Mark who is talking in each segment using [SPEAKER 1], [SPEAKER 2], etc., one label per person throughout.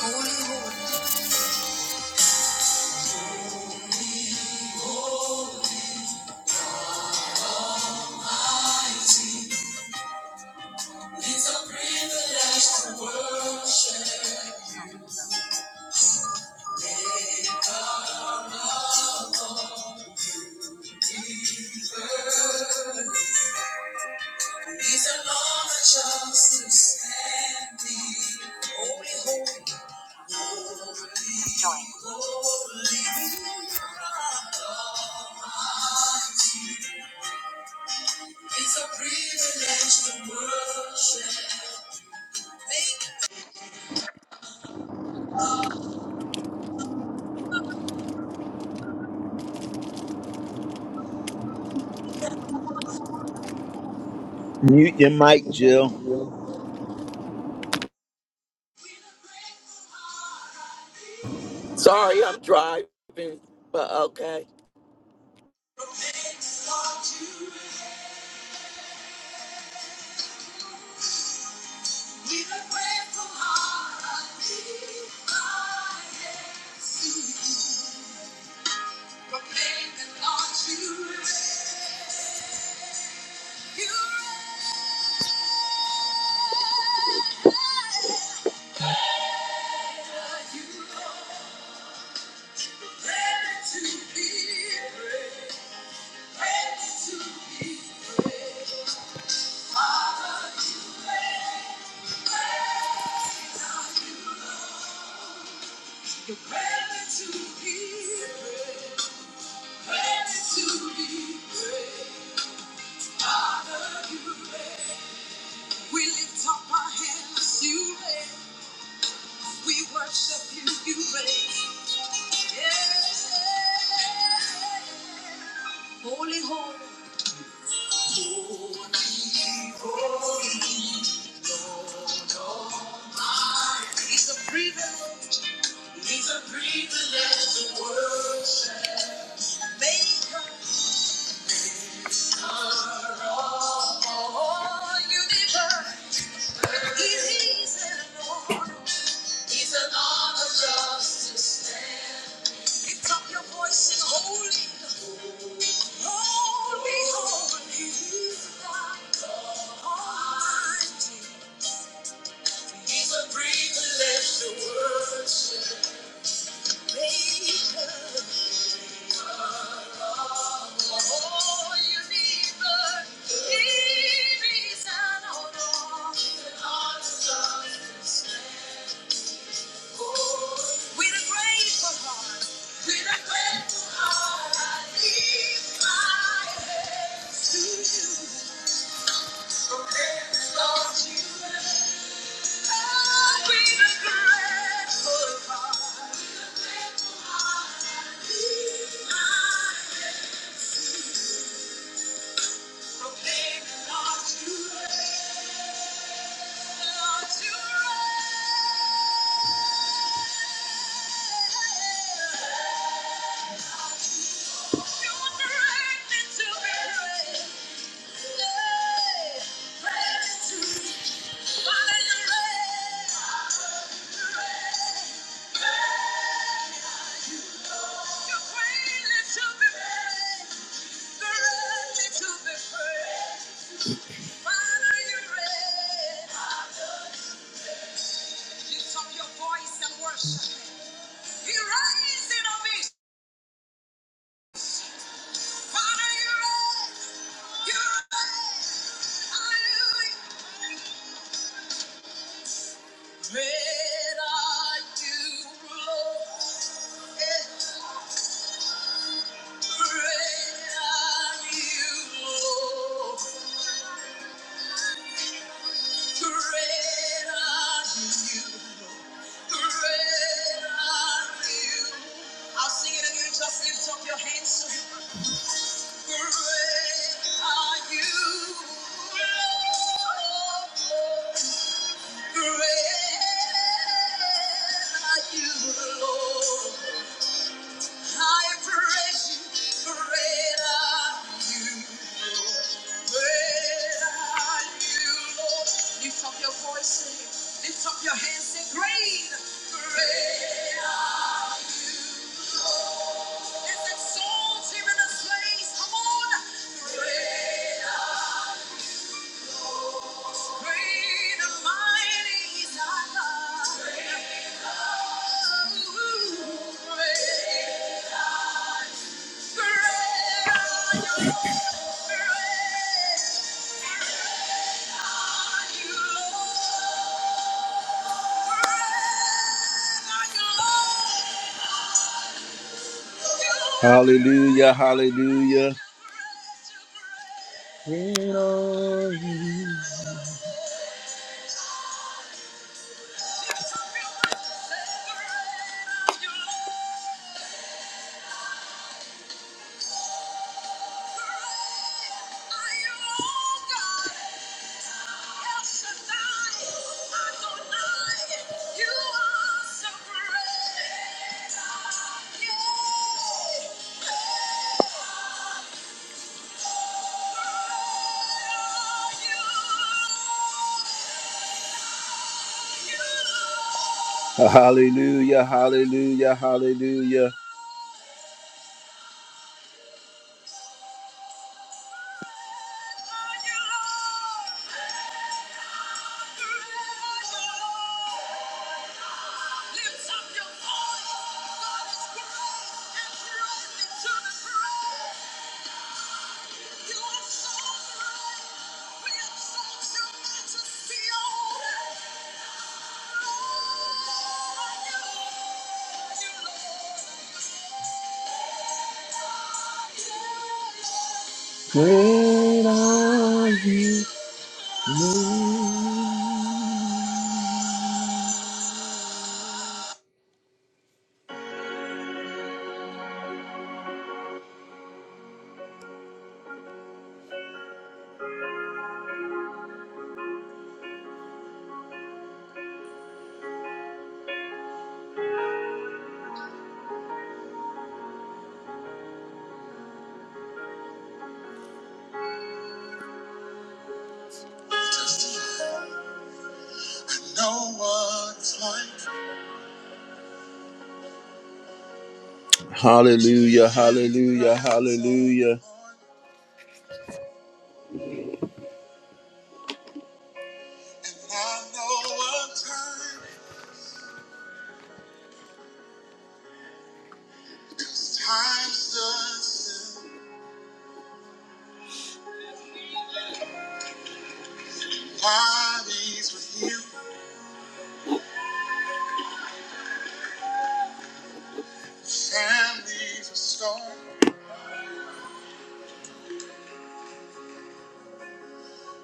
[SPEAKER 1] These are all the just to me. Holy, holy, holy. It's a privilege to worship. Mute your mic, Jill.
[SPEAKER 2] Sorry, I'm driving, but okay.
[SPEAKER 1] We lift up our hands, you reign. We worship you, you reign. Yeah. Holy, holy. holy, holy, Lord Almighty. It's a privilege. It's a privilege to worship. Maker. He's an arm of justice. Lift up your voice and holy, holy, holy. He's God Almighty. He's a privilege to worship. Maker. Thank you. Lift up your voice and worship. You raised it on Father, you raised. You raised. Hallelujah. Great are you, Lord. Eh, Great are you, Lord. Great are you, Great are you. I'll sing it again. Just lift up your hands to Him. Lift up your voice, lift up your hands, say, Great, great are you, Lord. Thank you. Hallelujah, hallelujah. Lean on You Hallelujah, hallelujah, hallelujah. Great are you, Lord. No one's like Hallelujah, hallelujah, hallelujah.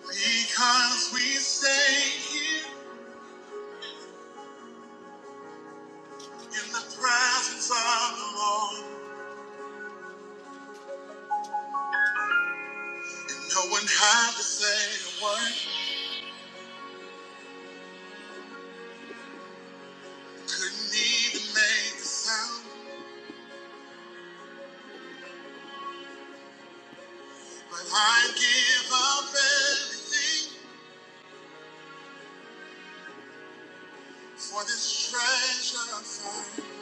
[SPEAKER 1] Because we stay here in the presence of the Lord. And no one had to say a word, couldn't even make a sound. But I give up everything. For this treasure I found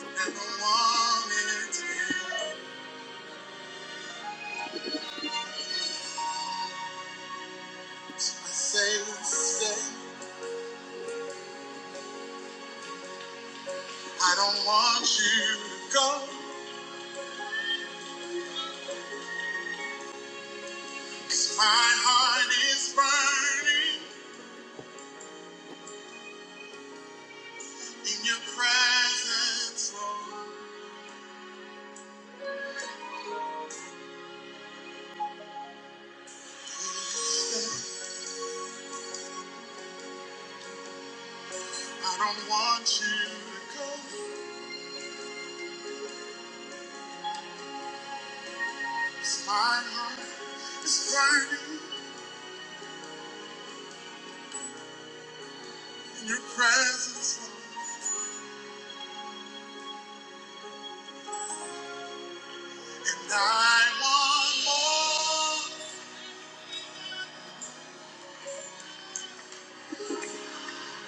[SPEAKER 1] and the one wanted I say, say, I don't want you to go. 'Cause my heart is burning in your presence, Lord. I don't want you to go. 'Cause my heart is burning in your presence, Lord. And I want more.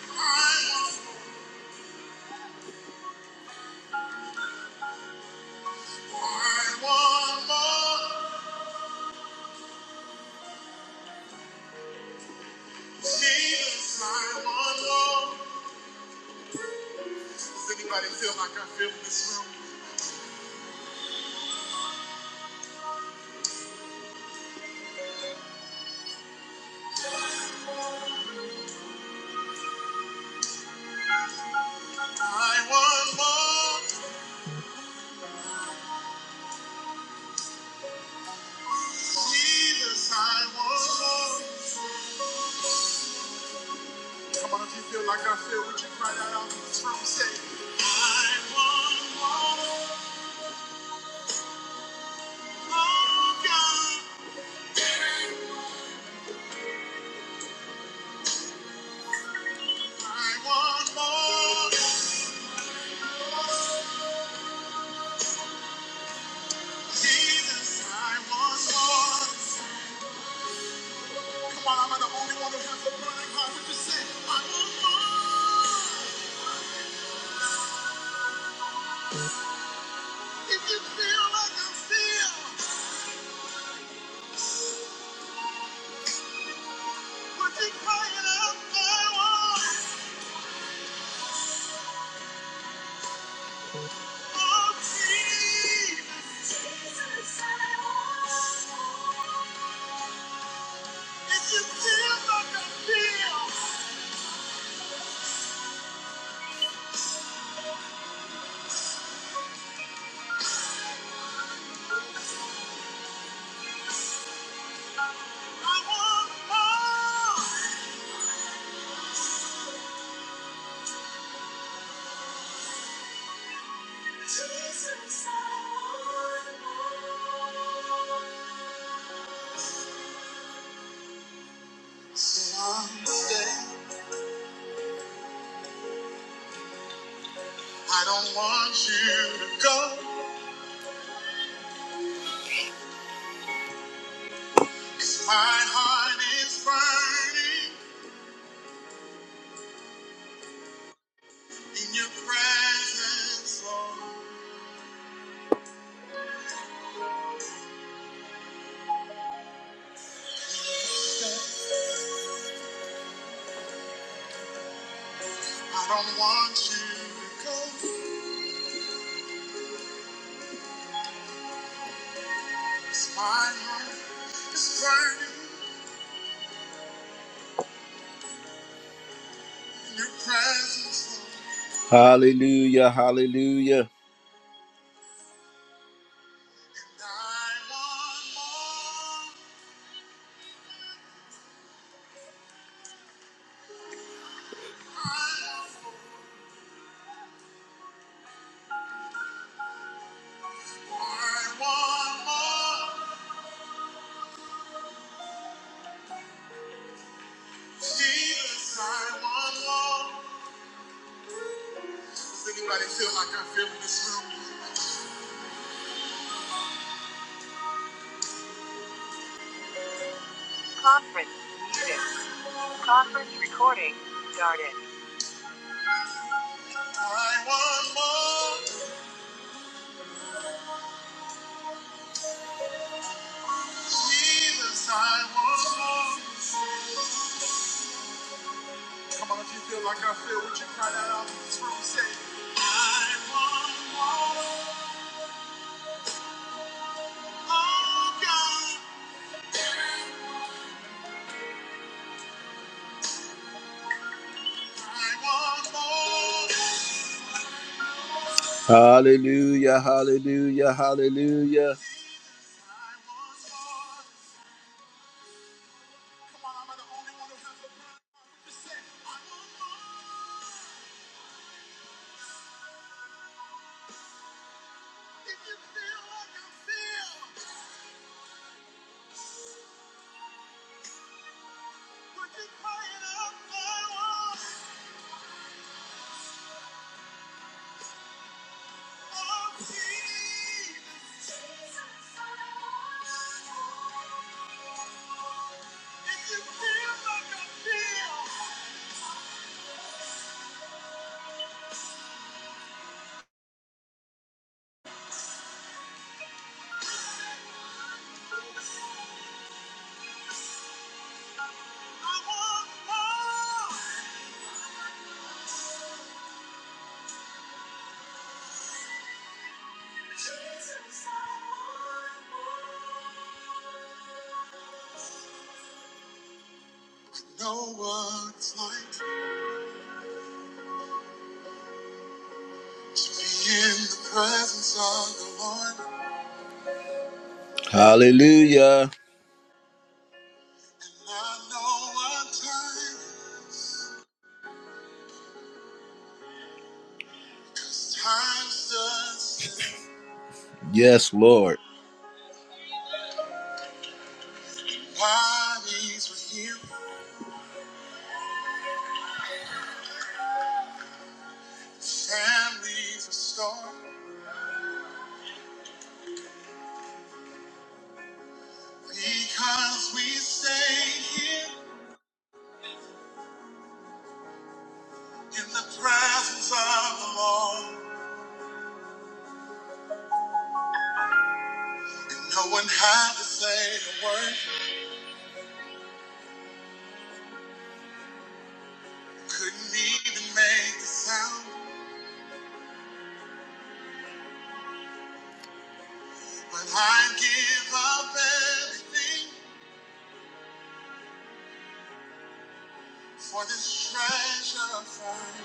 [SPEAKER 1] I want more. I want more. Jesus, I want more. Does anybody feel like I feel in this room? I want more. Jesus, I want more. Come on, if you feel like I feel, would you cry that out in this room? Say, I want more. Oh God, I want more. Jesus, I want more. Come on, i am not the only one who has a burning heart? Would you say, I want more? If you feel like I feel, would you cry it out now? Oh, Jesus. Jesus, I want. If you feel like I feel, I want more. Jesus, I want more. Someday. I don't want you to go, 'cause my heart is burning in your presence, Lord. I don't want you to go, 'cause my heart is burning in your presence, Lord. Hallelujah, hallelujah. I want more, I want more, I want more. Jesus, I want more. Does anybody feel like I feel in this room? Recording started. I want more. Jesus, I want more. Come on, if you feel like I feel, would you cry that out in this room? Say, I want more. Oh, God, I want more. Hallelujah, hallelujah, hallelujah. No like Hallelujah. Yes, Lord. Bodies were healed, families restored, because we stay here in the presence of the Lord. And no one had to say a word, couldn't even make a sound. But I give up everything for this treasure find.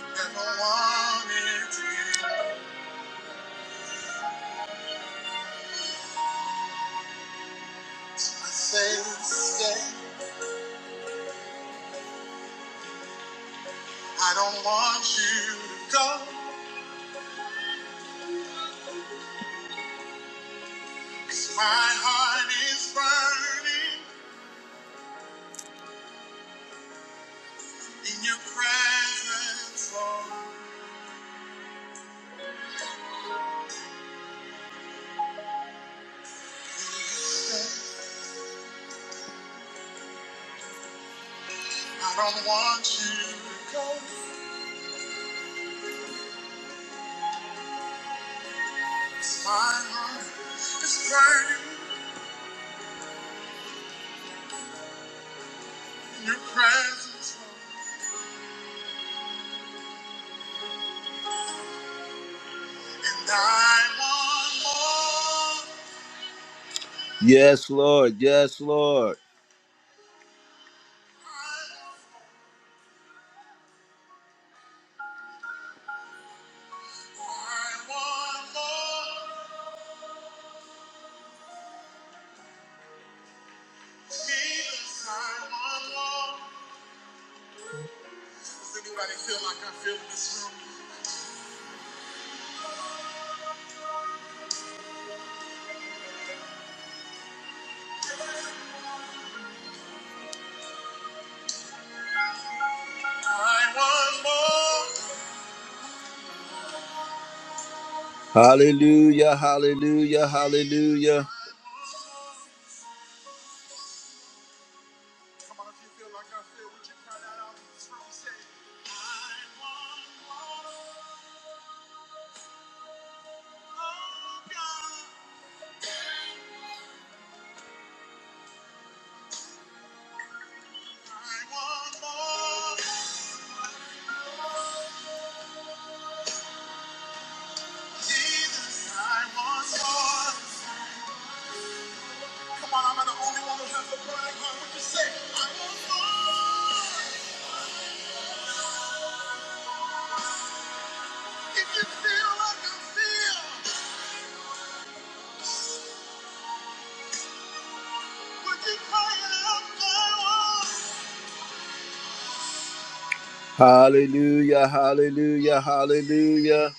[SPEAKER 1] Never wanted to I say, say, I don't want you to go. 'cause my heart is burning in your presence, Lord. I don't want you to go. 'cause my heart is burning in your presence, Lord. And I want more. Yes, Lord. Yes, Lord. I want more. Jesus, I want more. like Hallelujah, hallelujah, hallelujah. like oh like Hallelujah, hallelujah, hallelujah.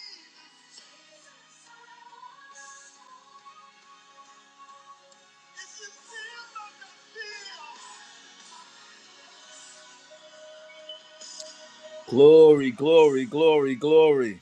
[SPEAKER 1] Glory, glory, glory, glory.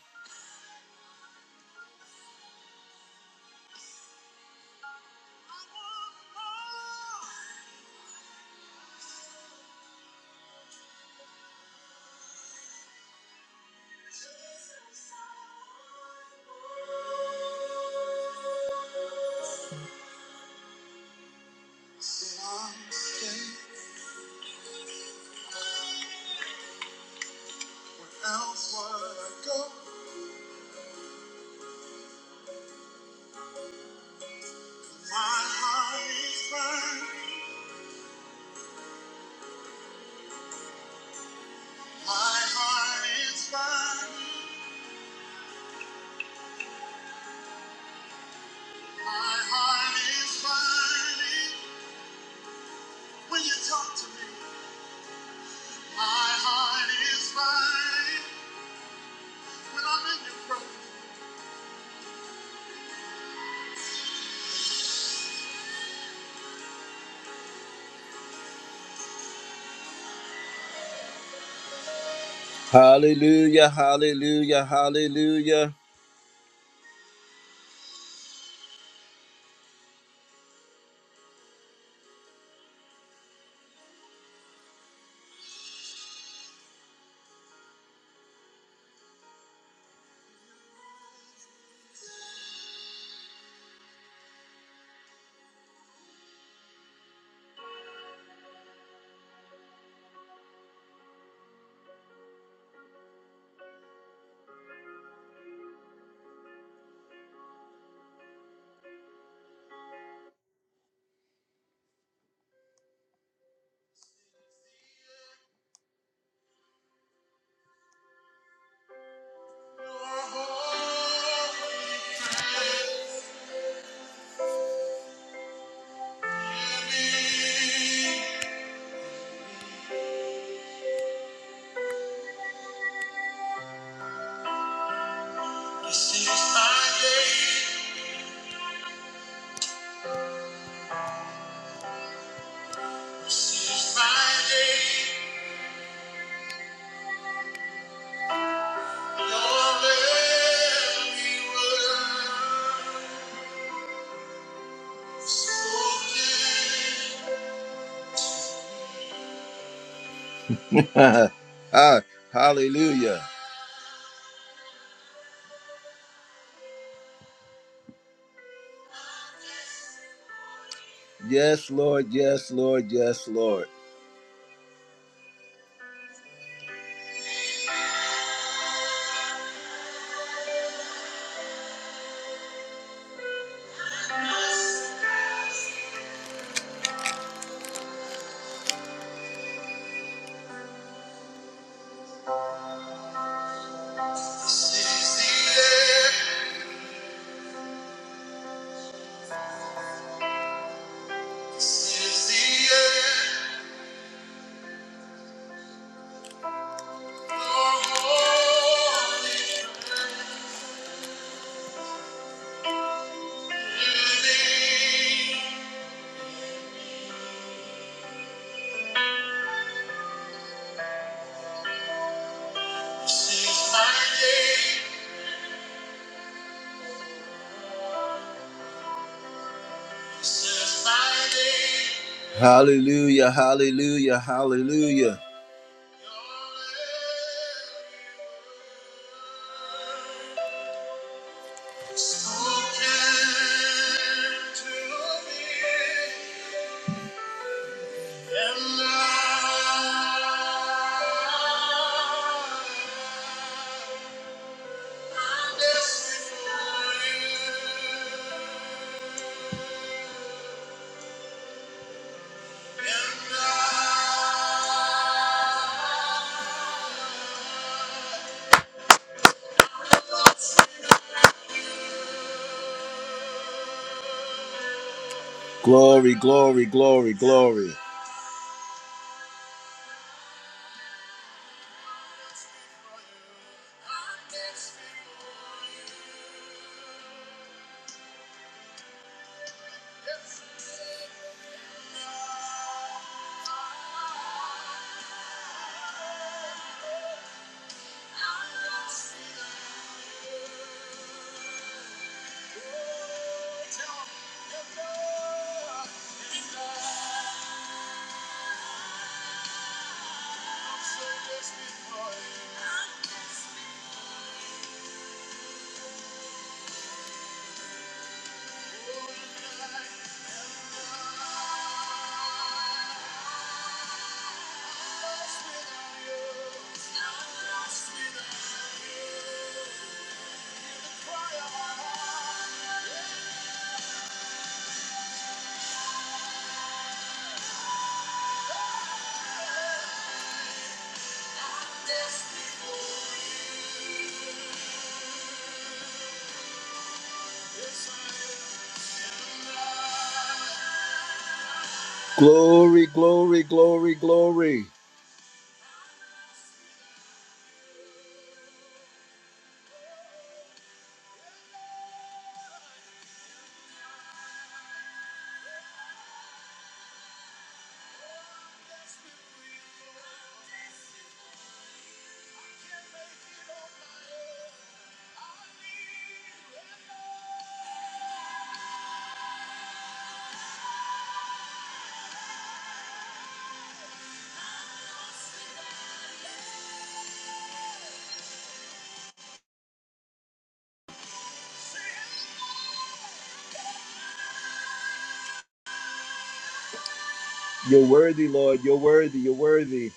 [SPEAKER 1] When you talk to me. Hallelujah, hallelujah, hallelujah. Ah, hallelujah. Yes, Lord, yes, Lord, yes, Lord. Hallelujah, hallelujah, hallelujah. Glory, glory, glory, glory. Yes, I am. Glory, glory, glory, glory. You're worthy, Lord. You're worthy. You're worthy.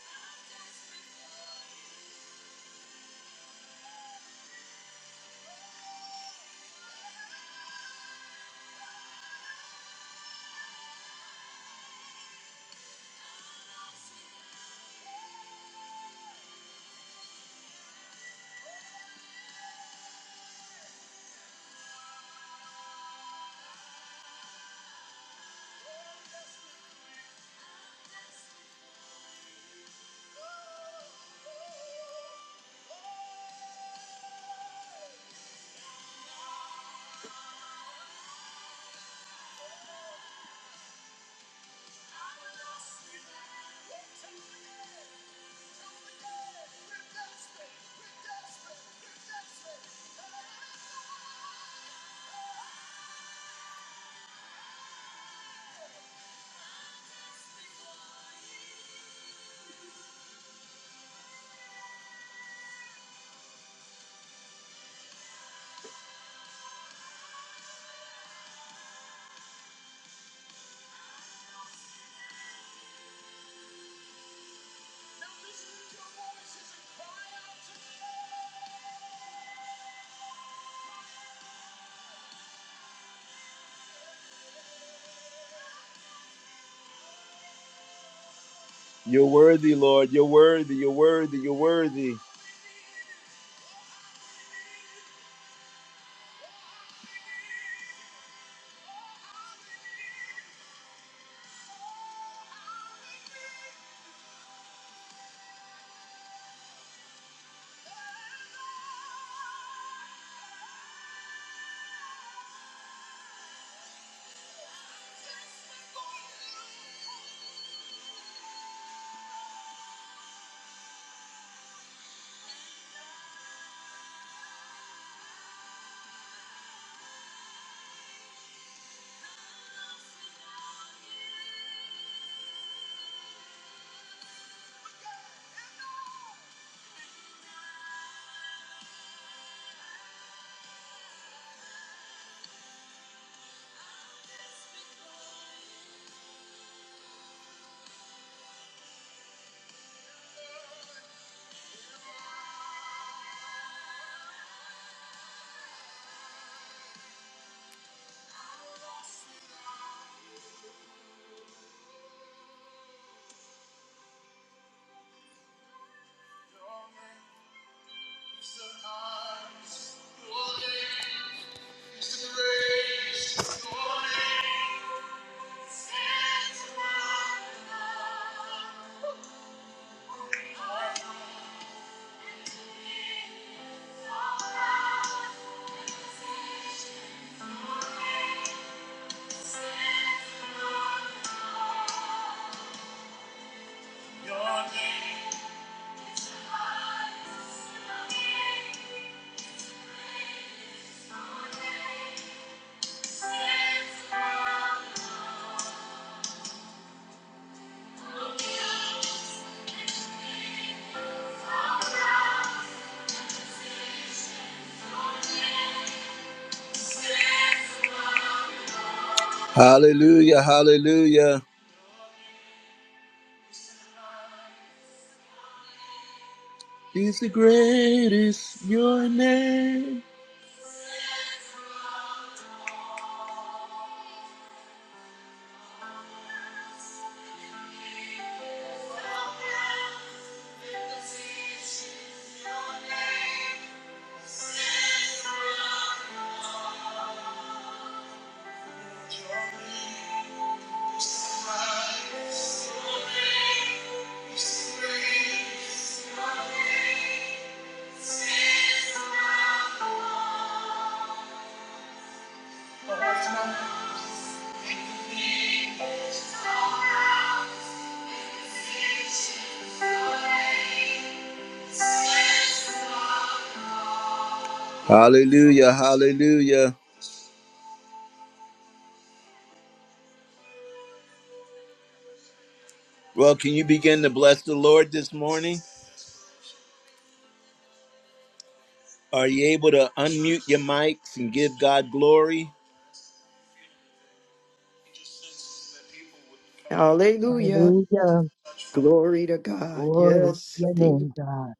[SPEAKER 1] You're worthy, Lord. You're worthy. You're worthy. You're worthy. Hallelujah, hallelujah. He's the greatest, your name. Hallelujah, hallelujah. Well, can you begin to bless the Lord this morning? Are you able to unmute your mics and give God glory?
[SPEAKER 3] Hallelujah.
[SPEAKER 4] Hallelujah.
[SPEAKER 3] Glory to God.
[SPEAKER 4] Glory to
[SPEAKER 3] Yes.
[SPEAKER 4] your
[SPEAKER 3] indeed.
[SPEAKER 4] name, God.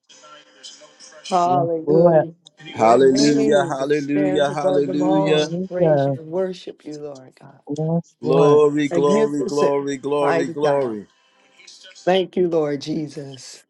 [SPEAKER 4] Yes, Lord.
[SPEAKER 3] Hallelujah. Your
[SPEAKER 1] Hallelujah,
[SPEAKER 3] name that stands
[SPEAKER 1] hallelujah,
[SPEAKER 3] above them
[SPEAKER 1] hallelujah.
[SPEAKER 3] all. Praise you
[SPEAKER 4] Hallelujah.
[SPEAKER 3] and worship you, Lord God.
[SPEAKER 4] Yes, Lord.
[SPEAKER 1] Glory, glory,
[SPEAKER 3] Magnificent,
[SPEAKER 1] glory, glory,
[SPEAKER 3] mighty God.
[SPEAKER 1] glory.
[SPEAKER 3] Thank you, Lord Jesus.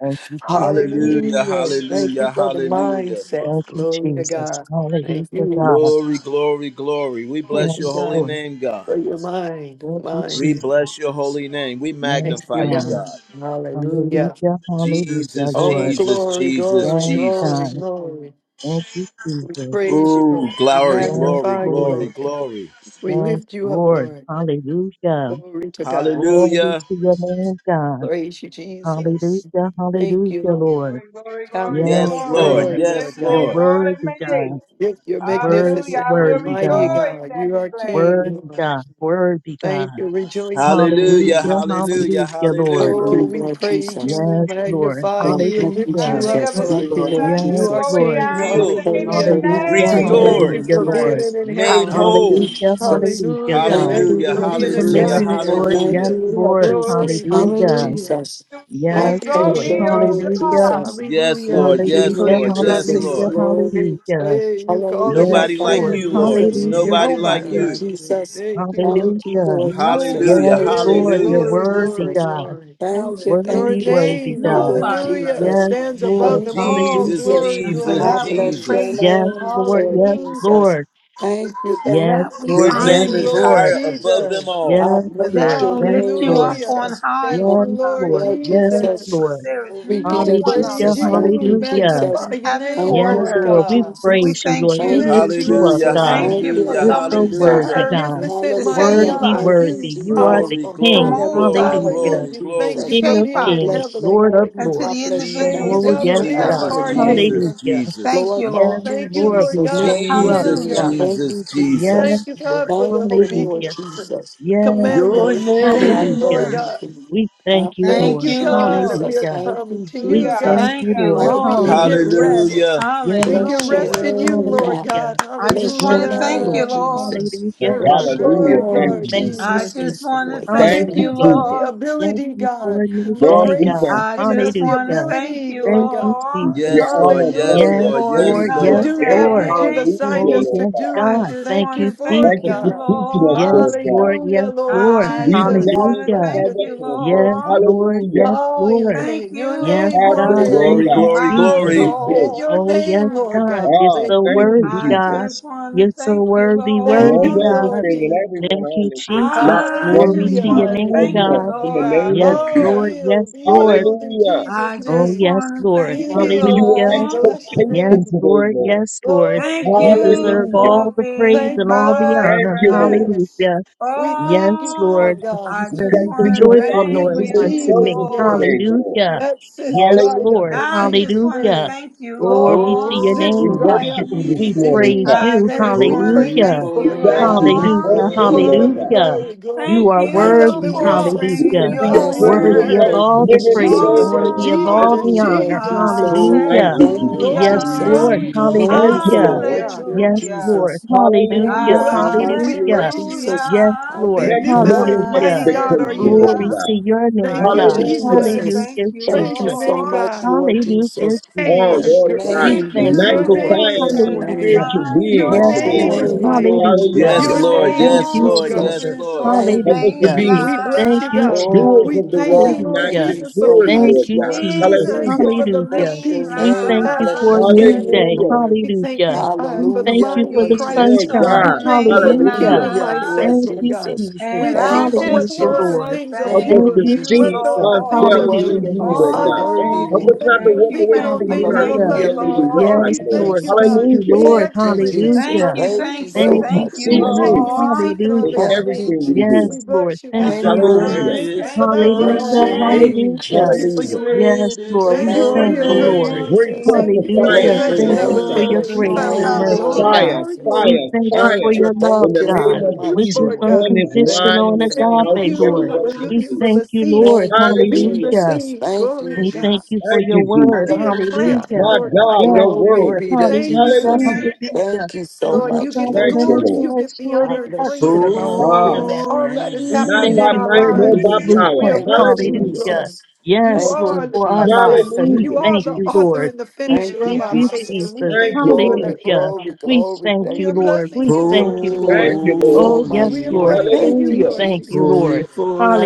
[SPEAKER 4] Thank you, Jesus.
[SPEAKER 1] Hallelujah,
[SPEAKER 3] Hallelujah. Thank you
[SPEAKER 1] hallelujah,
[SPEAKER 3] for the
[SPEAKER 1] hallelujah.
[SPEAKER 3] mindset.
[SPEAKER 4] Thank you,
[SPEAKER 3] Glory to
[SPEAKER 4] Jesus.
[SPEAKER 3] God.
[SPEAKER 4] Hallelujah,
[SPEAKER 3] Thank you.
[SPEAKER 4] God.
[SPEAKER 1] Glory, glory, glory. We
[SPEAKER 3] Thank
[SPEAKER 1] bless
[SPEAKER 3] you,
[SPEAKER 4] Yes,
[SPEAKER 1] your holy
[SPEAKER 3] God,
[SPEAKER 4] Lord.
[SPEAKER 1] name, God.
[SPEAKER 3] for your mind.
[SPEAKER 4] Thank you,
[SPEAKER 1] We
[SPEAKER 3] Mind.
[SPEAKER 1] bless
[SPEAKER 4] Jesus.
[SPEAKER 1] your holy name. We
[SPEAKER 4] Yes,
[SPEAKER 3] Thank
[SPEAKER 1] magnify
[SPEAKER 3] you,
[SPEAKER 1] you,
[SPEAKER 4] God.
[SPEAKER 1] God.
[SPEAKER 3] God. Hallelujah.
[SPEAKER 4] Hallelujah. Hallelujah,
[SPEAKER 1] Jesus,
[SPEAKER 3] Oh,
[SPEAKER 4] Lord.
[SPEAKER 1] Jesus,
[SPEAKER 3] glory,
[SPEAKER 1] Jesus,
[SPEAKER 3] glory,
[SPEAKER 4] Yes,
[SPEAKER 3] glory,
[SPEAKER 1] Jesus.
[SPEAKER 4] God.
[SPEAKER 3] glory.
[SPEAKER 4] Thank you,
[SPEAKER 3] We
[SPEAKER 4] Jesus.
[SPEAKER 3] praise you,
[SPEAKER 1] Ooh,
[SPEAKER 3] Lord. We
[SPEAKER 1] glory,
[SPEAKER 4] Yes,
[SPEAKER 1] glory,
[SPEAKER 3] magnify you,
[SPEAKER 4] Lord.
[SPEAKER 1] glory,
[SPEAKER 3] Lord God.
[SPEAKER 1] glory.
[SPEAKER 3] We
[SPEAKER 4] Yes,
[SPEAKER 3] lift you up,
[SPEAKER 4] Lord.
[SPEAKER 3] Lord.
[SPEAKER 4] Hallelujah.
[SPEAKER 3] Glory to God.
[SPEAKER 4] Glory
[SPEAKER 1] Hallelujah.
[SPEAKER 4] to your name, God.
[SPEAKER 3] Praise you, Jesus.
[SPEAKER 4] Hallelujah.
[SPEAKER 3] Thank you,
[SPEAKER 4] Hallelujah,
[SPEAKER 3] Lord.
[SPEAKER 4] Lord.
[SPEAKER 5] Glory, glory,
[SPEAKER 3] Count
[SPEAKER 5] glory,
[SPEAKER 3] it
[SPEAKER 4] Yes,
[SPEAKER 3] all
[SPEAKER 1] Yes,
[SPEAKER 5] glory.
[SPEAKER 1] Lord.
[SPEAKER 4] God.
[SPEAKER 3] joy,
[SPEAKER 5] This is
[SPEAKER 1] Yes,
[SPEAKER 3] Lord
[SPEAKER 5] the day
[SPEAKER 4] You're
[SPEAKER 3] God.
[SPEAKER 5] the
[SPEAKER 1] Lord.
[SPEAKER 5] Lord has
[SPEAKER 4] worthy,
[SPEAKER 3] You're
[SPEAKER 5] made.
[SPEAKER 4] God.
[SPEAKER 3] magnific- you're
[SPEAKER 4] Worthy,
[SPEAKER 5] Hallelujah.
[SPEAKER 3] magnificent.
[SPEAKER 5] I will
[SPEAKER 3] You're
[SPEAKER 4] worthy,
[SPEAKER 3] mighty,
[SPEAKER 4] God.
[SPEAKER 5] rejoice
[SPEAKER 3] God.
[SPEAKER 5] and
[SPEAKER 3] You
[SPEAKER 5] be
[SPEAKER 3] are
[SPEAKER 5] glad.
[SPEAKER 3] King,
[SPEAKER 4] Worthy,
[SPEAKER 3] Lord.
[SPEAKER 4] God. Worthy,
[SPEAKER 3] Thank
[SPEAKER 4] God.
[SPEAKER 3] you. Rejoice in the
[SPEAKER 1] Hallelujah,
[SPEAKER 4] Hallelujah,
[SPEAKER 3] Lord.
[SPEAKER 6] Thank
[SPEAKER 1] hallelujah,
[SPEAKER 4] hallelujah, Lord.
[SPEAKER 1] hallelujah.
[SPEAKER 3] Oh,
[SPEAKER 6] you,
[SPEAKER 7] Hallelujah.
[SPEAKER 3] we
[SPEAKER 6] Lord
[SPEAKER 3] praise
[SPEAKER 6] Jesus.
[SPEAKER 3] you,
[SPEAKER 4] Yes, Lord.
[SPEAKER 3] magnify
[SPEAKER 6] Lord,
[SPEAKER 3] you, and
[SPEAKER 6] thank you,
[SPEAKER 3] lift
[SPEAKER 4] Hallelujah.
[SPEAKER 3] you
[SPEAKER 5] Rising
[SPEAKER 3] up,
[SPEAKER 5] of
[SPEAKER 6] Jesus.
[SPEAKER 5] the
[SPEAKER 7] Thank you,
[SPEAKER 3] Lord.
[SPEAKER 6] Thank you,
[SPEAKER 7] Lord.
[SPEAKER 6] Lord
[SPEAKER 5] sun to
[SPEAKER 4] Yes,
[SPEAKER 3] You
[SPEAKER 5] the
[SPEAKER 3] are
[SPEAKER 6] Jesus.
[SPEAKER 5] going
[SPEAKER 4] Lord.
[SPEAKER 3] King.
[SPEAKER 5] down of
[SPEAKER 6] My
[SPEAKER 1] Healed,
[SPEAKER 5] the same,
[SPEAKER 6] praise
[SPEAKER 5] his
[SPEAKER 3] Hallelujah.
[SPEAKER 6] belongs
[SPEAKER 4] Hallelujah,
[SPEAKER 6] to the
[SPEAKER 3] We
[SPEAKER 7] Thank
[SPEAKER 5] name
[SPEAKER 7] you,
[SPEAKER 5] is
[SPEAKER 3] thank
[SPEAKER 5] to
[SPEAKER 1] restored,
[SPEAKER 3] you
[SPEAKER 6] Lord
[SPEAKER 7] Lord.
[SPEAKER 5] be
[SPEAKER 4] hallelujah,
[SPEAKER 3] for being
[SPEAKER 4] Lord.
[SPEAKER 3] an
[SPEAKER 6] Jesus.
[SPEAKER 5] praised.
[SPEAKER 1] made
[SPEAKER 6] Thank
[SPEAKER 3] inheritor.
[SPEAKER 7] Hallelujah.
[SPEAKER 6] you,
[SPEAKER 1] whole.
[SPEAKER 4] Hallelujah,
[SPEAKER 6] Jesus.
[SPEAKER 4] hallelujah,
[SPEAKER 3] Hallelujah.
[SPEAKER 6] Thank
[SPEAKER 4] God.
[SPEAKER 3] Thank
[SPEAKER 6] you,
[SPEAKER 3] you
[SPEAKER 1] Hallelujah,
[SPEAKER 3] for
[SPEAKER 7] Thank
[SPEAKER 6] Lord
[SPEAKER 7] you
[SPEAKER 3] being a
[SPEAKER 7] for
[SPEAKER 1] hallelujah,
[SPEAKER 4] Yes,
[SPEAKER 6] Jesus.
[SPEAKER 3] joy
[SPEAKER 7] making us
[SPEAKER 3] there.
[SPEAKER 4] Lord.
[SPEAKER 7] whole.
[SPEAKER 6] Thank
[SPEAKER 4] Yes,
[SPEAKER 6] you,
[SPEAKER 1] hallelujah.
[SPEAKER 6] Lord
[SPEAKER 4] Lord.
[SPEAKER 6] Jesus.
[SPEAKER 3] Glory to
[SPEAKER 6] Thank you,
[SPEAKER 3] you,
[SPEAKER 4] Hallelujah.
[SPEAKER 7] Hallelujah.
[SPEAKER 3] Jesus.
[SPEAKER 6] Jesus.
[SPEAKER 5] We
[SPEAKER 6] I
[SPEAKER 4] Yes,
[SPEAKER 3] Thank you,
[SPEAKER 5] exalt
[SPEAKER 4] Lord.
[SPEAKER 6] praise
[SPEAKER 5] thee,
[SPEAKER 6] your
[SPEAKER 3] King
[SPEAKER 5] O
[SPEAKER 6] name,
[SPEAKER 4] Hallelujah.
[SPEAKER 3] Jesus.
[SPEAKER 5] God.
[SPEAKER 6] Jesus.
[SPEAKER 1] Yes,
[SPEAKER 3] Hallelujah.
[SPEAKER 1] Lord.
[SPEAKER 6] Thank
[SPEAKER 7] Thank
[SPEAKER 6] you,
[SPEAKER 7] you
[SPEAKER 1] Yes,
[SPEAKER 7] for
[SPEAKER 4] Hallelujah,
[SPEAKER 6] Lord
[SPEAKER 7] your
[SPEAKER 1] Lord.
[SPEAKER 3] Thank
[SPEAKER 1] Yes,
[SPEAKER 3] you,
[SPEAKER 6] Jesus.
[SPEAKER 7] blessings,
[SPEAKER 4] hallelujah,
[SPEAKER 1] Lord.
[SPEAKER 3] Lord.
[SPEAKER 7] Lord.
[SPEAKER 6] Glory.
[SPEAKER 4] hallelujah.
[SPEAKER 3] Hey, you call us
[SPEAKER 4] Yes,
[SPEAKER 6] Hallelujah.
[SPEAKER 3] your
[SPEAKER 7] Mm,
[SPEAKER 1] Nobody
[SPEAKER 6] Thank
[SPEAKER 1] like
[SPEAKER 4] Lord.
[SPEAKER 6] you,
[SPEAKER 3] friend.
[SPEAKER 7] mm,
[SPEAKER 1] you, Lord.
[SPEAKER 7] there
[SPEAKER 6] Jesus.
[SPEAKER 7] is
[SPEAKER 4] Hallelujah,
[SPEAKER 3] Hallelujah,
[SPEAKER 1] Nobody
[SPEAKER 3] Lord
[SPEAKER 1] like
[SPEAKER 7] nobody
[SPEAKER 6] Thank
[SPEAKER 3] God.
[SPEAKER 4] Jesus.
[SPEAKER 7] like
[SPEAKER 1] you.
[SPEAKER 6] you,
[SPEAKER 7] you.
[SPEAKER 6] Jesus.
[SPEAKER 3] Thank you,
[SPEAKER 6] Thank
[SPEAKER 3] Lord.
[SPEAKER 6] you,
[SPEAKER 4] Hallelujah.
[SPEAKER 6] Lord Jesus.
[SPEAKER 7] Nobody
[SPEAKER 1] Hallelujah.
[SPEAKER 4] Yes,
[SPEAKER 7] like
[SPEAKER 6] Praise
[SPEAKER 7] you.
[SPEAKER 6] your
[SPEAKER 3] Yay,
[SPEAKER 4] Lord.
[SPEAKER 6] name,
[SPEAKER 4] You're
[SPEAKER 1] Hallelujah.
[SPEAKER 3] glory,
[SPEAKER 4] worthy,
[SPEAKER 3] glory,
[SPEAKER 6] Jesus.
[SPEAKER 4] God.
[SPEAKER 3] glory.
[SPEAKER 6] Thank you,
[SPEAKER 3] Your
[SPEAKER 4] Worthy,
[SPEAKER 6] thank you,
[SPEAKER 7] Hallelujah.
[SPEAKER 6] thank
[SPEAKER 4] worthy,
[SPEAKER 3] name,
[SPEAKER 6] you,
[SPEAKER 4] God.
[SPEAKER 6] Lord
[SPEAKER 7] Nobody like
[SPEAKER 3] hallelujah,
[SPEAKER 7] you,
[SPEAKER 6] Jesus.
[SPEAKER 4] Yes,
[SPEAKER 7] Lord.
[SPEAKER 3] stands
[SPEAKER 4] Lord.
[SPEAKER 3] above them
[SPEAKER 6] Thank you,
[SPEAKER 3] all.
[SPEAKER 1] Jesus,
[SPEAKER 4] Hallelujah,
[SPEAKER 6] Jesus.
[SPEAKER 3] Glory,
[SPEAKER 7] And for
[SPEAKER 4] Jesus.
[SPEAKER 3] glory,
[SPEAKER 6] I
[SPEAKER 1] Jesus,
[SPEAKER 7] that we
[SPEAKER 6] bless
[SPEAKER 3] glory.
[SPEAKER 6] your
[SPEAKER 7] praise
[SPEAKER 1] Jesus.
[SPEAKER 7] you.
[SPEAKER 4] Yes,
[SPEAKER 6] name,
[SPEAKER 4] Lord.
[SPEAKER 6] Lord
[SPEAKER 4] Yes,
[SPEAKER 3] Hallelujah.
[SPEAKER 6] Jesus.
[SPEAKER 4] Lord.
[SPEAKER 6] Thank you,
[SPEAKER 7] For
[SPEAKER 6] thank
[SPEAKER 4] Yes,
[SPEAKER 7] that we
[SPEAKER 6] you,
[SPEAKER 4] Lord.
[SPEAKER 1] His
[SPEAKER 3] Thank
[SPEAKER 7] honor
[SPEAKER 4] Yes,
[SPEAKER 1] name
[SPEAKER 3] you,
[SPEAKER 1] is
[SPEAKER 7] you.
[SPEAKER 3] Lord
[SPEAKER 4] Lord.
[SPEAKER 1] higher above them
[SPEAKER 3] Jesus.
[SPEAKER 6] Jesus.
[SPEAKER 1] all.
[SPEAKER 6] I
[SPEAKER 4] Yes,
[SPEAKER 7] For
[SPEAKER 6] praise
[SPEAKER 7] that
[SPEAKER 4] Lord.
[SPEAKER 6] your
[SPEAKER 7] we
[SPEAKER 4] Yes,
[SPEAKER 7] lift
[SPEAKER 6] name,
[SPEAKER 7] you
[SPEAKER 4] Lord.
[SPEAKER 7] up
[SPEAKER 3] Hallelujah.
[SPEAKER 7] on
[SPEAKER 6] Jesus.
[SPEAKER 7] high,
[SPEAKER 3] Thank you,
[SPEAKER 7] Lord
[SPEAKER 6] Thank
[SPEAKER 4] Yes,
[SPEAKER 7] God,
[SPEAKER 6] you,
[SPEAKER 3] Lord
[SPEAKER 4] Lord.
[SPEAKER 6] Lord
[SPEAKER 4] Yes,
[SPEAKER 6] Jesus.
[SPEAKER 7] because
[SPEAKER 4] Lord.
[SPEAKER 3] Jesus.
[SPEAKER 7] there is
[SPEAKER 6] Glory be
[SPEAKER 7] no
[SPEAKER 3] We
[SPEAKER 6] to
[SPEAKER 7] one
[SPEAKER 3] praise
[SPEAKER 4] Hallelujah,
[SPEAKER 7] else
[SPEAKER 6] Jesus.
[SPEAKER 7] like
[SPEAKER 3] you.
[SPEAKER 6] Thank
[SPEAKER 7] you.
[SPEAKER 3] We
[SPEAKER 6] you,
[SPEAKER 4] hallelujah.
[SPEAKER 6] Jesus.
[SPEAKER 3] magnify
[SPEAKER 7] in
[SPEAKER 3] your
[SPEAKER 7] heaven
[SPEAKER 3] name,
[SPEAKER 7] or
[SPEAKER 6] Thank
[SPEAKER 7] on
[SPEAKER 6] you,
[SPEAKER 4] Yes,
[SPEAKER 3] Lord
[SPEAKER 7] earth.
[SPEAKER 4] Lord,
[SPEAKER 6] Lord
[SPEAKER 4] we
[SPEAKER 3] God.
[SPEAKER 7] We
[SPEAKER 6] Jesus.
[SPEAKER 4] praise you,
[SPEAKER 7] thank
[SPEAKER 4] Lord.
[SPEAKER 3] We
[SPEAKER 4] We
[SPEAKER 7] you.
[SPEAKER 6] Thank
[SPEAKER 4] lift
[SPEAKER 6] you,
[SPEAKER 3] lift you
[SPEAKER 4] you
[SPEAKER 3] up,
[SPEAKER 4] up,
[SPEAKER 1] Hallelujah.
[SPEAKER 6] Jesus.
[SPEAKER 3] Lord
[SPEAKER 4] God.
[SPEAKER 7] Thank you
[SPEAKER 6] Thank you,
[SPEAKER 7] for
[SPEAKER 3] Jesus.
[SPEAKER 1] Hallelujah.
[SPEAKER 4] You're
[SPEAKER 6] Lord
[SPEAKER 4] so
[SPEAKER 7] coming to
[SPEAKER 6] Jesus.
[SPEAKER 4] worthy,
[SPEAKER 1] Hallelujah.
[SPEAKER 7] earth
[SPEAKER 4] God.
[SPEAKER 3] Magnificent,
[SPEAKER 7] to
[SPEAKER 3] mighty
[SPEAKER 6] Hallelujah.
[SPEAKER 7] save
[SPEAKER 3] God,
[SPEAKER 4] Worthy,
[SPEAKER 3] are
[SPEAKER 6] Thank you,
[SPEAKER 3] you
[SPEAKER 4] worthy.
[SPEAKER 7] us,
[SPEAKER 4] You are
[SPEAKER 6] Jesus.
[SPEAKER 4] the
[SPEAKER 1] Glory,
[SPEAKER 3] powerful?
[SPEAKER 7] to
[SPEAKER 4] King.
[SPEAKER 1] glory,
[SPEAKER 7] mold
[SPEAKER 1] glory,
[SPEAKER 6] Hallelujah,
[SPEAKER 7] us,
[SPEAKER 4] Hallelujah.
[SPEAKER 6] Lord
[SPEAKER 1] glory,
[SPEAKER 3] Hallelujah.
[SPEAKER 7] to
[SPEAKER 3] Thank you
[SPEAKER 1] glory.
[SPEAKER 6] Jesus.
[SPEAKER 4] King
[SPEAKER 3] for
[SPEAKER 4] of
[SPEAKER 7] shape
[SPEAKER 3] being
[SPEAKER 6] I
[SPEAKER 3] in
[SPEAKER 4] kings,
[SPEAKER 6] bless
[SPEAKER 7] us,
[SPEAKER 6] your
[SPEAKER 3] heavenly
[SPEAKER 4] Lord of
[SPEAKER 3] place.
[SPEAKER 7] and
[SPEAKER 6] name.
[SPEAKER 7] to
[SPEAKER 4] lords.
[SPEAKER 6] I
[SPEAKER 7] the
[SPEAKER 6] bless your
[SPEAKER 3] Thank you,
[SPEAKER 7] individuals
[SPEAKER 6] name.
[SPEAKER 4] Oh,
[SPEAKER 7] that
[SPEAKER 1] Jesus,
[SPEAKER 3] God,
[SPEAKER 7] you
[SPEAKER 3] for
[SPEAKER 4] yes,
[SPEAKER 7] would
[SPEAKER 3] being a
[SPEAKER 7] have
[SPEAKER 6] Bless
[SPEAKER 4] God.
[SPEAKER 6] your
[SPEAKER 7] us
[SPEAKER 1] Jesus,
[SPEAKER 7] to be.
[SPEAKER 6] name.
[SPEAKER 3] partaker.
[SPEAKER 1] Jesus,
[SPEAKER 4] Hallelujah.
[SPEAKER 7] Thank
[SPEAKER 1] Jesus.
[SPEAKER 7] you,
[SPEAKER 6] Lord,
[SPEAKER 7] Lord.
[SPEAKER 6] thank
[SPEAKER 4] Yes,
[SPEAKER 6] you,
[SPEAKER 3] Thank you,
[SPEAKER 4] Lord,
[SPEAKER 3] Lord
[SPEAKER 4] we
[SPEAKER 6] Jesus.
[SPEAKER 3] God,
[SPEAKER 4] lift
[SPEAKER 3] for
[SPEAKER 6] Thank
[SPEAKER 4] you
[SPEAKER 6] you,
[SPEAKER 4] up,
[SPEAKER 3] being in
[SPEAKER 1] Jesus,
[SPEAKER 3] your
[SPEAKER 6] Lord.
[SPEAKER 7] Hallelujah.
[SPEAKER 4] God.
[SPEAKER 6] Thank
[SPEAKER 3] will.
[SPEAKER 6] you,
[SPEAKER 1] Jesus,
[SPEAKER 4] Yes,
[SPEAKER 3] Thank
[SPEAKER 1] Jesus.
[SPEAKER 3] you,
[SPEAKER 6] Jesus.
[SPEAKER 3] God,
[SPEAKER 4] Lord.
[SPEAKER 3] for the
[SPEAKER 6] Thank you, Lord
[SPEAKER 4] Hallelujah.
[SPEAKER 3] obedience and
[SPEAKER 6] Jesus.
[SPEAKER 4] Yes,
[SPEAKER 6] I
[SPEAKER 1] Your
[SPEAKER 4] Lord.
[SPEAKER 3] commandments.
[SPEAKER 6] praise you.
[SPEAKER 3] Thank
[SPEAKER 6] I
[SPEAKER 3] you,
[SPEAKER 1] name.
[SPEAKER 3] Lord
[SPEAKER 4] Hallelujah.
[SPEAKER 6] praise
[SPEAKER 3] God.
[SPEAKER 6] you.
[SPEAKER 4] We thank
[SPEAKER 6] I
[SPEAKER 4] you,
[SPEAKER 3] Thank
[SPEAKER 7] Thank
[SPEAKER 3] you,
[SPEAKER 4] Lord.
[SPEAKER 6] praise
[SPEAKER 7] you,
[SPEAKER 6] you,
[SPEAKER 3] God, that
[SPEAKER 7] Lord.
[SPEAKER 3] we
[SPEAKER 6] Jesus.
[SPEAKER 3] are
[SPEAKER 4] Hallelujah.
[SPEAKER 6] Thank
[SPEAKER 3] coming
[SPEAKER 6] you,
[SPEAKER 3] to
[SPEAKER 4] We
[SPEAKER 3] you,
[SPEAKER 5] Hallelujah,
[SPEAKER 4] thank
[SPEAKER 3] God,
[SPEAKER 6] Jesus.
[SPEAKER 7] Thank
[SPEAKER 4] you,
[SPEAKER 5] hallelujah,
[SPEAKER 7] you,
[SPEAKER 4] Lord.
[SPEAKER 3] where
[SPEAKER 6] Thank
[SPEAKER 3] we
[SPEAKER 6] you,
[SPEAKER 3] can
[SPEAKER 7] Lord.
[SPEAKER 4] Hallelujah.
[SPEAKER 3] get
[SPEAKER 6] Lord
[SPEAKER 3] rest.
[SPEAKER 6] Jesus.
[SPEAKER 1] Hallelujah.
[SPEAKER 4] Yes,
[SPEAKER 3] We can
[SPEAKER 6] Bless your
[SPEAKER 3] rest
[SPEAKER 4] Lord.
[SPEAKER 7] Hallelujah.
[SPEAKER 3] in you,
[SPEAKER 6] name,
[SPEAKER 3] Lord
[SPEAKER 6] God.
[SPEAKER 4] Hallelujah.
[SPEAKER 3] God.
[SPEAKER 7] I just
[SPEAKER 6] Bless
[SPEAKER 4] Yes,
[SPEAKER 6] your
[SPEAKER 7] want to thank
[SPEAKER 6] name,
[SPEAKER 7] you,
[SPEAKER 4] Lord.
[SPEAKER 3] Hallelujah.
[SPEAKER 7] Lord.
[SPEAKER 6] Jesus.
[SPEAKER 4] Hallelujah,
[SPEAKER 8] Oh,
[SPEAKER 7] Mm,
[SPEAKER 3] Thank you
[SPEAKER 6] Bless
[SPEAKER 4] God.
[SPEAKER 7] mm,
[SPEAKER 6] your
[SPEAKER 3] for
[SPEAKER 8] Hallelujah.
[SPEAKER 3] it,
[SPEAKER 7] mm.
[SPEAKER 4] I
[SPEAKER 8] Thank
[SPEAKER 6] name,
[SPEAKER 3] Lord
[SPEAKER 8] you,
[SPEAKER 4] thank
[SPEAKER 8] Jesus.
[SPEAKER 4] you,
[SPEAKER 7] I
[SPEAKER 3] Jesus.
[SPEAKER 6] Jesus.
[SPEAKER 7] just
[SPEAKER 6] Yes,
[SPEAKER 4] Jesus.
[SPEAKER 7] want to
[SPEAKER 6] Lord. Yes,
[SPEAKER 8] Thank
[SPEAKER 6] Lord.
[SPEAKER 3] Thank
[SPEAKER 7] thank
[SPEAKER 8] you,
[SPEAKER 7] you,
[SPEAKER 3] you for
[SPEAKER 4] Hallelujah.
[SPEAKER 8] Jesus.
[SPEAKER 3] the
[SPEAKER 7] Lord.
[SPEAKER 4] Thank
[SPEAKER 3] ability,
[SPEAKER 4] you for
[SPEAKER 3] God,
[SPEAKER 4] a new
[SPEAKER 3] for
[SPEAKER 8] Lord,
[SPEAKER 4] day,
[SPEAKER 8] we
[SPEAKER 3] grace,
[SPEAKER 4] God.
[SPEAKER 8] thank
[SPEAKER 7] I
[SPEAKER 8] you.
[SPEAKER 3] giving us
[SPEAKER 7] just
[SPEAKER 3] the
[SPEAKER 7] want to
[SPEAKER 4] Hallelujah.
[SPEAKER 7] thank
[SPEAKER 3] ability,
[SPEAKER 7] you,
[SPEAKER 3] Lord
[SPEAKER 4] Thank you,
[SPEAKER 3] God.
[SPEAKER 8] We
[SPEAKER 7] Lord,
[SPEAKER 8] give you
[SPEAKER 1] Yes,
[SPEAKER 4] Jesus.
[SPEAKER 1] Lord.
[SPEAKER 8] honor,
[SPEAKER 1] Yes,
[SPEAKER 8] glory,
[SPEAKER 4] Yes,
[SPEAKER 8] and
[SPEAKER 3] Hallelujah.
[SPEAKER 1] Lord.
[SPEAKER 7] for
[SPEAKER 1] Yes,
[SPEAKER 8] praise
[SPEAKER 4] Lord.
[SPEAKER 8] in
[SPEAKER 3] To
[SPEAKER 8] this
[SPEAKER 7] another
[SPEAKER 1] Lord.
[SPEAKER 4] Yes,
[SPEAKER 3] do
[SPEAKER 8] day.
[SPEAKER 3] that
[SPEAKER 4] Lord.
[SPEAKER 3] which you've
[SPEAKER 7] day.
[SPEAKER 3] assigned
[SPEAKER 8] Hallelujah,
[SPEAKER 4] Oh,
[SPEAKER 3] us to
[SPEAKER 8] Lord
[SPEAKER 4] yes,
[SPEAKER 8] God.
[SPEAKER 7] I
[SPEAKER 3] do.
[SPEAKER 4] God.
[SPEAKER 7] just
[SPEAKER 4] Thank
[SPEAKER 3] Thank
[SPEAKER 7] want
[SPEAKER 3] you
[SPEAKER 4] you,
[SPEAKER 7] to
[SPEAKER 3] for
[SPEAKER 7] thank
[SPEAKER 3] it,
[SPEAKER 8] Thank
[SPEAKER 4] Jesus.
[SPEAKER 8] you
[SPEAKER 7] you,
[SPEAKER 8] for
[SPEAKER 3] God.
[SPEAKER 8] teaching us,
[SPEAKER 7] Lord.
[SPEAKER 8] Lord
[SPEAKER 4] Yes,
[SPEAKER 8] God.
[SPEAKER 4] Lord.
[SPEAKER 3] Hallelujah,
[SPEAKER 4] Yes,
[SPEAKER 3] Lord
[SPEAKER 4] Lord.
[SPEAKER 7] I
[SPEAKER 8] Leading
[SPEAKER 7] just
[SPEAKER 3] Jesus.
[SPEAKER 7] want
[SPEAKER 8] guidance
[SPEAKER 7] to
[SPEAKER 8] and
[SPEAKER 3] Bless
[SPEAKER 4] Hallelujah.
[SPEAKER 7] thank
[SPEAKER 3] your
[SPEAKER 7] you,
[SPEAKER 8] directing
[SPEAKER 3] name.
[SPEAKER 8] us,
[SPEAKER 4] Yes,
[SPEAKER 8] Lord.
[SPEAKER 7] Lord.
[SPEAKER 4] Lord.
[SPEAKER 8] Hallelujah.
[SPEAKER 4] Yes,
[SPEAKER 3] Oh, your
[SPEAKER 4] Lord.
[SPEAKER 7] Thank
[SPEAKER 3] name, your
[SPEAKER 7] you
[SPEAKER 4] Yes,
[SPEAKER 3] name,
[SPEAKER 8] Have
[SPEAKER 3] your
[SPEAKER 7] for
[SPEAKER 8] your
[SPEAKER 4] God.
[SPEAKER 8] way,
[SPEAKER 3] name.
[SPEAKER 4] Thank
[SPEAKER 1] Glory,
[SPEAKER 4] you,
[SPEAKER 7] saving
[SPEAKER 8] God,
[SPEAKER 1] glory,
[SPEAKER 7] my
[SPEAKER 8] on
[SPEAKER 4] Jesus.
[SPEAKER 1] glory.
[SPEAKER 8] this
[SPEAKER 3] We in
[SPEAKER 8] day.
[SPEAKER 7] soul.
[SPEAKER 3] your
[SPEAKER 4] Oh, yes,
[SPEAKER 3] name,
[SPEAKER 7] Mm.
[SPEAKER 3] Lord
[SPEAKER 4] God.
[SPEAKER 3] God.
[SPEAKER 4] You're
[SPEAKER 8] Ah,
[SPEAKER 3] Thank
[SPEAKER 4] so
[SPEAKER 8] thank you,
[SPEAKER 3] you.
[SPEAKER 4] worthy,
[SPEAKER 7] I
[SPEAKER 4] God.
[SPEAKER 8] Jesus.
[SPEAKER 7] just want
[SPEAKER 4] You're
[SPEAKER 7] to
[SPEAKER 4] so
[SPEAKER 7] thank you,
[SPEAKER 4] worthy,
[SPEAKER 8] And
[SPEAKER 3] Thank
[SPEAKER 8] there's
[SPEAKER 4] worthy,
[SPEAKER 7] Lord.
[SPEAKER 3] you,
[SPEAKER 4] God.
[SPEAKER 3] Lord
[SPEAKER 8] everything and everyone
[SPEAKER 4] Thank
[SPEAKER 3] Jesus.
[SPEAKER 8] on
[SPEAKER 4] you,
[SPEAKER 8] it. There's not
[SPEAKER 4] Jesus.
[SPEAKER 7] I
[SPEAKER 8] one
[SPEAKER 4] Glory
[SPEAKER 7] just
[SPEAKER 4] to
[SPEAKER 3] Hallelujah,
[SPEAKER 7] want
[SPEAKER 8] need
[SPEAKER 4] your
[SPEAKER 7] to
[SPEAKER 4] name,
[SPEAKER 7] thank you,
[SPEAKER 8] unmet
[SPEAKER 3] hallelujah.
[SPEAKER 4] God.
[SPEAKER 8] in the
[SPEAKER 7] Lord.
[SPEAKER 8] name
[SPEAKER 4] Yes,
[SPEAKER 8] of
[SPEAKER 5] hallelujah,
[SPEAKER 3] Oh,
[SPEAKER 8] Jesus.
[SPEAKER 4] Lord.
[SPEAKER 3] heal,
[SPEAKER 4] Yes,
[SPEAKER 3] be
[SPEAKER 4] Lord.
[SPEAKER 3] healed in
[SPEAKER 8] Hallelujah.
[SPEAKER 3] Jesus'
[SPEAKER 7] I
[SPEAKER 4] Oh,
[SPEAKER 7] just
[SPEAKER 3] name.
[SPEAKER 4] yes,
[SPEAKER 7] want to
[SPEAKER 4] Lord.
[SPEAKER 8] We
[SPEAKER 7] thank
[SPEAKER 3] Be
[SPEAKER 7] you,
[SPEAKER 8] come to you
[SPEAKER 3] healed.
[SPEAKER 8] with
[SPEAKER 3] We
[SPEAKER 4] Hallelujah.
[SPEAKER 7] Lord.
[SPEAKER 3] bless your
[SPEAKER 4] Yes,
[SPEAKER 8] expectation
[SPEAKER 3] name.
[SPEAKER 8] today,
[SPEAKER 4] Lord.
[SPEAKER 8] Lord.
[SPEAKER 4] Yes, Lord.
[SPEAKER 3] Glory,
[SPEAKER 7] Thank
[SPEAKER 4] You
[SPEAKER 3] glory,
[SPEAKER 7] you
[SPEAKER 4] deserve
[SPEAKER 7] for
[SPEAKER 8] Hallelujah.
[SPEAKER 4] all the praise
[SPEAKER 7] being
[SPEAKER 3] Thank
[SPEAKER 4] and
[SPEAKER 3] you,
[SPEAKER 4] all the
[SPEAKER 7] my
[SPEAKER 3] Lord, that
[SPEAKER 8] Thank
[SPEAKER 4] honor.
[SPEAKER 3] you've
[SPEAKER 8] you,
[SPEAKER 3] done
[SPEAKER 8] Lord.
[SPEAKER 7] friend.
[SPEAKER 3] this.
[SPEAKER 4] Hallelujah.
[SPEAKER 3] We thank
[SPEAKER 4] Yes,
[SPEAKER 3] you for
[SPEAKER 7] Oh,
[SPEAKER 4] Lord.
[SPEAKER 3] it, God.
[SPEAKER 4] You
[SPEAKER 7] I
[SPEAKER 8] We
[SPEAKER 4] said,
[SPEAKER 7] just
[SPEAKER 8] come
[SPEAKER 4] make a
[SPEAKER 8] to
[SPEAKER 3] We
[SPEAKER 7] want
[SPEAKER 8] you
[SPEAKER 7] to
[SPEAKER 8] with
[SPEAKER 3] thank
[SPEAKER 4] joyful
[SPEAKER 8] our
[SPEAKER 7] thank
[SPEAKER 3] you
[SPEAKER 4] noise
[SPEAKER 3] in
[SPEAKER 8] reasonable
[SPEAKER 4] unto
[SPEAKER 7] you,
[SPEAKER 3] Jesus'
[SPEAKER 4] me.
[SPEAKER 8] service
[SPEAKER 7] Lord.
[SPEAKER 8] today,
[SPEAKER 3] name.
[SPEAKER 8] Lord.
[SPEAKER 4] Hallelujah.
[SPEAKER 3] That sis
[SPEAKER 4] Yes,
[SPEAKER 3] dried up
[SPEAKER 8] Hallelujah.
[SPEAKER 4] Lord.
[SPEAKER 3] in
[SPEAKER 7] I
[SPEAKER 3] Jesus'
[SPEAKER 7] just want to
[SPEAKER 4] Hallelujah.
[SPEAKER 3] name.
[SPEAKER 7] thank you,
[SPEAKER 4] Glory to
[SPEAKER 3] Glory,
[SPEAKER 7] Lord.
[SPEAKER 4] your
[SPEAKER 3] sis
[SPEAKER 8] We
[SPEAKER 4] name, God.
[SPEAKER 3] dry up
[SPEAKER 8] worship you this
[SPEAKER 1] Holy,
[SPEAKER 4] We
[SPEAKER 3] in
[SPEAKER 8] morning,
[SPEAKER 4] praise
[SPEAKER 3] Jesus'
[SPEAKER 7] I
[SPEAKER 8] Father.
[SPEAKER 4] you.
[SPEAKER 3] name.
[SPEAKER 7] just
[SPEAKER 3] We
[SPEAKER 7] want to
[SPEAKER 1] holy
[SPEAKER 3] praise you
[SPEAKER 4] Hallelujah.
[SPEAKER 7] thank
[SPEAKER 8] We
[SPEAKER 3] for
[SPEAKER 7] you,
[SPEAKER 3] it,
[SPEAKER 8] thank
[SPEAKER 3] God.
[SPEAKER 8] you. We
[SPEAKER 1] forever.
[SPEAKER 7] Lord.
[SPEAKER 4] Hallelujah.
[SPEAKER 8] praise you, Lord
[SPEAKER 3] Glory,
[SPEAKER 8] God.
[SPEAKER 4] Hallelujah.
[SPEAKER 3] glory,
[SPEAKER 4] You
[SPEAKER 7] Thank
[SPEAKER 3] glory.
[SPEAKER 4] are
[SPEAKER 3] Rise
[SPEAKER 6] Thank
[SPEAKER 3] up
[SPEAKER 6] you,
[SPEAKER 7] you
[SPEAKER 4] worthy.
[SPEAKER 3] and
[SPEAKER 7] for
[SPEAKER 3] walk.
[SPEAKER 6] Jesus.
[SPEAKER 8] We
[SPEAKER 7] bringing
[SPEAKER 4] Hallelujah.
[SPEAKER 8] enter your
[SPEAKER 7] your
[SPEAKER 6] Yes,
[SPEAKER 8] courts with
[SPEAKER 4] Worthy
[SPEAKER 6] Lord.
[SPEAKER 3] Hallelujah.
[SPEAKER 4] of
[SPEAKER 7] word.
[SPEAKER 6] Thank
[SPEAKER 4] all
[SPEAKER 6] you,
[SPEAKER 4] the
[SPEAKER 8] thanksgiving
[SPEAKER 4] praise and
[SPEAKER 6] Jesus.
[SPEAKER 8] today,
[SPEAKER 3] Jesus,
[SPEAKER 4] worthy
[SPEAKER 8] Lord.
[SPEAKER 4] of all
[SPEAKER 6] Thank
[SPEAKER 3] Jesus,
[SPEAKER 7] Oh,
[SPEAKER 4] the
[SPEAKER 6] you,
[SPEAKER 8] Hallelujah.
[SPEAKER 4] honor.
[SPEAKER 6] Lord
[SPEAKER 3] Jesus.
[SPEAKER 6] Jesus.
[SPEAKER 8] Thank
[SPEAKER 4] Hallelujah.
[SPEAKER 8] you,
[SPEAKER 6] Thank
[SPEAKER 8] Jesus.
[SPEAKER 6] you,
[SPEAKER 4] Yes,
[SPEAKER 3] Glory,
[SPEAKER 7] hallelujah.
[SPEAKER 6] Jesus.
[SPEAKER 4] Lord.
[SPEAKER 3] glory,
[SPEAKER 1] Holy.
[SPEAKER 3] glory.
[SPEAKER 6] Thank
[SPEAKER 8] Thank
[SPEAKER 6] you
[SPEAKER 8] you,
[SPEAKER 6] so
[SPEAKER 4] Hallelujah.
[SPEAKER 6] much,
[SPEAKER 8] Lord.
[SPEAKER 3] Hallelujah.
[SPEAKER 6] Lord
[SPEAKER 4] Yes,
[SPEAKER 7] Hallelujah.
[SPEAKER 4] Lord.
[SPEAKER 6] Jesus. Thank
[SPEAKER 3] We
[SPEAKER 6] you
[SPEAKER 4] Hallelujah.
[SPEAKER 8] Hallelujah.
[SPEAKER 6] so
[SPEAKER 3] bless you.
[SPEAKER 6] much,
[SPEAKER 3] We
[SPEAKER 4] Hallelujah.
[SPEAKER 6] Lord
[SPEAKER 3] praise you.
[SPEAKER 6] Jesus.
[SPEAKER 4] Yes,
[SPEAKER 7] Hallelujah.
[SPEAKER 6] I bless
[SPEAKER 4] Lord.
[SPEAKER 8] Next
[SPEAKER 6] your
[SPEAKER 3] Magnificent,
[SPEAKER 8] level
[SPEAKER 6] name
[SPEAKER 3] mighty
[SPEAKER 4] Hallelujah.
[SPEAKER 6] this
[SPEAKER 3] God are
[SPEAKER 6] morning,
[SPEAKER 8] expectation,
[SPEAKER 3] you.
[SPEAKER 8] Lord
[SPEAKER 4] Glory
[SPEAKER 7] Hallelujah.
[SPEAKER 6] Lord
[SPEAKER 4] to
[SPEAKER 8] God.
[SPEAKER 4] your name,
[SPEAKER 7] I
[SPEAKER 3] Thank you,
[SPEAKER 6] Thank
[SPEAKER 4] God.
[SPEAKER 6] you,
[SPEAKER 7] just
[SPEAKER 8] Hallelujah.
[SPEAKER 7] want to
[SPEAKER 3] Jesus.
[SPEAKER 6] Jesus.
[SPEAKER 7] thank
[SPEAKER 4] Hallelujah,
[SPEAKER 7] you,
[SPEAKER 6] Thank
[SPEAKER 3] Praise
[SPEAKER 6] you
[SPEAKER 3] your
[SPEAKER 4] Jesus.
[SPEAKER 3] name,
[SPEAKER 6] so
[SPEAKER 7] Lord.
[SPEAKER 6] much,
[SPEAKER 3] God.
[SPEAKER 6] Lord
[SPEAKER 3] Your
[SPEAKER 4] Hallelujah,
[SPEAKER 6] Jesus.
[SPEAKER 8] Oh,
[SPEAKER 3] name
[SPEAKER 4] Jesus.
[SPEAKER 3] is
[SPEAKER 6] Bless your
[SPEAKER 8] Lord
[SPEAKER 3] great.
[SPEAKER 4] We
[SPEAKER 8] God,
[SPEAKER 6] name,
[SPEAKER 7] Thank
[SPEAKER 4] thank
[SPEAKER 6] bless your
[SPEAKER 8] ignite
[SPEAKER 4] you,
[SPEAKER 3] Your
[SPEAKER 8] the
[SPEAKER 7] you
[SPEAKER 4] Lord.
[SPEAKER 6] name,
[SPEAKER 7] for
[SPEAKER 3] name
[SPEAKER 8] fire in
[SPEAKER 3] is
[SPEAKER 6] bless
[SPEAKER 8] our
[SPEAKER 6] your
[SPEAKER 7] saving
[SPEAKER 4] Hallelujah.
[SPEAKER 3] wonderful.
[SPEAKER 6] name.
[SPEAKER 8] spiritual
[SPEAKER 7] my
[SPEAKER 8] being
[SPEAKER 3] Your
[SPEAKER 4] Yes,
[SPEAKER 6] Bless your
[SPEAKER 8] today,
[SPEAKER 3] name
[SPEAKER 7] soul.
[SPEAKER 4] Lord.
[SPEAKER 3] is
[SPEAKER 8] Lord.
[SPEAKER 6] name,
[SPEAKER 3] mighty.
[SPEAKER 6] Lord
[SPEAKER 4] Hallelujah.
[SPEAKER 1] Yes,
[SPEAKER 3] Your
[SPEAKER 6] Jesus.
[SPEAKER 8] Hallelujah.
[SPEAKER 1] Lord.
[SPEAKER 6] Thank
[SPEAKER 3] name
[SPEAKER 6] you,
[SPEAKER 4] Thank
[SPEAKER 3] is
[SPEAKER 1] Yes,
[SPEAKER 4] you,
[SPEAKER 7] Oh,
[SPEAKER 3] Lord
[SPEAKER 1] Lord.
[SPEAKER 6] Jesus.
[SPEAKER 3] God.
[SPEAKER 1] Yes,
[SPEAKER 4] Jesus.
[SPEAKER 7] Jesus
[SPEAKER 1] Lord.
[SPEAKER 7] on the
[SPEAKER 6] Thank
[SPEAKER 8] Help
[SPEAKER 6] you,
[SPEAKER 8] us to
[SPEAKER 4] Hallelujah.
[SPEAKER 7] main
[SPEAKER 8] be
[SPEAKER 3] We bless
[SPEAKER 4] Thank
[SPEAKER 3] you,
[SPEAKER 6] Jesus.
[SPEAKER 7] line.
[SPEAKER 4] you,
[SPEAKER 3] God.
[SPEAKER 8] doers
[SPEAKER 4] Jesus.
[SPEAKER 3] We
[SPEAKER 6] Oh,
[SPEAKER 8] of the
[SPEAKER 3] thank you,
[SPEAKER 8] word,
[SPEAKER 6] God,
[SPEAKER 3] Lord
[SPEAKER 8] not
[SPEAKER 6] thank
[SPEAKER 4] Hallelujah.
[SPEAKER 6] you
[SPEAKER 8] just
[SPEAKER 3] Jesus, for
[SPEAKER 6] so
[SPEAKER 8] hearers,
[SPEAKER 4] Thank
[SPEAKER 8] Lord
[SPEAKER 3] peace.
[SPEAKER 6] much,
[SPEAKER 4] you,
[SPEAKER 8] God.
[SPEAKER 6] Lord
[SPEAKER 3] We
[SPEAKER 4] Jesus.
[SPEAKER 7] Jesus
[SPEAKER 3] thank
[SPEAKER 6] Jesus.
[SPEAKER 3] you
[SPEAKER 8] Hallelujah.
[SPEAKER 3] for
[SPEAKER 7] on the
[SPEAKER 3] the real
[SPEAKER 4] Hallelujah.
[SPEAKER 6] Bless
[SPEAKER 7] main
[SPEAKER 6] your
[SPEAKER 3] peace that
[SPEAKER 4] We thank
[SPEAKER 6] name,
[SPEAKER 4] you
[SPEAKER 3] surpasses
[SPEAKER 6] bless
[SPEAKER 4] for a
[SPEAKER 7] line.
[SPEAKER 6] your
[SPEAKER 4] new
[SPEAKER 3] understanding.
[SPEAKER 6] name,
[SPEAKER 4] day.
[SPEAKER 8] Hallelujah.
[SPEAKER 6] Lord.
[SPEAKER 3] We thank
[SPEAKER 4] Hallelujah.
[SPEAKER 3] you, God,
[SPEAKER 4] We
[SPEAKER 3] for the
[SPEAKER 4] thank
[SPEAKER 6] Hallelujah,
[SPEAKER 4] you
[SPEAKER 3] mind
[SPEAKER 4] for
[SPEAKER 3] of
[SPEAKER 4] the
[SPEAKER 6] Lord
[SPEAKER 3] Christ.
[SPEAKER 8] Lord
[SPEAKER 7] Jesus
[SPEAKER 6] Jesus.
[SPEAKER 7] on
[SPEAKER 3] We
[SPEAKER 4] sunshine.
[SPEAKER 7] the
[SPEAKER 8] God,
[SPEAKER 3] thank you for
[SPEAKER 7] main
[SPEAKER 3] the
[SPEAKER 4] Hallelujah.
[SPEAKER 8] hallelujah.
[SPEAKER 3] kingdom
[SPEAKER 6] Hallelujah,
[SPEAKER 3] mindset,
[SPEAKER 7] line.
[SPEAKER 6] Lord
[SPEAKER 4] Thank
[SPEAKER 3] Lord
[SPEAKER 4] you,
[SPEAKER 3] God.
[SPEAKER 6] Jesus.
[SPEAKER 4] Jesus.
[SPEAKER 3] We
[SPEAKER 7] And I
[SPEAKER 3] think
[SPEAKER 6] Thank
[SPEAKER 3] on
[SPEAKER 6] you,
[SPEAKER 7] just
[SPEAKER 4] Hallelujah,
[SPEAKER 6] Jesus.
[SPEAKER 3] whatsoever
[SPEAKER 4] Lord.
[SPEAKER 7] want to
[SPEAKER 3] things are
[SPEAKER 8] Help
[SPEAKER 6] Thank
[SPEAKER 7] thank
[SPEAKER 8] us
[SPEAKER 4] Thank
[SPEAKER 6] you,
[SPEAKER 3] pure,
[SPEAKER 8] to
[SPEAKER 4] you,
[SPEAKER 7] you,
[SPEAKER 8] see
[SPEAKER 6] Jesus.
[SPEAKER 4] Jesus.
[SPEAKER 3] whatsoever things
[SPEAKER 6] You're
[SPEAKER 7] Lord.
[SPEAKER 3] are
[SPEAKER 8] ourselves
[SPEAKER 4] Hallelujah,
[SPEAKER 8] in
[SPEAKER 6] worthy.
[SPEAKER 3] true,
[SPEAKER 8] you,
[SPEAKER 6] You're
[SPEAKER 4] Lord.
[SPEAKER 8] Lord
[SPEAKER 6] so
[SPEAKER 3] honest.
[SPEAKER 8] God.
[SPEAKER 6] worthy,
[SPEAKER 4] Thank
[SPEAKER 7] Oh,
[SPEAKER 3] We
[SPEAKER 8] Help
[SPEAKER 4] you,
[SPEAKER 8] us
[SPEAKER 6] Lord.
[SPEAKER 3] thank
[SPEAKER 8] not to
[SPEAKER 3] you,
[SPEAKER 7] thank
[SPEAKER 4] Jesus.
[SPEAKER 8] walk
[SPEAKER 7] you,
[SPEAKER 3] thinking
[SPEAKER 8] away from
[SPEAKER 7] thank
[SPEAKER 3] on
[SPEAKER 8] the
[SPEAKER 7] you,
[SPEAKER 3] things that
[SPEAKER 8] mirror and
[SPEAKER 3] are
[SPEAKER 7] thank
[SPEAKER 4] Hallelujah.
[SPEAKER 7] you,
[SPEAKER 8] forget
[SPEAKER 6] Hallelujah,
[SPEAKER 8] what
[SPEAKER 3] lovely.
[SPEAKER 8] we
[SPEAKER 6] Lord.
[SPEAKER 8] look
[SPEAKER 7] Lord.
[SPEAKER 8] like,
[SPEAKER 6] Thank
[SPEAKER 4] Yes,
[SPEAKER 3] We
[SPEAKER 6] you,
[SPEAKER 8] Lord.
[SPEAKER 3] thank
[SPEAKER 4] Lord.
[SPEAKER 3] you,
[SPEAKER 6] Jesus.
[SPEAKER 4] Thank
[SPEAKER 3] God.
[SPEAKER 4] you,
[SPEAKER 3] It
[SPEAKER 8] Hallelujah.
[SPEAKER 3] be
[SPEAKER 4] Lord.
[SPEAKER 6] Thank you,
[SPEAKER 3] excellence, any
[SPEAKER 6] Jesus.
[SPEAKER 7] Thank
[SPEAKER 4] Hallelujah.
[SPEAKER 7] you,
[SPEAKER 3] virtue,
[SPEAKER 6] Thank
[SPEAKER 3] any
[SPEAKER 6] you
[SPEAKER 7] thank
[SPEAKER 8] Help
[SPEAKER 7] you,
[SPEAKER 4] Thank
[SPEAKER 8] us
[SPEAKER 6] so
[SPEAKER 3] praise.
[SPEAKER 8] to
[SPEAKER 4] you,
[SPEAKER 7] thank
[SPEAKER 6] much,
[SPEAKER 7] you,
[SPEAKER 8] see
[SPEAKER 3] We
[SPEAKER 6] Lord
[SPEAKER 4] Jesus.
[SPEAKER 3] thank you.
[SPEAKER 8] you
[SPEAKER 3] We
[SPEAKER 6] Jesus.
[SPEAKER 7] Lord.
[SPEAKER 3] thinking on
[SPEAKER 8] in
[SPEAKER 4] Hallelujah.
[SPEAKER 3] these
[SPEAKER 6] Thank you,
[SPEAKER 8] everything
[SPEAKER 3] things.
[SPEAKER 8] we
[SPEAKER 6] Jesus.
[SPEAKER 3] We
[SPEAKER 4] Yes,
[SPEAKER 8] do.
[SPEAKER 4] Lord.
[SPEAKER 3] bless you,
[SPEAKER 4] Thank
[SPEAKER 3] God.
[SPEAKER 1] It's
[SPEAKER 7] Thank
[SPEAKER 1] the
[SPEAKER 4] you,
[SPEAKER 6] Thank
[SPEAKER 7] you,
[SPEAKER 6] you,
[SPEAKER 7] thank
[SPEAKER 4] Lord.
[SPEAKER 8] Hallelujah.
[SPEAKER 7] you,
[SPEAKER 3] Thank you
[SPEAKER 1] highest
[SPEAKER 6] Jesus.
[SPEAKER 3] for
[SPEAKER 7] thank you,
[SPEAKER 3] that,
[SPEAKER 1] your
[SPEAKER 3] Lord
[SPEAKER 6] Bless
[SPEAKER 4] Hallelujah.
[SPEAKER 6] your
[SPEAKER 3] Jesus.
[SPEAKER 1] name.
[SPEAKER 7] Lord.
[SPEAKER 8] Lord,
[SPEAKER 6] name,
[SPEAKER 3] Thank
[SPEAKER 4] Hallelujah.
[SPEAKER 3] you
[SPEAKER 1] It's
[SPEAKER 3] for
[SPEAKER 1] the
[SPEAKER 8] hallelujah.
[SPEAKER 3] your
[SPEAKER 6] Jesus.
[SPEAKER 3] word.
[SPEAKER 4] Yes, Lord,
[SPEAKER 6] Your
[SPEAKER 1] greatest
[SPEAKER 3] Thank
[SPEAKER 4] we
[SPEAKER 7] Thank
[SPEAKER 3] you for
[SPEAKER 1] your
[SPEAKER 4] thank
[SPEAKER 6] name,
[SPEAKER 3] your
[SPEAKER 4] you,
[SPEAKER 7] you
[SPEAKER 6] Lord
[SPEAKER 4] Lord.
[SPEAKER 7] for
[SPEAKER 1] name.
[SPEAKER 3] treasure.
[SPEAKER 8] Bring
[SPEAKER 6] Jesus.
[SPEAKER 8] forth
[SPEAKER 3] Thank
[SPEAKER 8] the
[SPEAKER 7] being
[SPEAKER 3] you for the
[SPEAKER 8] fire
[SPEAKER 4] Hallelujah.
[SPEAKER 6] Bless
[SPEAKER 7] there.
[SPEAKER 6] your
[SPEAKER 1] Stands
[SPEAKER 3] treasure
[SPEAKER 8] today,
[SPEAKER 4] Thank
[SPEAKER 3] that
[SPEAKER 4] you
[SPEAKER 8] Lord
[SPEAKER 3] was
[SPEAKER 4] for
[SPEAKER 6] name.
[SPEAKER 8] God.
[SPEAKER 3] hidden
[SPEAKER 4] your
[SPEAKER 1] above
[SPEAKER 3] and
[SPEAKER 6] Bless
[SPEAKER 3] we
[SPEAKER 1] them
[SPEAKER 6] your
[SPEAKER 4] grace
[SPEAKER 3] found.
[SPEAKER 4] and
[SPEAKER 6] name,
[SPEAKER 4] mercy,
[SPEAKER 3] Glory,
[SPEAKER 6] Lord
[SPEAKER 7] Hallelujah.
[SPEAKER 1] all.
[SPEAKER 4] God.
[SPEAKER 8] Fire,
[SPEAKER 3] glory,
[SPEAKER 6] Jesus.
[SPEAKER 4] We
[SPEAKER 8] fire,
[SPEAKER 3] glory.
[SPEAKER 4] thank you for
[SPEAKER 6] Thank
[SPEAKER 8] fire.
[SPEAKER 6] you.
[SPEAKER 4] your love,
[SPEAKER 8] In
[SPEAKER 6] Thank
[SPEAKER 8] the
[SPEAKER 6] you so
[SPEAKER 8] name
[SPEAKER 4] God,
[SPEAKER 3] Thank
[SPEAKER 8] of
[SPEAKER 3] you
[SPEAKER 6] much,
[SPEAKER 4] which
[SPEAKER 8] Jesus,
[SPEAKER 3] for
[SPEAKER 4] is
[SPEAKER 3] it,
[SPEAKER 6] Lord.
[SPEAKER 8] on
[SPEAKER 3] God.
[SPEAKER 8] this
[SPEAKER 6] Thank
[SPEAKER 8] line
[SPEAKER 4] unconditional
[SPEAKER 6] you
[SPEAKER 4] and
[SPEAKER 8] and in the
[SPEAKER 6] so
[SPEAKER 3] Thank
[SPEAKER 8] house
[SPEAKER 4] agape,
[SPEAKER 8] of
[SPEAKER 6] much,
[SPEAKER 3] you,
[SPEAKER 4] Lord.
[SPEAKER 6] Lord
[SPEAKER 8] everyone in
[SPEAKER 4] We
[SPEAKER 3] hallelujah, for
[SPEAKER 8] you.
[SPEAKER 4] thank
[SPEAKER 6] Jesus.
[SPEAKER 3] the
[SPEAKER 4] you,
[SPEAKER 3] seed
[SPEAKER 4] Lord.
[SPEAKER 6] Thank you,
[SPEAKER 3] being the
[SPEAKER 8] Hallelujah.
[SPEAKER 4] Hallelujah.
[SPEAKER 6] Jesus.
[SPEAKER 3] seed.
[SPEAKER 6] Thank
[SPEAKER 3] Glory
[SPEAKER 6] you,
[SPEAKER 3] to
[SPEAKER 4] We
[SPEAKER 3] God.
[SPEAKER 4] thank you for
[SPEAKER 6] Jesus.
[SPEAKER 8] Thank
[SPEAKER 4] your
[SPEAKER 8] you,
[SPEAKER 4] word.
[SPEAKER 8] Jesus.
[SPEAKER 3] Being
[SPEAKER 6] Hallelujah.
[SPEAKER 3] planted,
[SPEAKER 4] Hallelujah.
[SPEAKER 8] My
[SPEAKER 3] Lord God,
[SPEAKER 8] God,
[SPEAKER 3] in
[SPEAKER 4] Yes,
[SPEAKER 8] your
[SPEAKER 3] you.
[SPEAKER 6] Glory
[SPEAKER 8] word.
[SPEAKER 4] Lord.
[SPEAKER 6] be to
[SPEAKER 3] Thank you,
[SPEAKER 4] Hallelujah.
[SPEAKER 3] God.
[SPEAKER 6] Jesus.
[SPEAKER 8] Hallelujah.
[SPEAKER 4] Hallelujah.
[SPEAKER 6] Thank you so
[SPEAKER 4] Which
[SPEAKER 3] Lord,
[SPEAKER 4] is
[SPEAKER 3] you
[SPEAKER 6] much,
[SPEAKER 3] get the
[SPEAKER 4] something
[SPEAKER 6] Lord
[SPEAKER 8] Thank you,
[SPEAKER 4] that
[SPEAKER 6] Jesus.
[SPEAKER 3] glory,
[SPEAKER 4] you
[SPEAKER 8] Lord.
[SPEAKER 3] you
[SPEAKER 4] are
[SPEAKER 3] get the
[SPEAKER 4] sure
[SPEAKER 6] I
[SPEAKER 4] it
[SPEAKER 3] honor and
[SPEAKER 4] cuts
[SPEAKER 6] bless your
[SPEAKER 4] to the
[SPEAKER 3] praises
[SPEAKER 4] bone
[SPEAKER 6] name.
[SPEAKER 4] and
[SPEAKER 6] I
[SPEAKER 4] to the
[SPEAKER 8] Ah,
[SPEAKER 3] for
[SPEAKER 4] marrow.
[SPEAKER 6] bless
[SPEAKER 3] all
[SPEAKER 6] your
[SPEAKER 3] that is
[SPEAKER 6] name.
[SPEAKER 4] We
[SPEAKER 8] not
[SPEAKER 3] happening
[SPEAKER 4] thank
[SPEAKER 3] in
[SPEAKER 8] by
[SPEAKER 1] Holy,
[SPEAKER 4] you
[SPEAKER 3] our
[SPEAKER 4] for
[SPEAKER 8] might
[SPEAKER 4] it is
[SPEAKER 8] nor
[SPEAKER 4] the
[SPEAKER 3] lives.
[SPEAKER 8] by
[SPEAKER 6] Hallelujah.
[SPEAKER 3] We
[SPEAKER 8] power.
[SPEAKER 3] are
[SPEAKER 4] blueprint.
[SPEAKER 6] Thank you,
[SPEAKER 3] blessing you,
[SPEAKER 8] Hallelujah.
[SPEAKER 4] Hallelujah.
[SPEAKER 3] Lord.
[SPEAKER 6] Jesus.
[SPEAKER 3] You
[SPEAKER 4] Yes,
[SPEAKER 6] Thank
[SPEAKER 4] Lord,
[SPEAKER 3] are
[SPEAKER 6] you,
[SPEAKER 3] the
[SPEAKER 4] for our
[SPEAKER 3] I say,
[SPEAKER 4] lives.
[SPEAKER 6] Jesus.
[SPEAKER 4] And we
[SPEAKER 6] Thank
[SPEAKER 3] you
[SPEAKER 8] Hallelujah.
[SPEAKER 6] you,
[SPEAKER 3] are
[SPEAKER 4] thank
[SPEAKER 3] the
[SPEAKER 4] you,
[SPEAKER 3] author
[SPEAKER 4] Lord.
[SPEAKER 6] Jesus.
[SPEAKER 3] and the
[SPEAKER 4] We
[SPEAKER 3] finisher
[SPEAKER 6] Thank
[SPEAKER 3] of
[SPEAKER 6] you,
[SPEAKER 4] thank
[SPEAKER 5] hallelujah,
[SPEAKER 3] our
[SPEAKER 4] you,
[SPEAKER 3] faith, and
[SPEAKER 5] hallelujah,
[SPEAKER 6] Jesus.
[SPEAKER 3] we
[SPEAKER 4] Jesus.
[SPEAKER 8] Thank
[SPEAKER 3] thank you
[SPEAKER 8] you,
[SPEAKER 3] for that,
[SPEAKER 8] Lord.
[SPEAKER 6] Glory,
[SPEAKER 3] Lord
[SPEAKER 4] Hallelujah.
[SPEAKER 6] glory,
[SPEAKER 3] God.
[SPEAKER 4] We
[SPEAKER 6] glory.
[SPEAKER 4] thank
[SPEAKER 3] We
[SPEAKER 6] Thank
[SPEAKER 4] you,
[SPEAKER 3] are
[SPEAKER 6] you,
[SPEAKER 4] Lord.
[SPEAKER 3] blessing
[SPEAKER 4] We
[SPEAKER 3] you,
[SPEAKER 6] Jesus.
[SPEAKER 4] thank
[SPEAKER 3] Lord
[SPEAKER 4] you,
[SPEAKER 8] Thank
[SPEAKER 3] Jesus.
[SPEAKER 4] Lord.
[SPEAKER 6] Thank
[SPEAKER 8] you,
[SPEAKER 6] you
[SPEAKER 8] Lord.
[SPEAKER 6] so
[SPEAKER 4] Oh, yes,
[SPEAKER 6] much,
[SPEAKER 3] We are
[SPEAKER 1] holy.
[SPEAKER 4] Lord.
[SPEAKER 6] Lord.
[SPEAKER 4] Thank
[SPEAKER 3] praising
[SPEAKER 6] Thank
[SPEAKER 3] you,
[SPEAKER 4] you.
[SPEAKER 6] you,
[SPEAKER 8] Hallelujah.
[SPEAKER 3] Lord
[SPEAKER 4] Thank
[SPEAKER 3] Jesus.
[SPEAKER 4] you,
[SPEAKER 6] Jesus.
[SPEAKER 1] holy
[SPEAKER 4] Lord.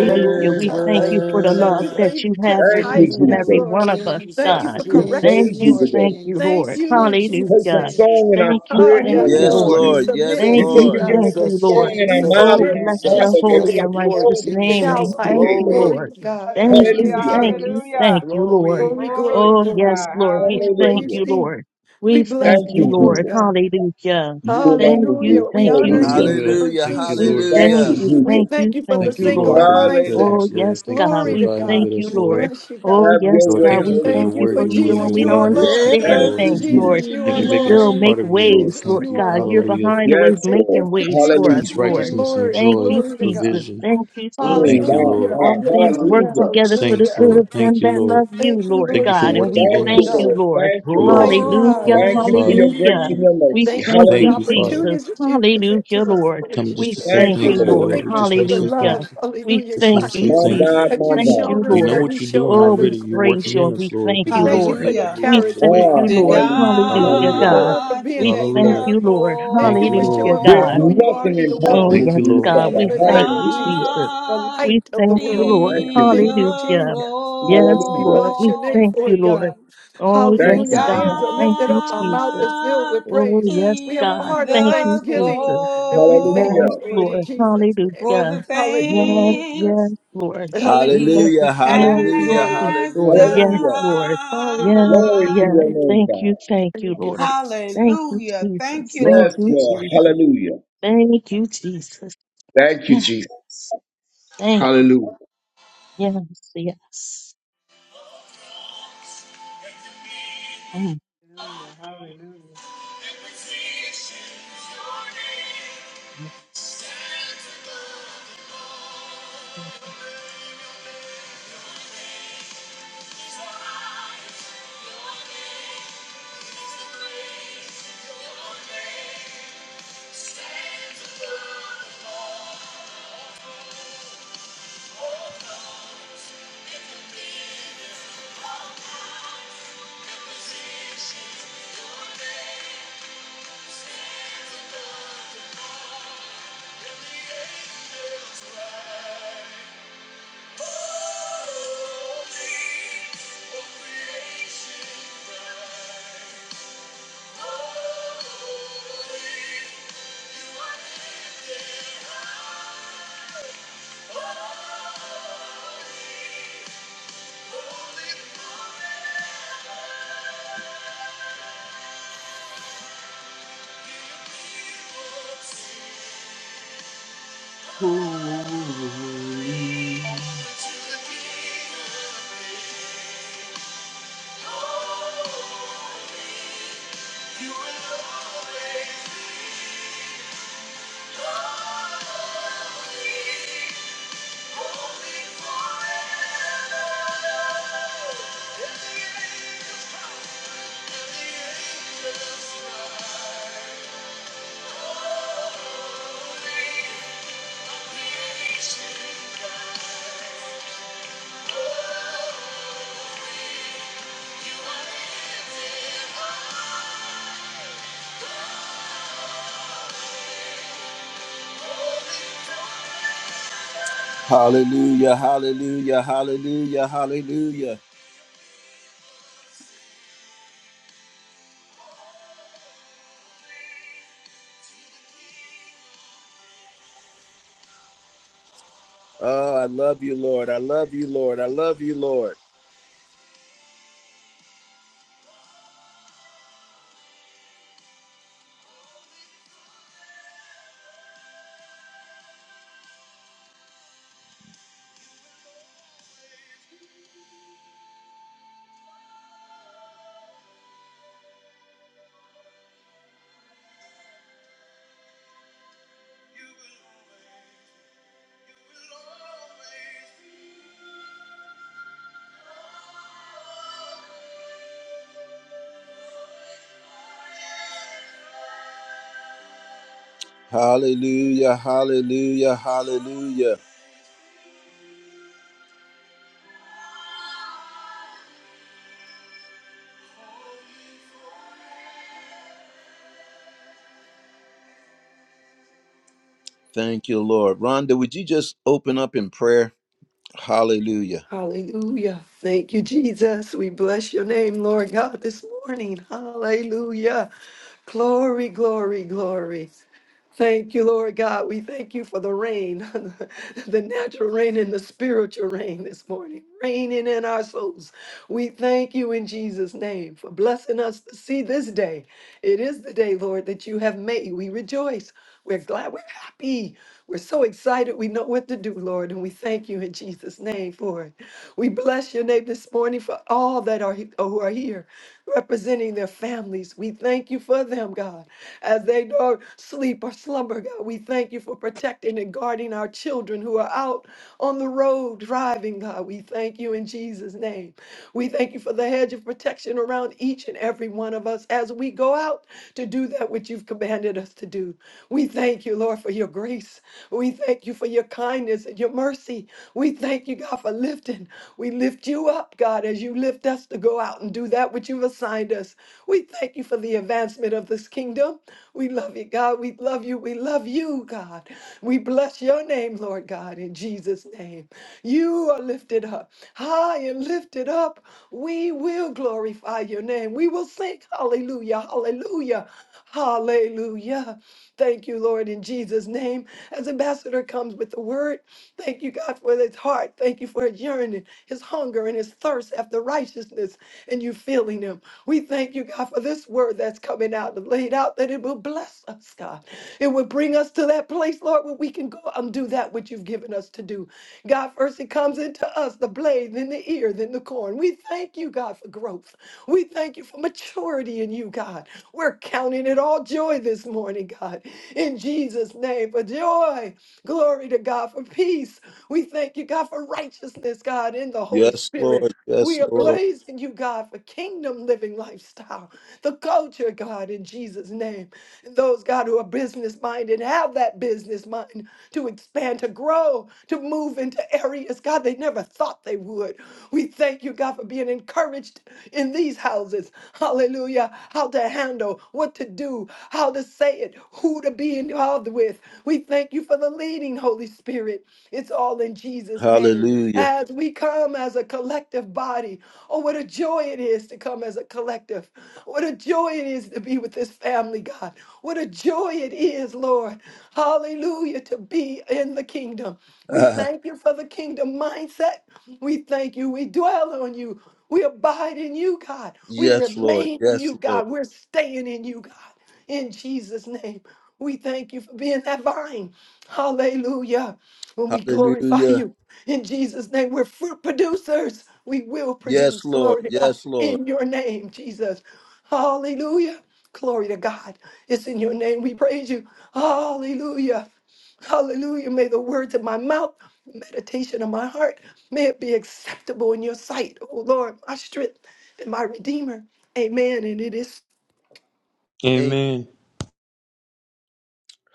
[SPEAKER 3] Thank you,
[SPEAKER 4] We
[SPEAKER 3] God.
[SPEAKER 4] thank
[SPEAKER 6] Thank
[SPEAKER 4] you for
[SPEAKER 6] you,
[SPEAKER 4] the
[SPEAKER 3] Thank
[SPEAKER 4] love
[SPEAKER 3] you for
[SPEAKER 4] that
[SPEAKER 6] Jesus.
[SPEAKER 4] you
[SPEAKER 3] even
[SPEAKER 4] have for
[SPEAKER 8] Thank you,
[SPEAKER 4] each
[SPEAKER 3] chastising
[SPEAKER 4] and
[SPEAKER 3] us,
[SPEAKER 4] every
[SPEAKER 8] Jesus.
[SPEAKER 6] Mm,
[SPEAKER 4] one
[SPEAKER 3] Lord.
[SPEAKER 4] of us,
[SPEAKER 3] Thank you
[SPEAKER 6] Jesus,
[SPEAKER 4] God.
[SPEAKER 3] for
[SPEAKER 8] We
[SPEAKER 4] Thank
[SPEAKER 8] praise
[SPEAKER 3] correction,
[SPEAKER 4] you.
[SPEAKER 8] you
[SPEAKER 3] Lord.
[SPEAKER 6] Jesus,
[SPEAKER 8] today.
[SPEAKER 4] Thank you,
[SPEAKER 3] Thank
[SPEAKER 4] Lord.
[SPEAKER 6] Jesus,
[SPEAKER 3] you in Jesus'
[SPEAKER 8] Place
[SPEAKER 6] Jesus.
[SPEAKER 8] a
[SPEAKER 4] Hallelujah.
[SPEAKER 3] name.
[SPEAKER 8] song in our
[SPEAKER 4] Thank you.
[SPEAKER 3] Oh,
[SPEAKER 8] spirit,
[SPEAKER 4] Thank
[SPEAKER 8] Lord
[SPEAKER 3] yes,
[SPEAKER 4] you,
[SPEAKER 1] Yes,
[SPEAKER 6] Mm,
[SPEAKER 8] God.
[SPEAKER 3] Lord.
[SPEAKER 4] Lord.
[SPEAKER 3] We
[SPEAKER 1] Lord.
[SPEAKER 3] submit
[SPEAKER 1] Yes,
[SPEAKER 4] Thank
[SPEAKER 3] to
[SPEAKER 8] You
[SPEAKER 6] Jesus,
[SPEAKER 8] said
[SPEAKER 4] you.
[SPEAKER 3] you,
[SPEAKER 8] you
[SPEAKER 1] Lord.
[SPEAKER 8] give
[SPEAKER 3] God.
[SPEAKER 4] Thank
[SPEAKER 8] us a
[SPEAKER 6] Jesus,
[SPEAKER 4] you, Lord.
[SPEAKER 8] song in our
[SPEAKER 3] We
[SPEAKER 6] Jesus,
[SPEAKER 8] mouths
[SPEAKER 4] Oh,
[SPEAKER 8] and
[SPEAKER 3] submit
[SPEAKER 8] our
[SPEAKER 4] bless
[SPEAKER 3] in
[SPEAKER 8] heart,
[SPEAKER 4] your
[SPEAKER 6] Jesus.
[SPEAKER 8] Lord
[SPEAKER 3] Jesus'
[SPEAKER 8] God.
[SPEAKER 4] holy
[SPEAKER 8] We're
[SPEAKER 6] Yes,
[SPEAKER 8] going
[SPEAKER 3] name.
[SPEAKER 4] and
[SPEAKER 8] to
[SPEAKER 6] Lord
[SPEAKER 8] song
[SPEAKER 4] righteous
[SPEAKER 8] the things
[SPEAKER 4] name.
[SPEAKER 8] to
[SPEAKER 4] We
[SPEAKER 8] you
[SPEAKER 6] Jesus.
[SPEAKER 3] Childlike.
[SPEAKER 4] thank
[SPEAKER 8] today,
[SPEAKER 4] you,
[SPEAKER 8] Lord.
[SPEAKER 6] Glory.
[SPEAKER 3] Glory
[SPEAKER 4] Lord.
[SPEAKER 3] to
[SPEAKER 5] hallelujah,
[SPEAKER 3] God. In
[SPEAKER 4] Thank
[SPEAKER 6] Thank
[SPEAKER 4] you,
[SPEAKER 6] you,
[SPEAKER 5] hallelujah,
[SPEAKER 3] Jesus'
[SPEAKER 8] Hallelujah.
[SPEAKER 4] thank
[SPEAKER 3] name.
[SPEAKER 4] you,
[SPEAKER 6] Jesus.
[SPEAKER 5] hallelujah.
[SPEAKER 4] thank you, Lord.
[SPEAKER 6] Glory.
[SPEAKER 3] Glory,
[SPEAKER 5] Glory
[SPEAKER 3] glory,
[SPEAKER 4] Oh,
[SPEAKER 5] to
[SPEAKER 4] yes,
[SPEAKER 3] glory.
[SPEAKER 5] God.
[SPEAKER 4] Lord. We
[SPEAKER 5] Hallelujah,
[SPEAKER 3] We
[SPEAKER 4] thank
[SPEAKER 3] praise
[SPEAKER 4] you,
[SPEAKER 8] Hallelujah.
[SPEAKER 3] thee.
[SPEAKER 4] Lord.
[SPEAKER 3] We
[SPEAKER 4] We
[SPEAKER 3] bless
[SPEAKER 4] thank
[SPEAKER 8] Thank
[SPEAKER 4] you,
[SPEAKER 8] you,
[SPEAKER 3] thee, Lord
[SPEAKER 4] Lord.
[SPEAKER 8] Jesus.
[SPEAKER 3] God.
[SPEAKER 4] Hallelujah.
[SPEAKER 8] You and
[SPEAKER 4] Thank
[SPEAKER 8] only
[SPEAKER 4] you,
[SPEAKER 3] Hallelujah.
[SPEAKER 8] you.
[SPEAKER 3] We
[SPEAKER 4] thank you,
[SPEAKER 3] honor
[SPEAKER 8] Hallelujah.
[SPEAKER 3] you,
[SPEAKER 4] Jesus.
[SPEAKER 9] Hallelujah.
[SPEAKER 3] Lord
[SPEAKER 1] Hallelujah.
[SPEAKER 9] Thank you,
[SPEAKER 4] We
[SPEAKER 3] Jesus.
[SPEAKER 9] Lord
[SPEAKER 8] Thank
[SPEAKER 4] thank
[SPEAKER 1] Hallelujah.
[SPEAKER 8] you,
[SPEAKER 4] you,
[SPEAKER 9] Jesus.
[SPEAKER 3] We
[SPEAKER 4] thank
[SPEAKER 8] Jesus.
[SPEAKER 4] you,
[SPEAKER 3] thank you for
[SPEAKER 4] thank
[SPEAKER 3] the
[SPEAKER 9] Thank
[SPEAKER 4] you,
[SPEAKER 9] you, Lord,
[SPEAKER 3] singular
[SPEAKER 4] Lord.
[SPEAKER 9] for your
[SPEAKER 3] mindset.
[SPEAKER 4] Oh,
[SPEAKER 9] presence,
[SPEAKER 8] Hallelujah.
[SPEAKER 4] yes,
[SPEAKER 9] Lord. Thank
[SPEAKER 4] God,
[SPEAKER 9] you for
[SPEAKER 3] Glory to
[SPEAKER 4] we
[SPEAKER 9] abiding
[SPEAKER 3] God.
[SPEAKER 4] thank
[SPEAKER 9] with
[SPEAKER 4] you,
[SPEAKER 9] us,
[SPEAKER 3] We
[SPEAKER 9] Lord.
[SPEAKER 4] Lord.
[SPEAKER 3] bless you, God.
[SPEAKER 4] Oh,
[SPEAKER 8] Have
[SPEAKER 4] yes,
[SPEAKER 8] your
[SPEAKER 9] Lord,
[SPEAKER 8] way,
[SPEAKER 4] God,
[SPEAKER 9] thank you
[SPEAKER 4] we
[SPEAKER 9] for
[SPEAKER 8] Holy
[SPEAKER 9] your
[SPEAKER 3] Thank
[SPEAKER 4] thank you
[SPEAKER 3] you
[SPEAKER 9] word,
[SPEAKER 3] for
[SPEAKER 4] for
[SPEAKER 8] Spirit.
[SPEAKER 9] your will,
[SPEAKER 4] even when
[SPEAKER 3] Jesus,
[SPEAKER 9] your
[SPEAKER 4] we
[SPEAKER 3] you
[SPEAKER 9] way,
[SPEAKER 4] don't
[SPEAKER 3] are
[SPEAKER 9] and your
[SPEAKER 3] Lord.
[SPEAKER 9] people,
[SPEAKER 4] understand
[SPEAKER 8] Thank
[SPEAKER 1] Forever
[SPEAKER 9] Lord.
[SPEAKER 8] you,
[SPEAKER 1] to
[SPEAKER 4] things, Lord.
[SPEAKER 8] Jesus.
[SPEAKER 3] Jesus, you
[SPEAKER 9] Thank
[SPEAKER 3] are
[SPEAKER 9] you
[SPEAKER 4] You
[SPEAKER 9] for making us
[SPEAKER 4] still
[SPEAKER 9] a
[SPEAKER 3] Lord.
[SPEAKER 1] remain
[SPEAKER 9] part
[SPEAKER 4] make
[SPEAKER 9] of you, Lord.
[SPEAKER 4] ways,
[SPEAKER 3] Jesus,
[SPEAKER 4] Lord
[SPEAKER 9] Thank
[SPEAKER 3] you
[SPEAKER 9] you.
[SPEAKER 3] are
[SPEAKER 4] God. You're
[SPEAKER 3] Lord.
[SPEAKER 9] Hallelujah.
[SPEAKER 4] behind the ways,
[SPEAKER 8] Yes,
[SPEAKER 3] Thank
[SPEAKER 8] Lord.
[SPEAKER 3] you
[SPEAKER 4] making
[SPEAKER 3] for
[SPEAKER 4] ways for
[SPEAKER 3] Jesus
[SPEAKER 4] us,
[SPEAKER 9] Peace,
[SPEAKER 8] Hallelujah.
[SPEAKER 4] Lord.
[SPEAKER 3] being
[SPEAKER 9] righteousness, and
[SPEAKER 3] Lord.
[SPEAKER 4] Thank
[SPEAKER 9] joy,
[SPEAKER 4] you,
[SPEAKER 3] Glory to God.
[SPEAKER 4] Jesus.
[SPEAKER 9] provision.
[SPEAKER 4] Thank you,
[SPEAKER 8] Mm,
[SPEAKER 4] Jesus.
[SPEAKER 9] Thank you,
[SPEAKER 8] wow,
[SPEAKER 3] Hallelujah.
[SPEAKER 9] Lord.
[SPEAKER 4] All
[SPEAKER 8] wow.
[SPEAKER 4] things work
[SPEAKER 3] Hallelujah.
[SPEAKER 8] Hallelujah.
[SPEAKER 4] together for the
[SPEAKER 9] Saints,
[SPEAKER 3] Hallelujah.
[SPEAKER 4] good of
[SPEAKER 9] Lord.
[SPEAKER 4] them
[SPEAKER 9] Thank you,
[SPEAKER 4] that love
[SPEAKER 9] Lord.
[SPEAKER 4] you,
[SPEAKER 3] Thank you,
[SPEAKER 4] Lord
[SPEAKER 9] Thank you
[SPEAKER 3] Lord
[SPEAKER 9] for
[SPEAKER 4] God. And
[SPEAKER 3] Jesus,
[SPEAKER 4] we
[SPEAKER 9] working
[SPEAKER 8] Thank
[SPEAKER 9] in
[SPEAKER 3] Lord
[SPEAKER 4] thank
[SPEAKER 8] you,
[SPEAKER 9] us,
[SPEAKER 4] you,
[SPEAKER 8] Lord.
[SPEAKER 3] God.
[SPEAKER 4] Lord.
[SPEAKER 8] Thank you,
[SPEAKER 9] through us,
[SPEAKER 3] Mighty
[SPEAKER 8] Lord.
[SPEAKER 9] Lord.
[SPEAKER 3] God.
[SPEAKER 4] Hallelujah,
[SPEAKER 9] Thank
[SPEAKER 8] Thank
[SPEAKER 9] you,
[SPEAKER 8] you for
[SPEAKER 9] Father.
[SPEAKER 8] your grace
[SPEAKER 4] hallelujah.
[SPEAKER 8] and
[SPEAKER 1] holy.
[SPEAKER 8] your
[SPEAKER 4] We
[SPEAKER 8] mercy.
[SPEAKER 3] Thank you
[SPEAKER 4] thank
[SPEAKER 3] for the
[SPEAKER 4] you,
[SPEAKER 9] Thank
[SPEAKER 8] Hallelujah.
[SPEAKER 9] you, Father.
[SPEAKER 4] Jesus.
[SPEAKER 3] opportunities that you present
[SPEAKER 4] Hallelujah,
[SPEAKER 3] to us,
[SPEAKER 4] Lord.
[SPEAKER 3] Lord
[SPEAKER 9] Coming just
[SPEAKER 4] We
[SPEAKER 9] to say
[SPEAKER 3] Jesus.
[SPEAKER 4] thank
[SPEAKER 8] Thank you,
[SPEAKER 5] hallelujah,
[SPEAKER 4] you,
[SPEAKER 9] thank you,
[SPEAKER 8] Lord.
[SPEAKER 4] Lord.
[SPEAKER 9] Lord.
[SPEAKER 3] Thank
[SPEAKER 9] We
[SPEAKER 3] you
[SPEAKER 9] just
[SPEAKER 3] for
[SPEAKER 9] want to
[SPEAKER 3] the
[SPEAKER 9] say
[SPEAKER 4] Hallelujah.
[SPEAKER 9] thank
[SPEAKER 3] love,
[SPEAKER 9] you.
[SPEAKER 4] We
[SPEAKER 3] hallelujah,
[SPEAKER 9] Just want
[SPEAKER 4] thank
[SPEAKER 9] to
[SPEAKER 4] you,
[SPEAKER 9] say
[SPEAKER 3] kindness
[SPEAKER 8] My
[SPEAKER 9] thank you.
[SPEAKER 4] Jesus.
[SPEAKER 8] God,
[SPEAKER 3] that
[SPEAKER 8] my
[SPEAKER 3] you've
[SPEAKER 4] Thank
[SPEAKER 8] God.
[SPEAKER 4] you,
[SPEAKER 3] shown
[SPEAKER 9] We
[SPEAKER 3] us
[SPEAKER 9] know
[SPEAKER 3] that
[SPEAKER 4] Lord.
[SPEAKER 3] we
[SPEAKER 9] what you're
[SPEAKER 3] show
[SPEAKER 9] doing
[SPEAKER 4] Oh, we
[SPEAKER 9] already.
[SPEAKER 3] others,
[SPEAKER 9] You're
[SPEAKER 3] Lord
[SPEAKER 4] praise
[SPEAKER 9] working
[SPEAKER 3] Jesus.
[SPEAKER 4] you
[SPEAKER 9] in
[SPEAKER 4] and we
[SPEAKER 9] us, Lord.
[SPEAKER 4] thank
[SPEAKER 3] We
[SPEAKER 9] And
[SPEAKER 4] you,
[SPEAKER 9] let
[SPEAKER 3] thank
[SPEAKER 9] us
[SPEAKER 3] you
[SPEAKER 9] be
[SPEAKER 3] for
[SPEAKER 4] Lord.
[SPEAKER 9] able
[SPEAKER 3] your
[SPEAKER 9] to
[SPEAKER 7] Hallelujah.
[SPEAKER 9] move
[SPEAKER 4] We
[SPEAKER 9] out of the
[SPEAKER 3] character,
[SPEAKER 4] thank
[SPEAKER 9] way.
[SPEAKER 3] Lord.
[SPEAKER 8] Ah,
[SPEAKER 4] you,
[SPEAKER 7] To
[SPEAKER 4] Lord.
[SPEAKER 8] hallelujah.
[SPEAKER 3] Thank you,
[SPEAKER 8] Thank
[SPEAKER 4] Hallelujah,
[SPEAKER 3] Lord
[SPEAKER 8] you,
[SPEAKER 9] Hallelujah.
[SPEAKER 4] God.
[SPEAKER 8] Lord.
[SPEAKER 3] God, for
[SPEAKER 7] God
[SPEAKER 3] being
[SPEAKER 4] We
[SPEAKER 7] be
[SPEAKER 3] that
[SPEAKER 4] thank
[SPEAKER 9] Hallelujah.
[SPEAKER 3] character.
[SPEAKER 7] the
[SPEAKER 4] you, Lord.
[SPEAKER 3] Thank
[SPEAKER 9] Thank
[SPEAKER 3] you
[SPEAKER 9] you,
[SPEAKER 3] for
[SPEAKER 9] Lord.
[SPEAKER 4] Hallelujah,
[SPEAKER 3] showing
[SPEAKER 8] There's
[SPEAKER 3] forth
[SPEAKER 4] God.
[SPEAKER 3] who you are
[SPEAKER 8] nothing
[SPEAKER 3] in the
[SPEAKER 7] glory.
[SPEAKER 4] Oh,
[SPEAKER 3] world.
[SPEAKER 8] impossible
[SPEAKER 9] Thank
[SPEAKER 4] yes,
[SPEAKER 9] you,
[SPEAKER 8] for you,
[SPEAKER 9] Lord.
[SPEAKER 4] God.
[SPEAKER 3] In
[SPEAKER 8] Father.
[SPEAKER 4] We
[SPEAKER 7] To
[SPEAKER 3] the
[SPEAKER 4] thank
[SPEAKER 3] name of
[SPEAKER 4] you,
[SPEAKER 8] Hallelujah.
[SPEAKER 4] Jesus.
[SPEAKER 3] Jesus, the
[SPEAKER 7] God
[SPEAKER 4] We
[SPEAKER 3] light of the
[SPEAKER 4] thank you,
[SPEAKER 3] world.
[SPEAKER 4] Lord.
[SPEAKER 8] Thank you,
[SPEAKER 7] be
[SPEAKER 3] Thank
[SPEAKER 8] Lord.
[SPEAKER 3] you,
[SPEAKER 7] the
[SPEAKER 4] Hallelujah.
[SPEAKER 3] Jesus.
[SPEAKER 4] Yes,
[SPEAKER 3] We
[SPEAKER 8] Hallelujah.
[SPEAKER 4] Lord.
[SPEAKER 3] bless
[SPEAKER 4] We
[SPEAKER 3] your name
[SPEAKER 4] thank
[SPEAKER 3] for
[SPEAKER 4] you,
[SPEAKER 3] it,
[SPEAKER 4] Lord.
[SPEAKER 3] God.
[SPEAKER 7] glory.
[SPEAKER 4] Oh,
[SPEAKER 7] To
[SPEAKER 8] Thank
[SPEAKER 4] yes,
[SPEAKER 3] Hallelujah.
[SPEAKER 8] you,
[SPEAKER 3] Our
[SPEAKER 4] God.
[SPEAKER 3] hands
[SPEAKER 8] Jesus.
[SPEAKER 3] are
[SPEAKER 4] Thank
[SPEAKER 3] lifted
[SPEAKER 4] you,
[SPEAKER 3] up. Our mouth is
[SPEAKER 4] Jesus.
[SPEAKER 3] filled
[SPEAKER 7] God
[SPEAKER 3] with
[SPEAKER 4] Oh,
[SPEAKER 3] praise.
[SPEAKER 4] yes,
[SPEAKER 3] We have a
[SPEAKER 4] God.
[SPEAKER 7] be
[SPEAKER 3] heart of
[SPEAKER 4] Thank
[SPEAKER 7] the
[SPEAKER 4] you, Jesus.
[SPEAKER 3] thanksgiving, and we thank you
[SPEAKER 4] Yes,
[SPEAKER 8] Hallelujah.
[SPEAKER 3] for it in
[SPEAKER 4] Lord.
[SPEAKER 7] glory
[SPEAKER 3] Jesus'
[SPEAKER 4] Hallelujah.
[SPEAKER 3] name.
[SPEAKER 7] for the
[SPEAKER 4] Yes,
[SPEAKER 3] Hallelujah.
[SPEAKER 4] yes,
[SPEAKER 7] things
[SPEAKER 4] Lord. Just
[SPEAKER 7] he
[SPEAKER 4] like
[SPEAKER 3] Hallelujah.
[SPEAKER 4] the
[SPEAKER 1] Hallelujah.
[SPEAKER 4] sands
[SPEAKER 3] Glory,
[SPEAKER 4] and
[SPEAKER 1] Hallelujah.
[SPEAKER 3] glory.
[SPEAKER 4] sea
[SPEAKER 7] has
[SPEAKER 4] shore.
[SPEAKER 1] Hallelujah.
[SPEAKER 7] done.
[SPEAKER 4] Yes,
[SPEAKER 8] Hallelujah.
[SPEAKER 4] Lord.
[SPEAKER 3] Hallelujah.
[SPEAKER 4] Yes,
[SPEAKER 8] Glory to
[SPEAKER 4] yes.
[SPEAKER 8] your name,
[SPEAKER 4] Thank you,
[SPEAKER 8] God.
[SPEAKER 4] thank you,
[SPEAKER 3] Thank you,
[SPEAKER 4] Lord.
[SPEAKER 3] Jesus.
[SPEAKER 4] Thank you,
[SPEAKER 7] Hallelujah. Thank
[SPEAKER 4] Jesus.
[SPEAKER 7] you,
[SPEAKER 4] Thank
[SPEAKER 8] Yes,
[SPEAKER 7] Lord
[SPEAKER 4] you,
[SPEAKER 8] Lord.
[SPEAKER 7] Jesus.
[SPEAKER 4] Jesus.
[SPEAKER 8] Hallelujah.
[SPEAKER 4] Thank you, Jesus.
[SPEAKER 8] Thank you,
[SPEAKER 4] Yes,
[SPEAKER 8] Jesus.
[SPEAKER 4] thank you.
[SPEAKER 8] Hallelujah.
[SPEAKER 4] Yes, yes. Mm.
[SPEAKER 5] hallelujah, hallelujah.
[SPEAKER 4] Thank
[SPEAKER 1] Thank you. Holy. Hallelujah, hallelujah, hallelujah, hallelujah. Oh, I love you, Lord. I love you, Lord. I love you, Lord. Hallelujah, hallelujah, hallelujah. Thank you, Lord. Rhonda, would you just open up in prayer? Hallelujah.
[SPEAKER 3] Hallelujah. Thank you, Jesus. We bless your name, Lord God, this morning. Hallelujah. Glory, glory, glory. Thank you, Lord God. We thank you for the rain, the natural rain and the spiritual rain this morning, raining in our souls. We thank you in Jesus' name for blessing us to see this day. It is the day, Lord, that you have made. We rejoice. We're glad. We're happy. We're so excited. We know what to do, Lord. And we thank you in Jesus' name for it. We bless your name this morning for all that are who are here representing their families. We thank you for them, God, as they don't sleep or slumber, God. We thank you for protecting and guarding our children who are out on the road driving, God. We thank you in Jesus' name. We thank you for the hedge of protection around each and every one of us as we go out to do that which you've commanded us to do. We thank you, Lord, for your grace. We thank you for your kindness and your mercy. We thank you, God, for lifting. We lift you up, God, as you lift us to go out and do that which you've assigned us. We thank you for the advancement of this kingdom. We love you, God. We love you. We love you, God. We bless your name, Lord God, in Jesus' name. You are lifted up, high and lifted up. We will glorify your name. We will sing hallelujah, hallelujah, hallelujah. Thank you, Lord, in Jesus' name. As Ambassador comes with the word, thank you, God, for his heart. Thank you for his yearning his hunger and his thirst after righteousness, and you filling him. We thank you, God, for this word that's coming out and laid out that it will bless us, God. It will bring us to that place, Lord, where we can go and do that which you've given us to do. God, first it comes into us the blade, then the ear, then the corn. We thank you, God, for growth. We thank you for maturity in you, God. We're counting it all joy this morning, God. In Jesus' name, for joy. Glory to God for peace. We thank you, God, for righteousness, God, in the Holy
[SPEAKER 1] Yes,
[SPEAKER 3] Spirit.
[SPEAKER 1] Lord.
[SPEAKER 3] We
[SPEAKER 1] Yes,
[SPEAKER 3] are
[SPEAKER 1] Lord.
[SPEAKER 3] blazing you, God, for kingdom living lifestyle, the culture, God, in Jesus' name. And those, God, who are business minded, have that business mind to expand, to grow, to move into areas, God, they never thought they would. We thank you, God, for being encouraged in these houses. Hallelujah. How to handle, what to do, how to say it, who to be involved with. We thank you for the leading, Holy Spirit. It's all in Jesus' name.
[SPEAKER 1] Hallelujah.
[SPEAKER 3] As we come as a collective body, oh, what a joy it is to come as a collective. What a joy it is to be with this family, God. What a joy it is, Lord. Hallelujah, to be in the kingdom. We
[SPEAKER 1] Ah,
[SPEAKER 3] thank you for the kingdom mindset. We thank you. We dwell on you. We abide in you, God. We
[SPEAKER 1] yes, Lord.
[SPEAKER 3] remain in
[SPEAKER 1] Yes,
[SPEAKER 3] you,
[SPEAKER 1] Lord.
[SPEAKER 3] God. We're staying in you, God. In Jesus' name, we thank you for being that vine. Hallelujah when we glorify
[SPEAKER 1] Hallelujah.
[SPEAKER 3] you. In Jesus' name, we're fruit producers. We will
[SPEAKER 1] Yes,
[SPEAKER 3] produce
[SPEAKER 1] Lord.
[SPEAKER 3] glory to God
[SPEAKER 1] Yes, Lord.
[SPEAKER 3] in your name, Jesus. Hallelujah. Glory to God. It's in your name we praise you. Hallelujah. Hallelujah. May the words of my mouth, meditation of my heart, may it be acceptable in your sight, O Lord, my strength and my redeemer. Amen. And it is.
[SPEAKER 1] Amen.
[SPEAKER 9] Amen.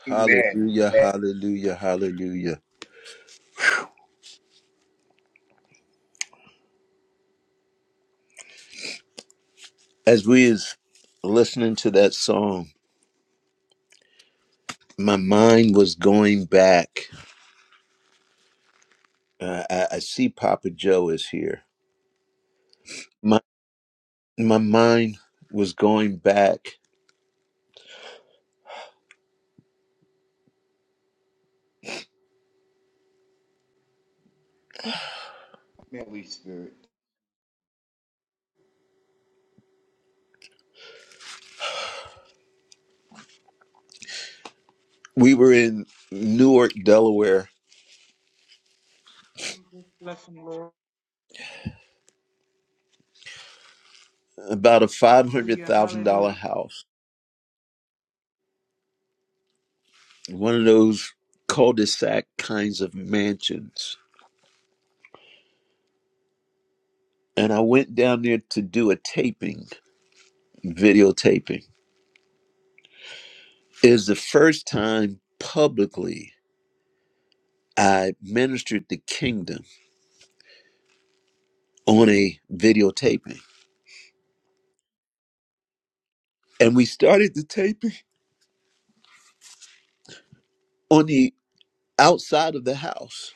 [SPEAKER 8] Amen.
[SPEAKER 1] Hallelujah,
[SPEAKER 8] Amen,
[SPEAKER 1] hallelujah, hallelujah. As we is listening to that song, my mind was going back. Uh, I, I see Papa Joe is here. My my mind was going back.
[SPEAKER 8] Holy Spirit.
[SPEAKER 1] We were in Newark, Delaware,
[SPEAKER 5] Jesus, bless him, Lord.
[SPEAKER 1] about a five hundred
[SPEAKER 5] Hallelujah,
[SPEAKER 1] thousand dollar
[SPEAKER 5] hallelujah.
[SPEAKER 1] house, one of those cul-de-sac kinds of mansions. And I went down there to do a taping, videotaping. It was the first time publicly I ministered the kingdom on a videotaping. And we started the taping on the outside of the house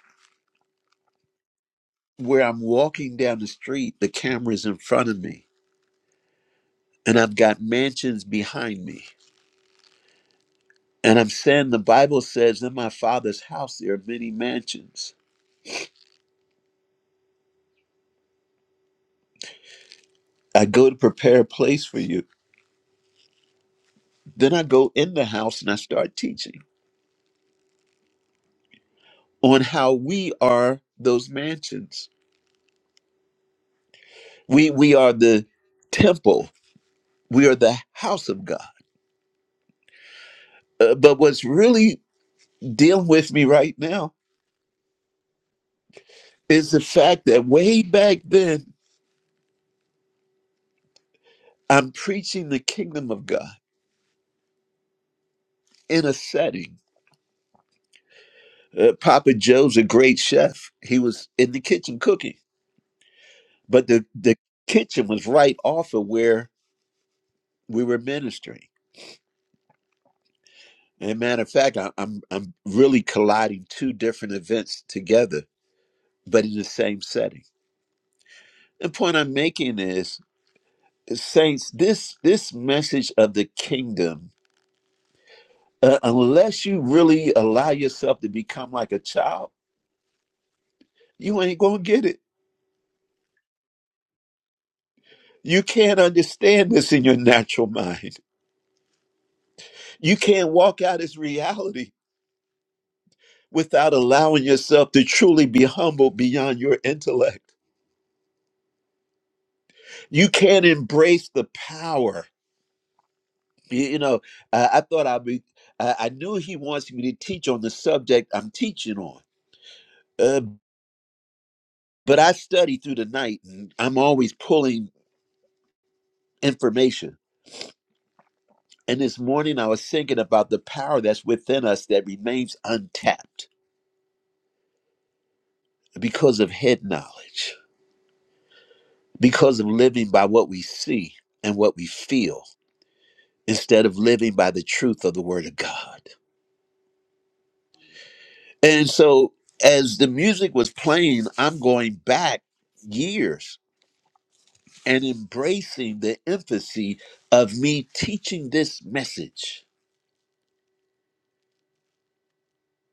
[SPEAKER 1] where I'm walking down the street, the camera's in front of me, and I've got mansions behind me. And I'm saying the Bible says, In my father's house there are many mansions. I go to prepare a place for you. Then I go in the house and I start teaching on how we are those mansions. We we are the temple. We are the house of God. Uh, but what's really dealing with me right now is the fact that way back then I'm preaching the kingdom of God in a setting. Uh, Papa Joe's a great chef. He was in the kitchen cooking, but the, the kitchen was right off of where we were ministering. And matter of fact, I, I'm I'm really colliding two different events together, but in the same setting. The point I'm making is, saints, this this message of the kingdom, uh, unless you really allow yourself to become like a child, you ain't gonna get it You can't understand this in your natural mind. You can't walk out its reality without allowing yourself to truly be humbled beyond your intellect. You can't embrace the power. You, you know, I, I thought I'd be, I, I knew he wants me to teach on the subject I'm teaching on, uh, but I study through the night and I'm always pulling information. And this morning I was thinking about the power that's within us that remains untapped because of head knowledge because of living by what we see and what we feel instead of living by the truth of the word of God. And so as the music was playing, I'm going back years and embracing the emphasis of me teaching this message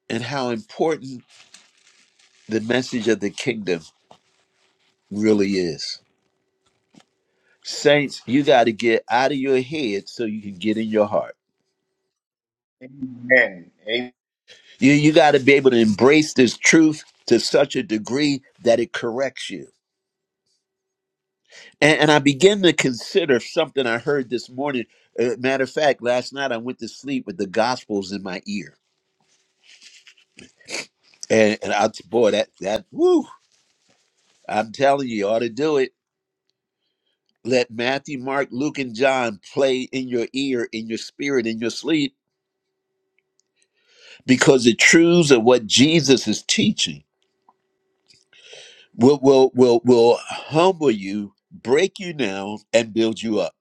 [SPEAKER 1] and how important the message of the kingdom really is. Saints, you got to get out of your head so you can get in your heart.
[SPEAKER 8] Amen. Amen.
[SPEAKER 1] You, you got to be able to embrace this truth to such a degree that it corrects you And, and I began to consider something I heard this morning. Uh, matter of fact, last night I went to sleep with the Gospels in my ear. And, and I, boy, that, that, woo, I'm telling you, you ought to do it. Let Matthew, Mark, Luke, and John play in your ear, in your spirit, in your sleep, because the truths of what Jesus is teaching will, will, will, will humble you, break you down, and build you up.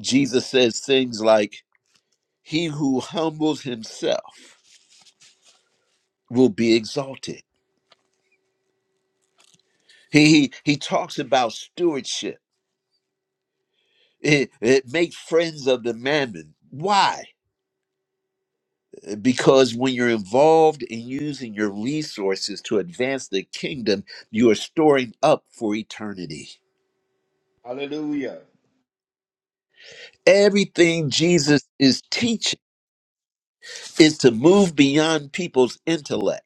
[SPEAKER 1] Jesus says things like, He who humbles himself will be exalted He he, he talks about stewardship. It, it make friends of the mammon. Why? Because when you're involved in using your resources to advance the kingdom, you are storing up for eternity.
[SPEAKER 8] Hallelujah.
[SPEAKER 1] Everything Jesus is teaching is to move beyond people's intellect.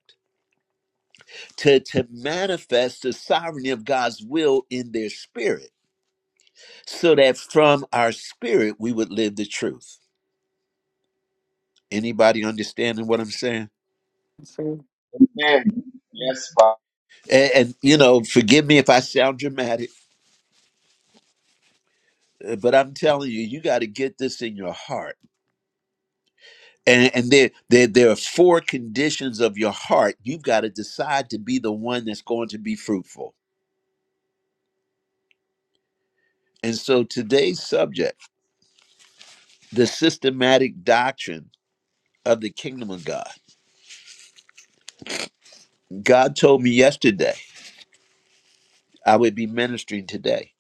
[SPEAKER 1] To, to manifest the sovereignty of God's will in their spirit, so that from our spirit we would live the truth. Anybody understanding what I'm saying?
[SPEAKER 3] Sir.
[SPEAKER 1] And, and you know, forgive me if I sound dramatic, uh, but I'm telling you, you got to get this in your heart. And, and there, there, there are four conditions of your heart. You've got to decide to be the one that's going to be fruitful. And so today's subject, the systematic doctrine of the kingdom of God. God told me yesterday I would be ministering today.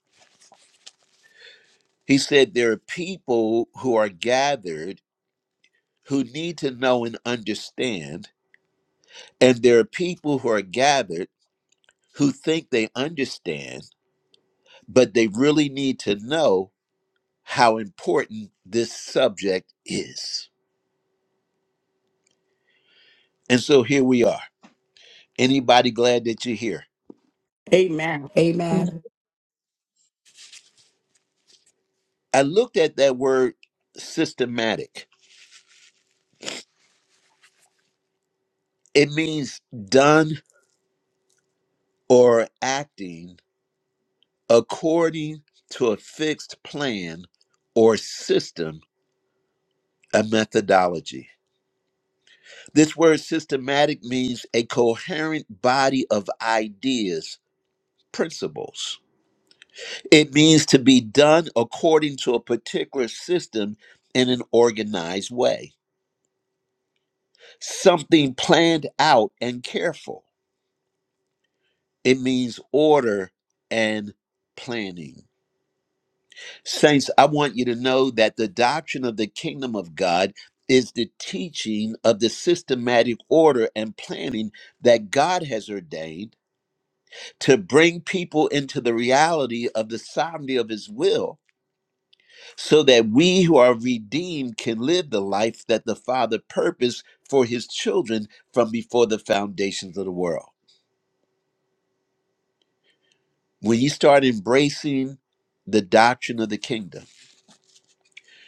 [SPEAKER 1] He said there are people who are gathered who need to know and understand, and there are people who are gathered who think they understand, but they really need to know how important this subject is. And so here we are. Anybody glad that you're here?
[SPEAKER 6] Amen.
[SPEAKER 4] you,
[SPEAKER 1] I looked at that word systematic, it means done or acting according to a fixed plan or system, a methodology. This word systematic means a coherent body of ideas, principles It means to be done according to a particular system in an organized way, something planned out and careful. It means order and planning. Saints, I want you to know that the doctrine of the kingdom of God is the teaching of the systematic order and planning that God has ordained to bring people into the reality of the sovereignty of his will so that we who are redeemed can live the life that the Father purposed for his children from before the foundations of the world. When you start embracing the doctrine of the kingdom,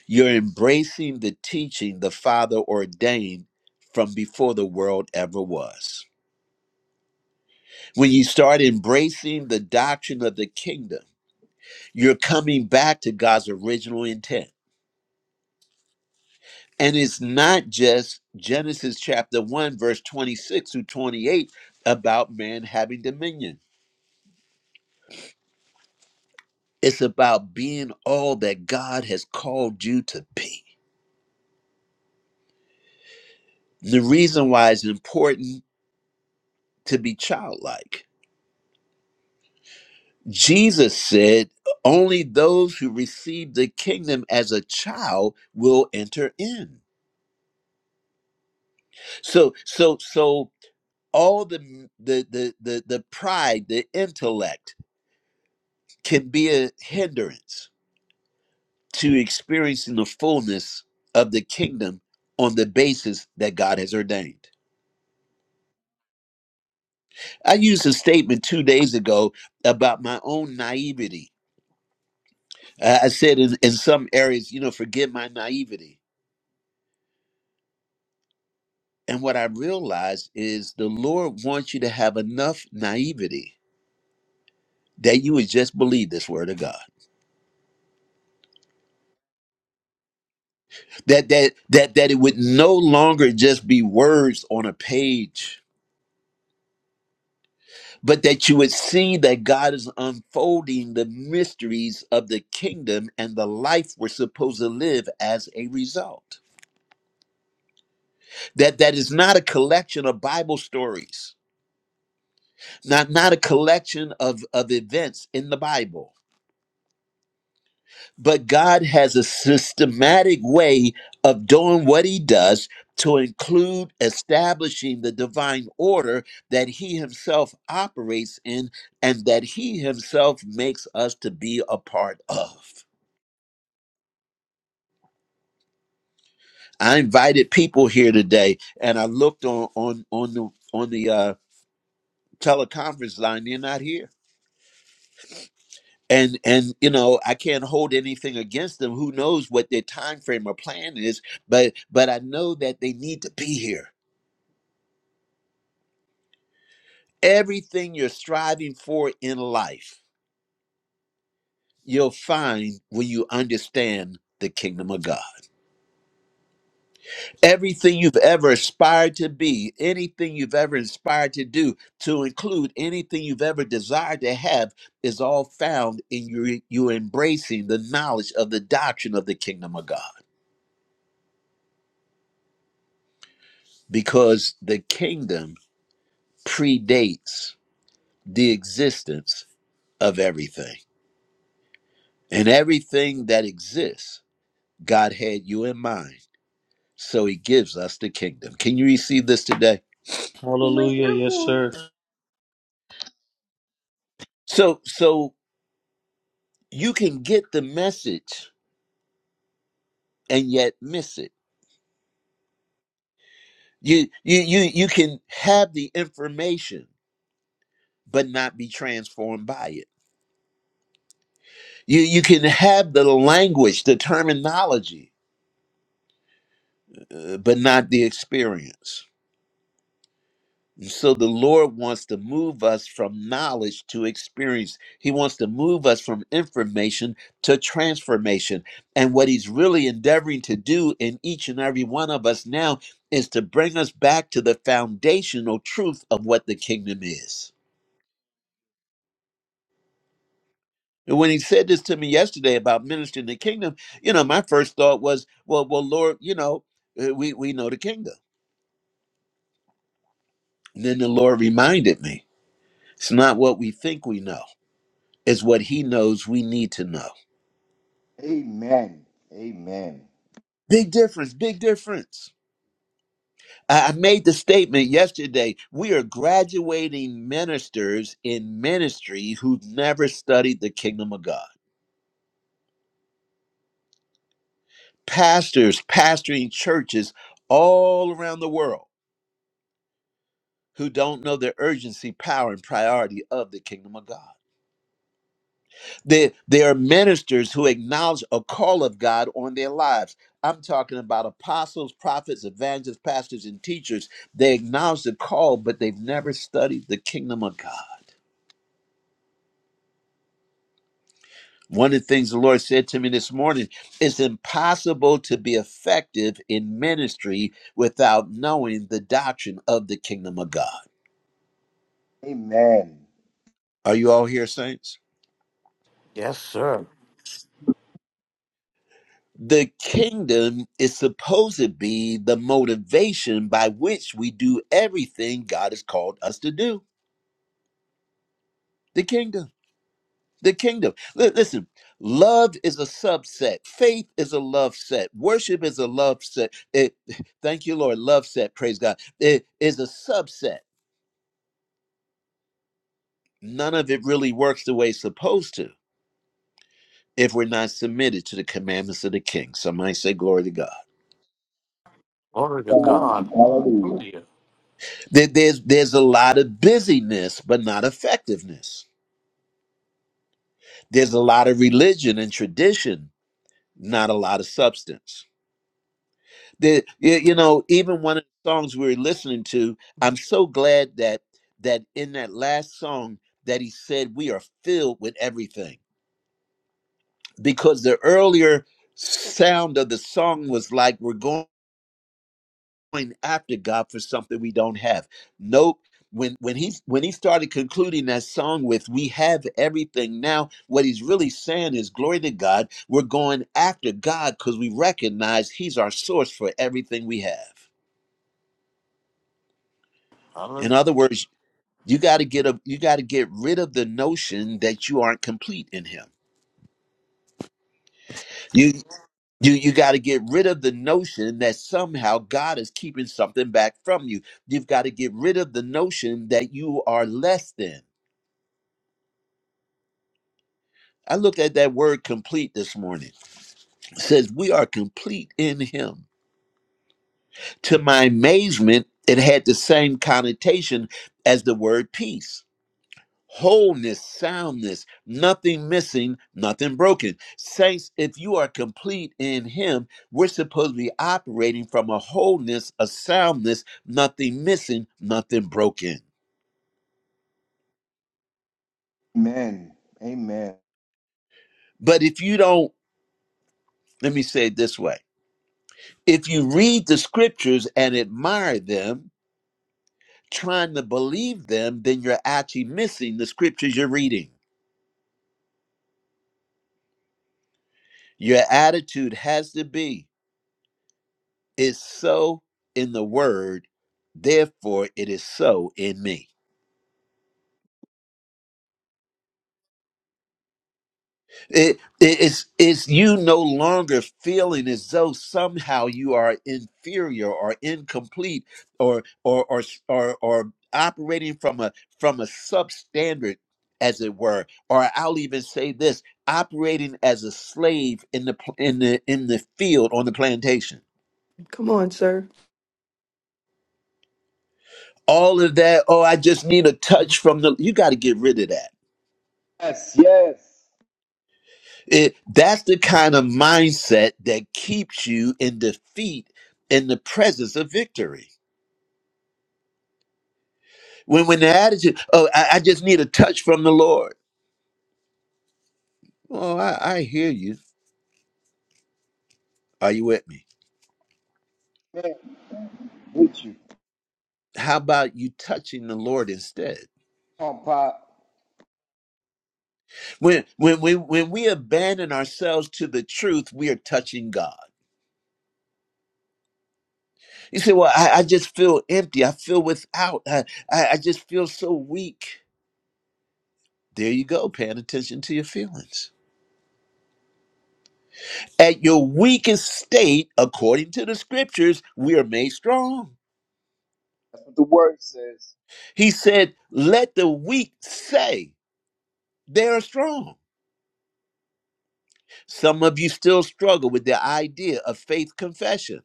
[SPEAKER 1] you're embracing the teaching the Father ordained from before the world ever was. When you start embracing the doctrine of the kingdom, you're coming back to God's original intent And it's not just Genesis chapter 1, verse 26 through 28 about man having dominion. It's about being all that God has called you to be. The reason why it's important to be childlike. Jesus said, only those who receive the kingdom as a child will enter in. So, so, so all the the the the, the pride, the intellect can be a hindrance to experiencing the fullness of the kingdom on the basis that God has ordained. I used a statement two days ago about my own naivety. Uh, I said in, in some areas, you know, forgive my naivety. And what I realized is the Lord wants you to have enough naivety that you would just believe this word of God. That that that that it would no longer just be words on a page but that you would see that God is unfolding the mysteries of the kingdom and the life we're supposed to live as a result. That that is not a collection of Bible stories, not not a collection of, of events in the Bible, but God has a systematic way of doing what he does to include establishing the divine order that he himself operates in and that he himself makes us to be a part of. I invited people here today, and I looked on on on the on the uh, teleconference line. They're not here, and and you know I can't hold anything against them. Who knows what their time frame or plan is? But but I know that they need to be here. Everything you're striving for in life, you'll find when you understand the kingdom of God. Everything you've ever aspired to be, anything you've ever inspired to do, to include anything you've ever desired to have, is all found in you, you embracing the knowledge of the doctrine of the kingdom of God. Because the kingdom predates the existence of everything. And everything that exists, God had you in mind. So he gives us the kingdom. Can you receive this today?
[SPEAKER 9] Hallelujah. Yes, sir.
[SPEAKER 1] So so you can get the message and yet miss it. You you you you can have the information but not be transformed by it. You you can have the language, the terminology, uh, but not the experience. And So the Lord wants to move us from knowledge to experience. He wants to move us from information to transformation. And what he's really endeavoring to do in each and every one of us now is to bring us back to the foundational truth of what the kingdom is. And when he said this to me yesterday about ministering the kingdom, you know, my first thought was, well, well, Lord, you know, uh, we we know the kingdom. And then the Lord reminded me, it's not what we think we know; it's what He knows we need to know.
[SPEAKER 8] Amen. Amen.
[SPEAKER 1] Big difference. Big difference. I I made the statement yesterday. We are graduating ministers in ministry who've never studied the kingdom of God. Pastors pastoring churches all around the world who don't know the urgency, power, and priority of the kingdom of God. They—they are ministers who acknowledge a call of God on their lives. I'm talking about apostles, prophets, evangelists, pastors, and teachers. They acknowledge the call, but they've never studied the kingdom of God. One of the things the Lord said to me this morning it's impossible to be effective in ministry without knowing the doctrine of the kingdom of God.
[SPEAKER 8] Amen.
[SPEAKER 1] Are you all here, saints?
[SPEAKER 10] Yes, sir.
[SPEAKER 1] The kingdom is supposed to be the motivation by which we do everything God has called us to do. The kingdom. The kingdom. Li- Listen, love is a subset. Faith is a love set. Worship is a love set. It, thank you, Lord. Love set. Praise God. It is a subset. None of it really works the way it's supposed to if we're not submitted to the commandments of the king. Somebody say, Glory to God.
[SPEAKER 10] Glory to God.
[SPEAKER 8] God. Hallelujah.
[SPEAKER 10] Hallelujah.
[SPEAKER 1] There- There's, there's a lot of busyness, but not effectiveness. There's a lot of religion and tradition, not a lot of substance. The, you, you know, even one of the songs we were listening to, I'm so glad that that in that last song that he said we are filled with everything because the earlier sound of the song was like we're going. going after God for something we don't have. Nope. When when he when he started concluding that song with "We have everything now," what he's really saying is, "Glory to God, we're going after God because we recognize He's our source for everything we have." In
[SPEAKER 10] Hallelujah.
[SPEAKER 1] other words, you got to get a you got to get rid of the notion that you aren't complete in Him. You you you got to get rid of the notion that somehow God is keeping something back from you. You've got to get rid of the notion that you are less than. I looked at that word complete this morning. It says, We are complete in Him. To my amazement, it had the same connotation as the word peace wholeness, soundness, nothing missing, nothing broken. Saints, if you are complete in Him, we're supposed to be operating from a wholeness, a soundness, nothing missing, nothing broken.
[SPEAKER 8] Amen. Amen.
[SPEAKER 1] But if you don't, let me say it this way if you read the scriptures and admire them, trying to believe them, then you're actually missing the scriptures you're reading. Your attitude has to be, it's so in the word, therefore it is so in me. It, it- it's, it's you no longer feeling as though somehow you are inferior or incomplete or or or or, or operating from a from a substandard as it were or I'll even say this operating as a slave in the pl- in the in the field on the plantation
[SPEAKER 3] Come on, sir.
[SPEAKER 1] all of that oh I just need a touch from the you got to get rid of that
[SPEAKER 8] Yes, yes.
[SPEAKER 1] It, that's the kind of mindset that keeps you in defeat in the presence of victory. When when the attitude, oh, I, I just need a touch from the Lord. Oh, I, I hear you. Are you with me?
[SPEAKER 8] Amen. With you.
[SPEAKER 1] How about you touching the Lord instead?
[SPEAKER 8] Come on, Pop.
[SPEAKER 1] When when we when we abandon ourselves to the truth, we are touching God. You say, Well, I, I just feel empty. I feel without. I, I I just feel so weak. There you go, paying attention to your feelings. At your weakest state, according to the scriptures, we are made strong.
[SPEAKER 8] That's what the word says.
[SPEAKER 1] He said, Let the weak say they are strong. Some of you still struggle with the idea of faith confession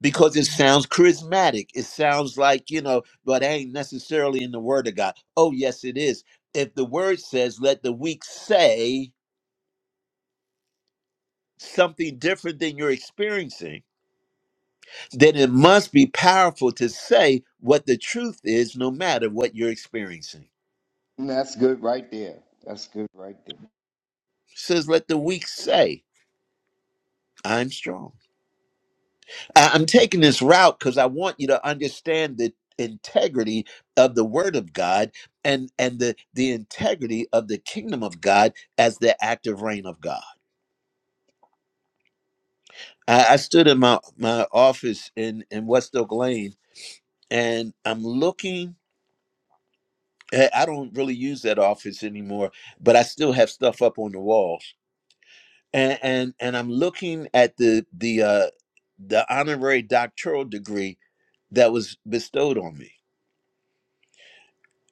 [SPEAKER 1] because it sounds charismatic. It sounds like, you know, but that ain't necessarily in the word of God. Oh, yes, it is. If the word says, Let the weak say something different than you're experiencing, then it must be powerful to say what the truth is, no matter what you're experiencing.
[SPEAKER 8] And That's good right there. That's good right there.
[SPEAKER 1] It says, let the weak say, I'm strong. I- I'm taking this route because I want you to understand the integrity of the word of God and, and the, the integrity of the kingdom of God as the active reign of God. I, I stood in my, my office in, in West Oak Lane and I'm looking. I I don't really use that office anymore, but I still have stuff up on the walls and and, and I'm looking at the the uh, the honorary doctoral degree that was bestowed on me,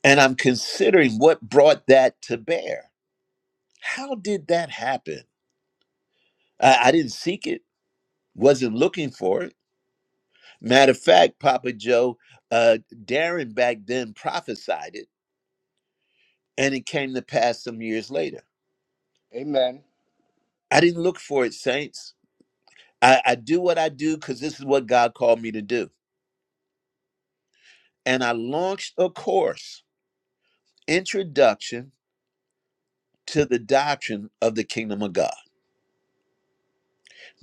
[SPEAKER 1] and I'm considering what brought that to bear. How did that happen? I, I didn't seek it, wasn't looking for it. Matter of fact, Papa Joe, uh, Darren back then prophesied it, and it came to pass some years later.
[SPEAKER 8] Amen.
[SPEAKER 1] I didn't look for it, saints. I, I do what I do because this is what God called me to do. And I launched a course, Introduction to the doctrine of the kingdom of God.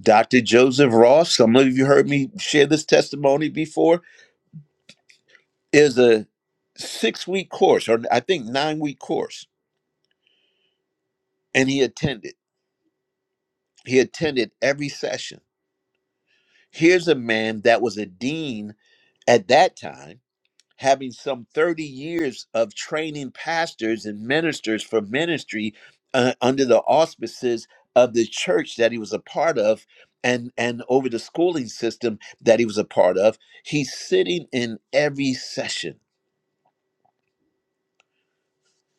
[SPEAKER 1] Dr. Joseph Ross, some of you heard me share this testimony before, is a six week course, or I think nine week course, and he attended. He attended every session. Here's a man that was a dean at that time having some 30 years of training pastors and ministers for ministry uh, under the auspices of the church that he was a part of and and over the schooling system that he was a part of he's sitting in every session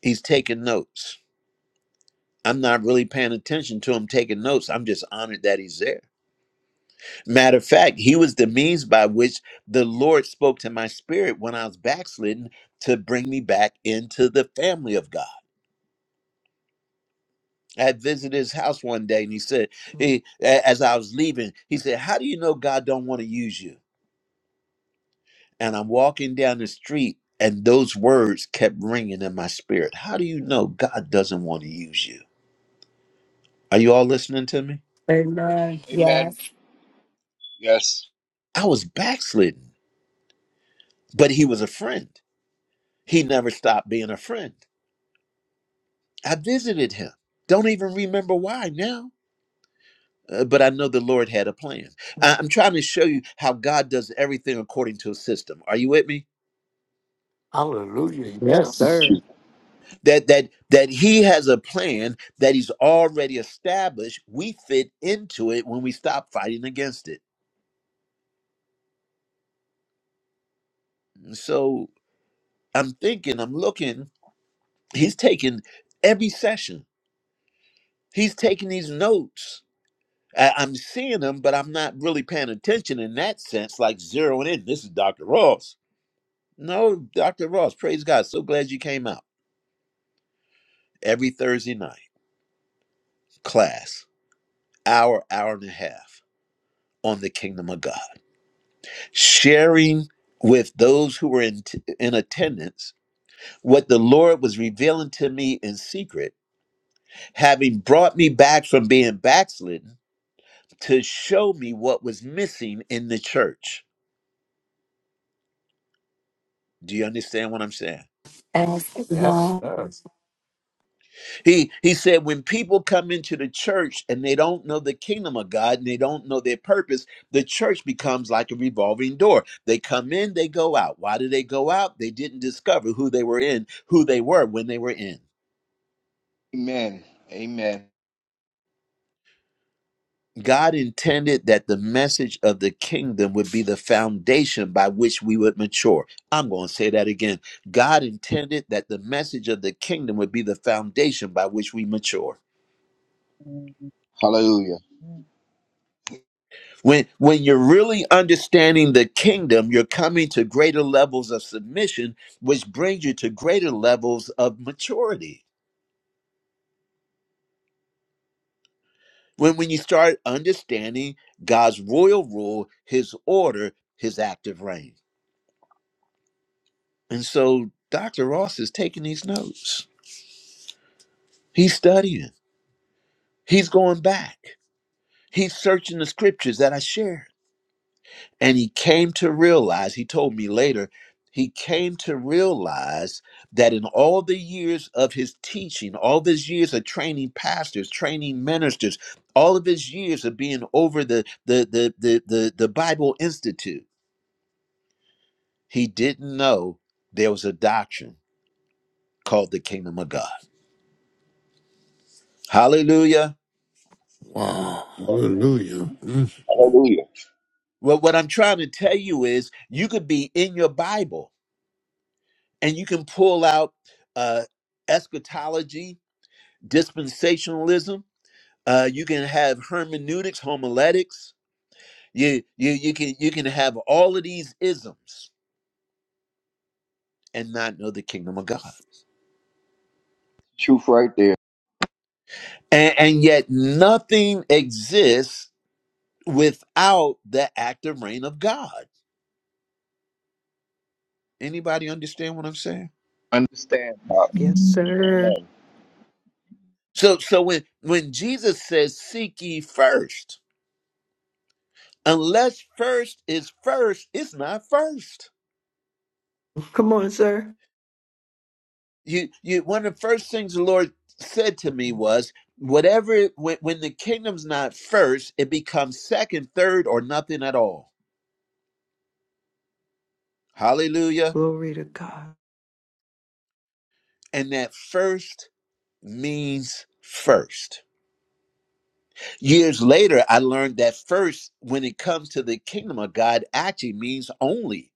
[SPEAKER 1] he's taking notes i'm not really paying attention to him taking notes i'm just honored that he's there matter of fact he was the means by which the lord spoke to my spirit when i was backslidden to bring me back into the family of god I had visited his house one day, and he said, he, a- as I was leaving, he said, "How do you know God don't want to use you?" And I'm walking down the street, and those words kept ringing in my spirit. How do you know God doesn't want to use you? Are you all listening to me?
[SPEAKER 6] Amen. Yes.
[SPEAKER 8] Amen. Yes.
[SPEAKER 1] I was backslidden, but he was a friend. He never stopped being a friend. I visited him. Don't even remember why now. uh, but I know the Lord had a plan. I- I'm trying to show you how God does everything according to a system. Are you with me?
[SPEAKER 10] Hallelujah.
[SPEAKER 3] Yes,
[SPEAKER 8] With
[SPEAKER 10] Yes.
[SPEAKER 3] sir.
[SPEAKER 8] you.
[SPEAKER 1] that that that he has a plan that he's already established we fit into it when we stop fighting against it And so i'm thinking i'm looking he's taking every session he's taking these notes I, i'm seeing them but i'm not really paying attention in that sense like zeroing in this is dr ross no dr ross praise god so glad you came out every thursday night class hour hour and a half on the kingdom of god sharing with those who were in, in attendance what the Lord was revealing to me in secret, having brought me back from being backslidden to show me what was missing in the church. Do you understand what I'm saying?
[SPEAKER 6] Yes.
[SPEAKER 10] Yes,
[SPEAKER 6] Amen.
[SPEAKER 10] sir.
[SPEAKER 1] He he said when people come into the church and they don't know the kingdom of God and they don't know their purpose, the church becomes like a revolving door. They come in, they go out. Why do they go out? They didn't discover who they were in, who they were when they were in.
[SPEAKER 8] Amen. Amen.
[SPEAKER 1] God intended that the message of the kingdom would be the foundation by which we would mature. I'm going to say that again. God intended that the message of the kingdom would be the foundation by which we mature.
[SPEAKER 11] Hallelujah.
[SPEAKER 8] Hallelujah.
[SPEAKER 1] When when you're really understanding the kingdom, you're coming to greater levels of submission, which brings you to greater levels of maturity. When when you start understanding God's royal rule, his order, his active reign. And so Dr. Ross is taking these notes. He's studying. He's going back. He's searching the scriptures that I shared. And he came to realize, he told me later, he came to realize that in all the years of his teaching, all these years of training pastors, training ministers, all of his years of being over the the the the the, the Bible Institute, he didn't know there was a doctrine called the kingdom of God. Hallelujah.
[SPEAKER 10] Wow. Hallelujah. Mm.
[SPEAKER 8] Hallelujah.
[SPEAKER 1] Well, what I'm trying to tell you is you could be in your Bible and you can pull out uh, eschatology, dispensationalism. Uh, you can have hermeneutics, homiletics. You you you can you can have all of these isms and not know the kingdom of God,
[SPEAKER 8] Truth right there.
[SPEAKER 1] and, and yet nothing exists without the active reign of God. Anybody understand what I'm saying?
[SPEAKER 8] Understand.
[SPEAKER 3] Yes, sir.
[SPEAKER 8] Amen.
[SPEAKER 1] So so when when Jesus says seek ye first, unless first is first, it's not first
[SPEAKER 3] Come on, sir.
[SPEAKER 1] you you one of the first things the lord said to me was whatever when, when the kingdom's not first it becomes second third or nothing at all hallelujah
[SPEAKER 3] Glory to God.
[SPEAKER 1] and that first means first years later i learned that first when it comes to the kingdom of god actually means only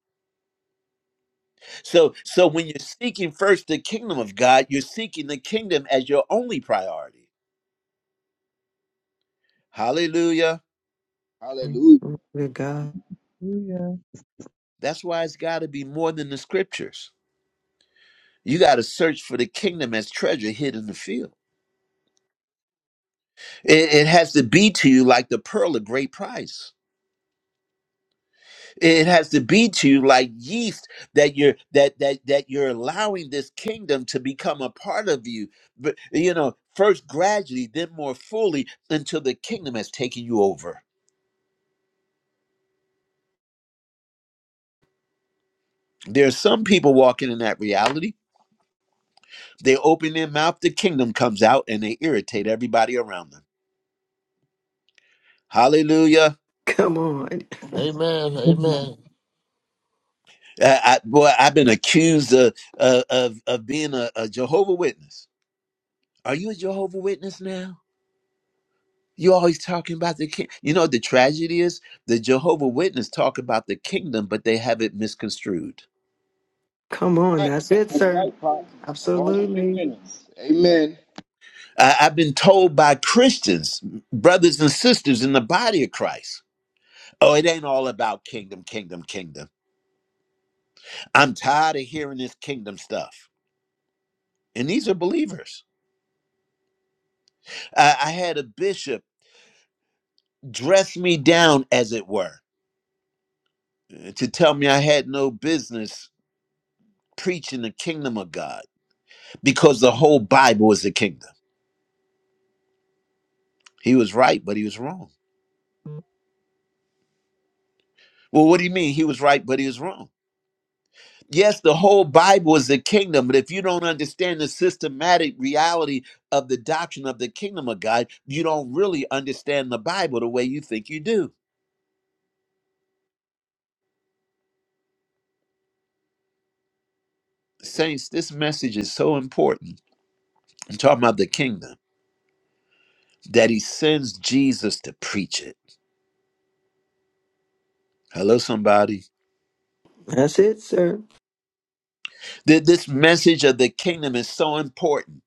[SPEAKER 1] so so when you're seeking first the kingdom of god you're seeking the kingdom as your only priority hallelujah
[SPEAKER 3] Glory
[SPEAKER 8] Hallelujah.
[SPEAKER 3] to God.
[SPEAKER 1] that's why it's got to be more than the scriptures You got to search for the kingdom as treasure hid in the field. It, it has to be to you like the pearl of great price. It has to be to you like yeast that you're that that that you're allowing this kingdom to become a part of you. But you know, first gradually, then more fully, until the kingdom has taken you over. There are some people walking in that reality. They open their mouth, the kingdom comes out, and they irritate everybody around them. Hallelujah.
[SPEAKER 3] Come on.
[SPEAKER 10] Amen. Amen.
[SPEAKER 1] I, I, boy, I've been accused of of, of of being a, a Jehovah Witness. Are you a Jehovah Witness now? You always talking about the king. You know the tragedy is the Jehovah Witness talk about the kingdom, but they have it misconstrued.
[SPEAKER 3] Come on.
[SPEAKER 8] Right.
[SPEAKER 3] That's it,
[SPEAKER 8] That's
[SPEAKER 3] sir.
[SPEAKER 8] right, Pop. Along with the
[SPEAKER 3] Absolutely.
[SPEAKER 8] Amen. minutes. Amen.
[SPEAKER 1] I, I've been told by Christians, brothers and sisters in the body of Christ, oh, it ain't all about kingdom, kingdom, kingdom. I'm tired of hearing this kingdom stuff. And these are believers. I, I had a bishop dress me down, as it were to tell me I had no business preaching the kingdom of God because the whole Bible is the kingdom. He was right, but he was wrong. Well, what do you mean? He was right, but he was wrong. Yes, the whole Bible is the kingdom, but if you don't understand the systematic reality of the doctrine of the kingdom of God, you don't really understand the Bible the way you think you do. Saints, this message is so important. I'm talking about the kingdom that he sends Jesus to preach it. Hello, somebody.
[SPEAKER 3] That's it, sir.
[SPEAKER 1] Th- This message of the kingdom is so important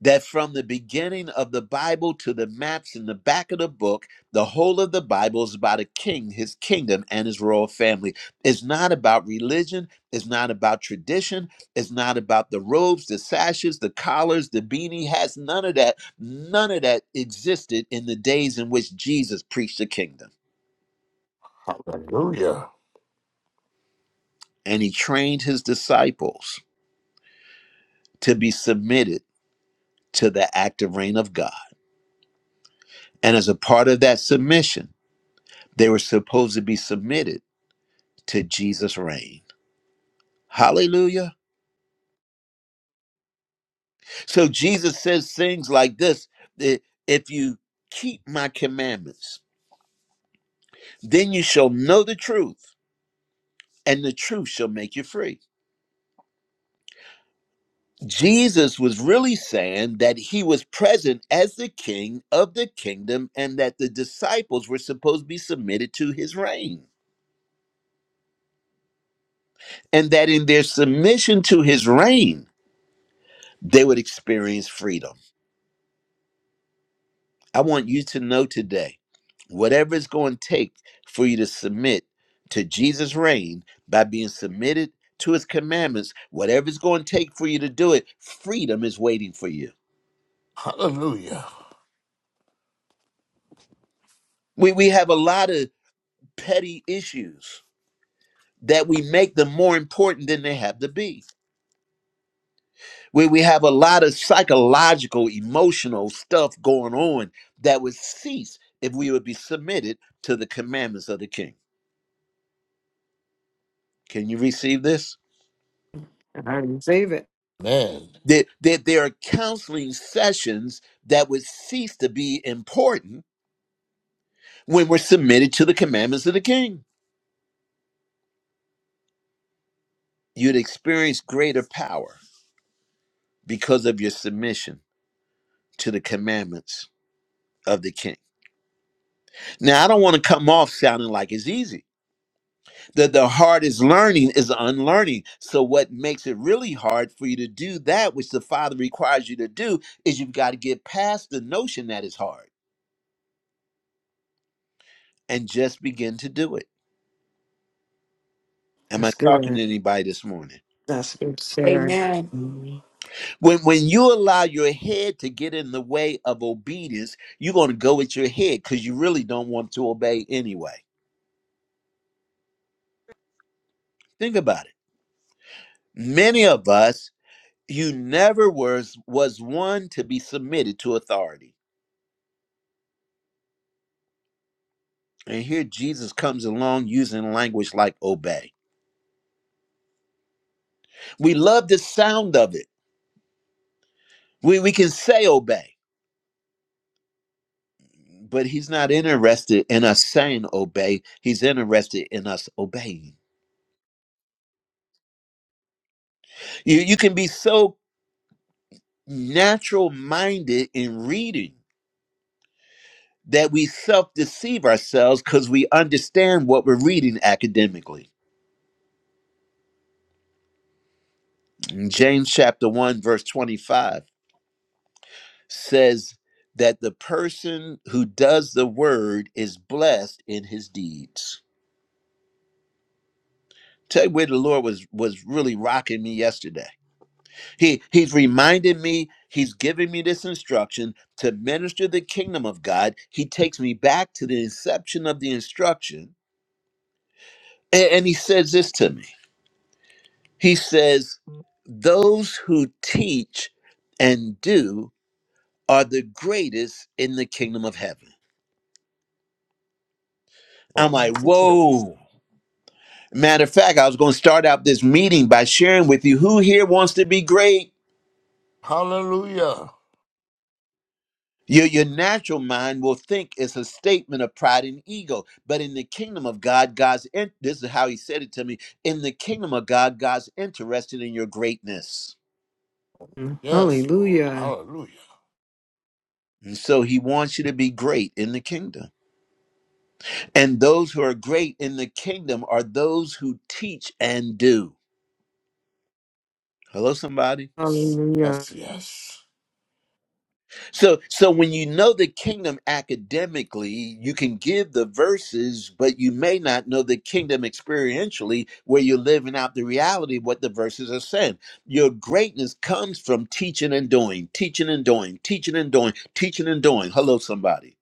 [SPEAKER 1] that from the beginning of the Bible to the maps in the back of the book, the whole of the Bible is about a king, his kingdom, and his royal family. It's not about religion, it's not about tradition, it's not about the robes, the sashes, the collars, the beanie hats, none of that. None of that existed in the days in which Jesus preached the kingdom.
[SPEAKER 10] Hallelujah.
[SPEAKER 1] And he trained his disciples to be submitted to the active reign of God. And as a part of that submission, they were supposed to be submitted to Jesus' reign. Hallelujah. So Jesus says things like this that if you keep my commandments, then you shall know the truth, and the truth shall make you free. Jesus was really saying that he was present as the king of the kingdom and that the disciples were supposed to be submitted to his reign. And that in their submission to his reign, they would experience freedom. I want you to know today, whatever it's going to take for you to submit to Jesus' reign by being submitted to his commandments, whatever it's going to take for you to do it, freedom is waiting for you.
[SPEAKER 10] Hallelujah.
[SPEAKER 1] We, we have a lot of petty issues that we make them more important than they have to be. We, we have a lot of psychological, emotional stuff going on that would cease if we would be submitted to the commandments of the king. Can you receive this?
[SPEAKER 3] I receive it.
[SPEAKER 10] Man.
[SPEAKER 1] That There, there, there are counseling sessions that would cease to be important when we're submitted to the commandments of the king. You'd experience greater power because of your submission to the commandments of the king. Now, I don't want to come off sounding like it's easy. That the hardest learning is unlearning. So, what makes it really hard for you to do that which the Father requires you to do is you've got to get past the notion that it's hard and just begin to do it. Am I
[SPEAKER 3] That's
[SPEAKER 1] talking to
[SPEAKER 3] good.
[SPEAKER 1] anybody this morning?
[SPEAKER 3] That's good, sir.
[SPEAKER 6] Amen.
[SPEAKER 3] Mhm.
[SPEAKER 1] When when you allow your head to get in the way of obedience, you're going to go with your head because you really don't want to obey anyway. Think about it. Many of us, you never was was one to be submitted to authority. And here Jesus comes along using language like obey. We love the sound of it. We we can say obey, but he's not interested in us saying obey. He's interested in us obeying. You you can be so natural minded in reading that we self deceive ourselves because we understand what we're reading academically. In James chapter 1, verse 25 says that the person who does the word is blessed in his deeds. Tell you where the Lord was was really rocking me yesterday. He he's reminded me, he's giving me this instruction to minister the kingdom of God. He takes me back to the inception of the instruction A- And he says this to me. He says, Those who teach and do are the greatest in the kingdom of heaven. I'm like,
[SPEAKER 10] Hallelujah.
[SPEAKER 1] Whoa. Matter of fact, I was going to start out this meeting by sharing with you who here wants to be great.
[SPEAKER 10] Hallelujah.
[SPEAKER 1] Your, your natural mind will think it's a statement of pride and ego. But in the kingdom of God, God's, in, this is how he said it to me in the kingdom of God, God's interested in your greatness.
[SPEAKER 10] Yes, Lord.
[SPEAKER 3] Hallelujah.
[SPEAKER 10] Hallelujah.
[SPEAKER 1] And so he wants you to be great in the kingdom. And those who are great in the kingdom are those who teach and do. Hello, somebody.
[SPEAKER 3] Hallelujah.
[SPEAKER 10] Yes, yes.
[SPEAKER 1] So, so when you know the kingdom academically, you can give the verses, but you may not know the kingdom experientially, where you're living out the reality of what the verses are saying. Your greatness comes from teaching and doing, teaching and doing, teaching and doing, teaching and doing. Hello, somebody.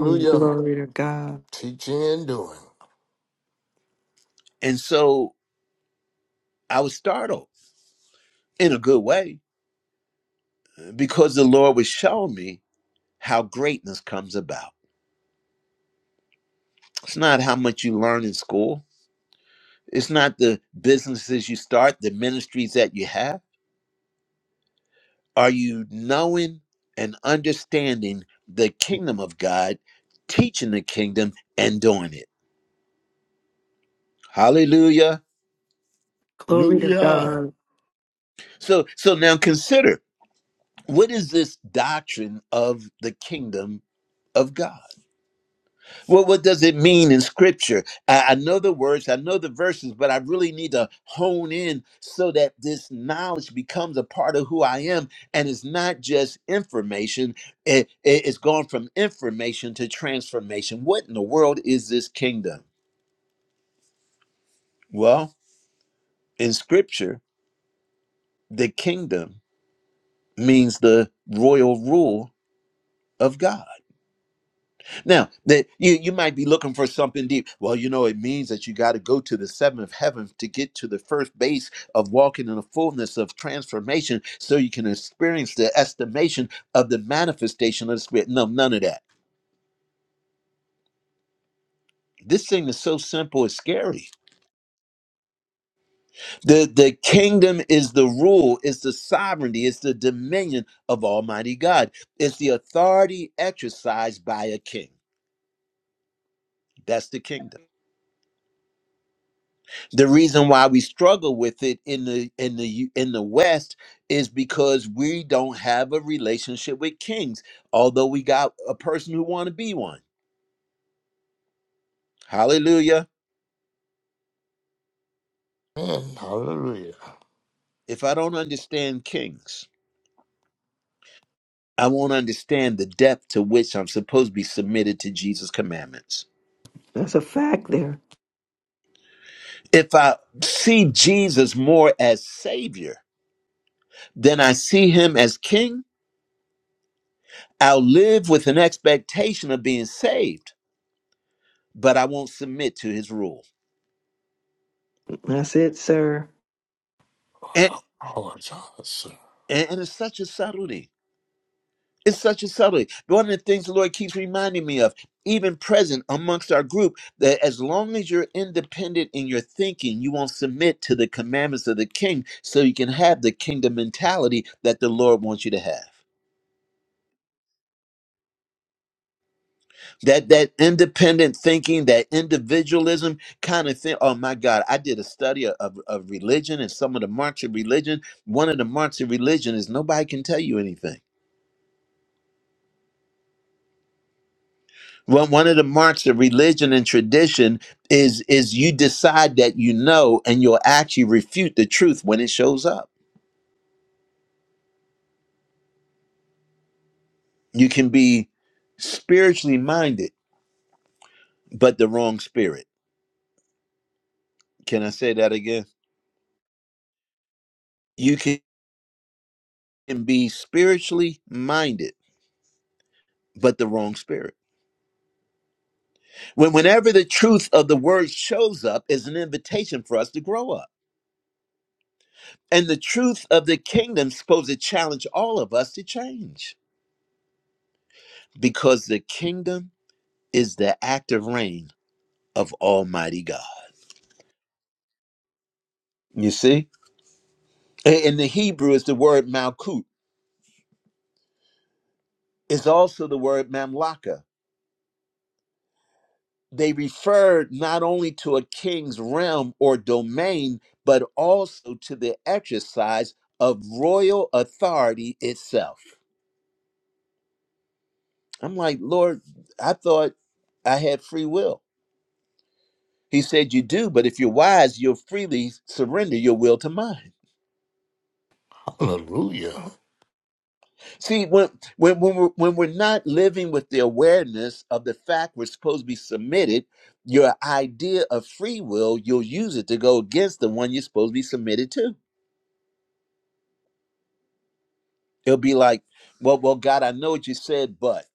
[SPEAKER 3] Mm, Glory to God.
[SPEAKER 10] Teaching and doing.
[SPEAKER 1] And so I was startled in a good way because the Lord was showing me how greatness comes about. It's not how much you learn in school. It's not the businesses you start, the ministries that you have. Are you knowing and understanding the kingdom of God, teaching the kingdom and doing it? Hallelujah.
[SPEAKER 3] Glory to
[SPEAKER 10] Hallelujah.
[SPEAKER 3] God.
[SPEAKER 1] So so now consider what is this doctrine of the kingdom of God? Well, what does it mean in scripture? I, I know the words, I know the verses, but I really need to hone in so that this knowledge becomes a part of who I am. And it's not just information, it, it- it's gone from information to transformation. What in the world is this kingdom? Well, in scripture, the kingdom means the royal rule of God. Now that you you might be looking for something deep. Well, you know it means that you got to go to the seventh heaven to get to the first base of walking in the fullness of transformation, so you can experience the estimation of the manifestation of the spirit. No, none of that. This thing is so simple, it's scary. The the kingdom is the rule, it's the sovereignty, it's the dominion of Almighty God. It's the authority exercised by a king. That's the kingdom. the reason why we struggle with it in the in the U- in the west is because we don't have a relationship with kings although we got a person who want to be one hallelujah
[SPEAKER 10] Man, hallelujah.
[SPEAKER 1] if i don't understand kings i won't understand the depth to which i'm supposed to be submitted to jesus commandments
[SPEAKER 3] That's a fact there.
[SPEAKER 1] if i see jesus more as savior than i see him as king i'll live with an expectation of being saved but i won't submit to his rule
[SPEAKER 3] That's it, sir.
[SPEAKER 10] Apologize.
[SPEAKER 1] And, and it's such a subtlety. It's such a subtlety. One of the things the Lord keeps reminding me of, even present amongst our group, that as long as you're independent in your thinking, you won't submit to the commandments of the king so you can have the kingdom mentality that the Lord wants you to have. That that independent thinking, that individualism kind of thing. Oh my God, I did a study of, of of religion and some of the marks of religion. One of the marks of religion is nobody can tell you anything Well, one of the marks of religion and tradition is is you decide that you know, and you'll actually refute the truth when it shows up. You can be spiritually minded, but the wrong spirit. Can I say that again? You can be spiritually minded, but the wrong spirit. When whenever the truth of the word shows up, is an invitation for us to grow up, and the truth of the kingdom is supposed to challenge all of us to change because the kingdom is the active reign of Almighty God. You see? In the Hebrew is the word Malkut, is also the word Mamlaka. They refer not only to a king's realm or domain, but also to the exercise of royal authority itself. I'm like, Lord, I thought I had free will. He said, You do, but if you're wise, you'll freely surrender your will to mine.
[SPEAKER 10] Hallelujah.
[SPEAKER 1] See, when when when we're, when we're not living with the awareness of the fact we're supposed to be submitted, your idea of free will, you'll use it to go against the one you're supposed to be submitted to. It'll be like, well, well, God, I know what you said, but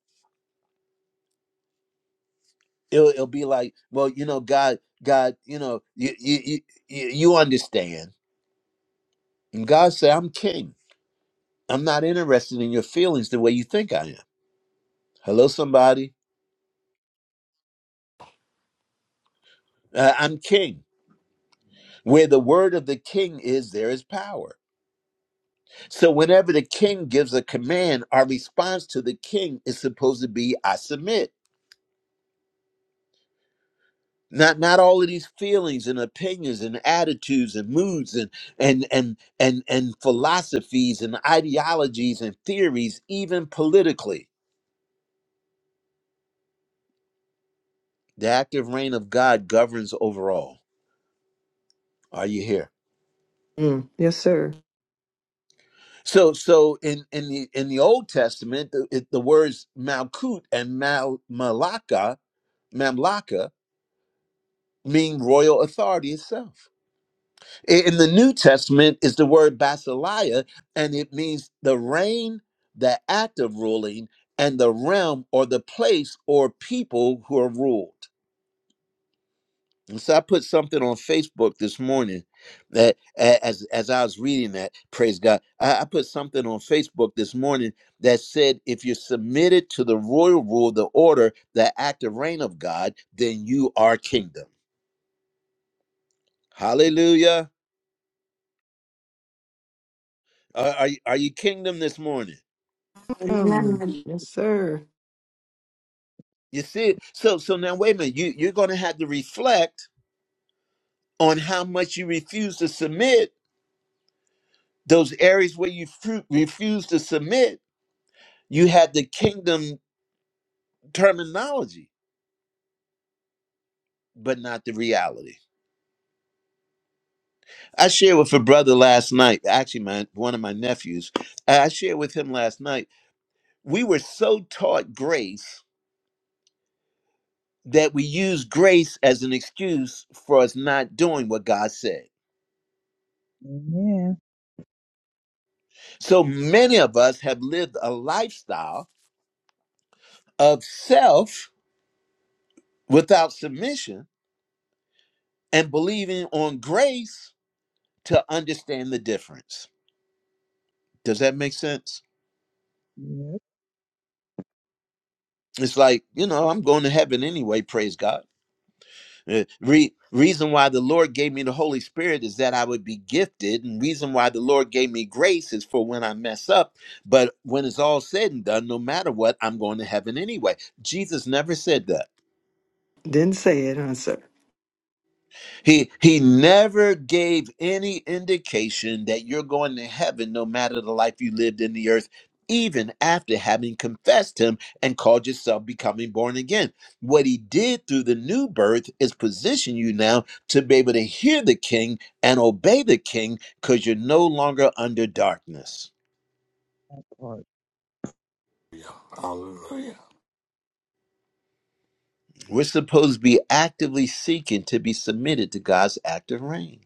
[SPEAKER 1] it'll, it'll be like, well, you know, God, God, you know, you you you, you you understand. And God said, I'm king. I'm not interested in your feelings the way you think I am. Hello, somebody. Uh, I'm king. Where the word of the king is, there is power. So whenever the king gives a command, our response to the king is supposed to be I submit. Not not all of these feelings and opinions and attitudes and moods and and and and and philosophies and ideologies and theories, even politically. The active reign of God governs over all. Are you here?
[SPEAKER 3] Mm. Yes, sir.
[SPEAKER 1] So so in in the in the Old Testament, the, it, the words Malkut and Mal Malaka Mamlaka mean royal authority itself I- In the New Testament is the word basileia, and it means the reign, the act of ruling, and the realm or the place or people who are ruled. And so I put something on Facebook this morning that a- as as I was reading that, praise God, I, I put something on Facebook this morning that said, if you're submitted to the royal rule, the order, the active reign of God, then you are kingdom. Hallelujah. Are, are, you- are you kingdom this morning?
[SPEAKER 6] Amen.
[SPEAKER 3] Um, yes, sir.
[SPEAKER 1] You see, it? so so now wait a minute. You you're going to have to reflect on how much you refuse to submit. Those areas where you fru- refuse to submit, you had the kingdom terminology, but not the reality. I shared with a brother last night. Actually, my one of my nephews. I shared with him last night. We were so taught grace that we use grace as an excuse for us not doing what God said.
[SPEAKER 11] Amen.
[SPEAKER 1] So many of us have lived a lifestyle of self without submission and believing on grace to understand the difference. Does that make sense?
[SPEAKER 11] Yep,
[SPEAKER 1] It's like, you know, I'm going to heaven anyway, praise God. Uh, Re- reason why the Lord gave me the Holy Spirit is that I would be gifted, and reason why the Lord gave me grace is for when I mess up. But when it's all said and done, no matter what, I'm going to heaven anyway. Jesus never said that.
[SPEAKER 3] Didn't say it, huh, sir?
[SPEAKER 1] He he never gave any indication that you're going to heaven no matter the life you lived in the earth even after having confessed him and called yourself becoming born again. What he did through the new birth is position you now to be able to hear the king and obey the king cuz you're no longer under darkness.
[SPEAKER 11] that part.
[SPEAKER 10] Hallelujah.
[SPEAKER 1] We're supposed to be actively seeking to be submitted to God's active reign.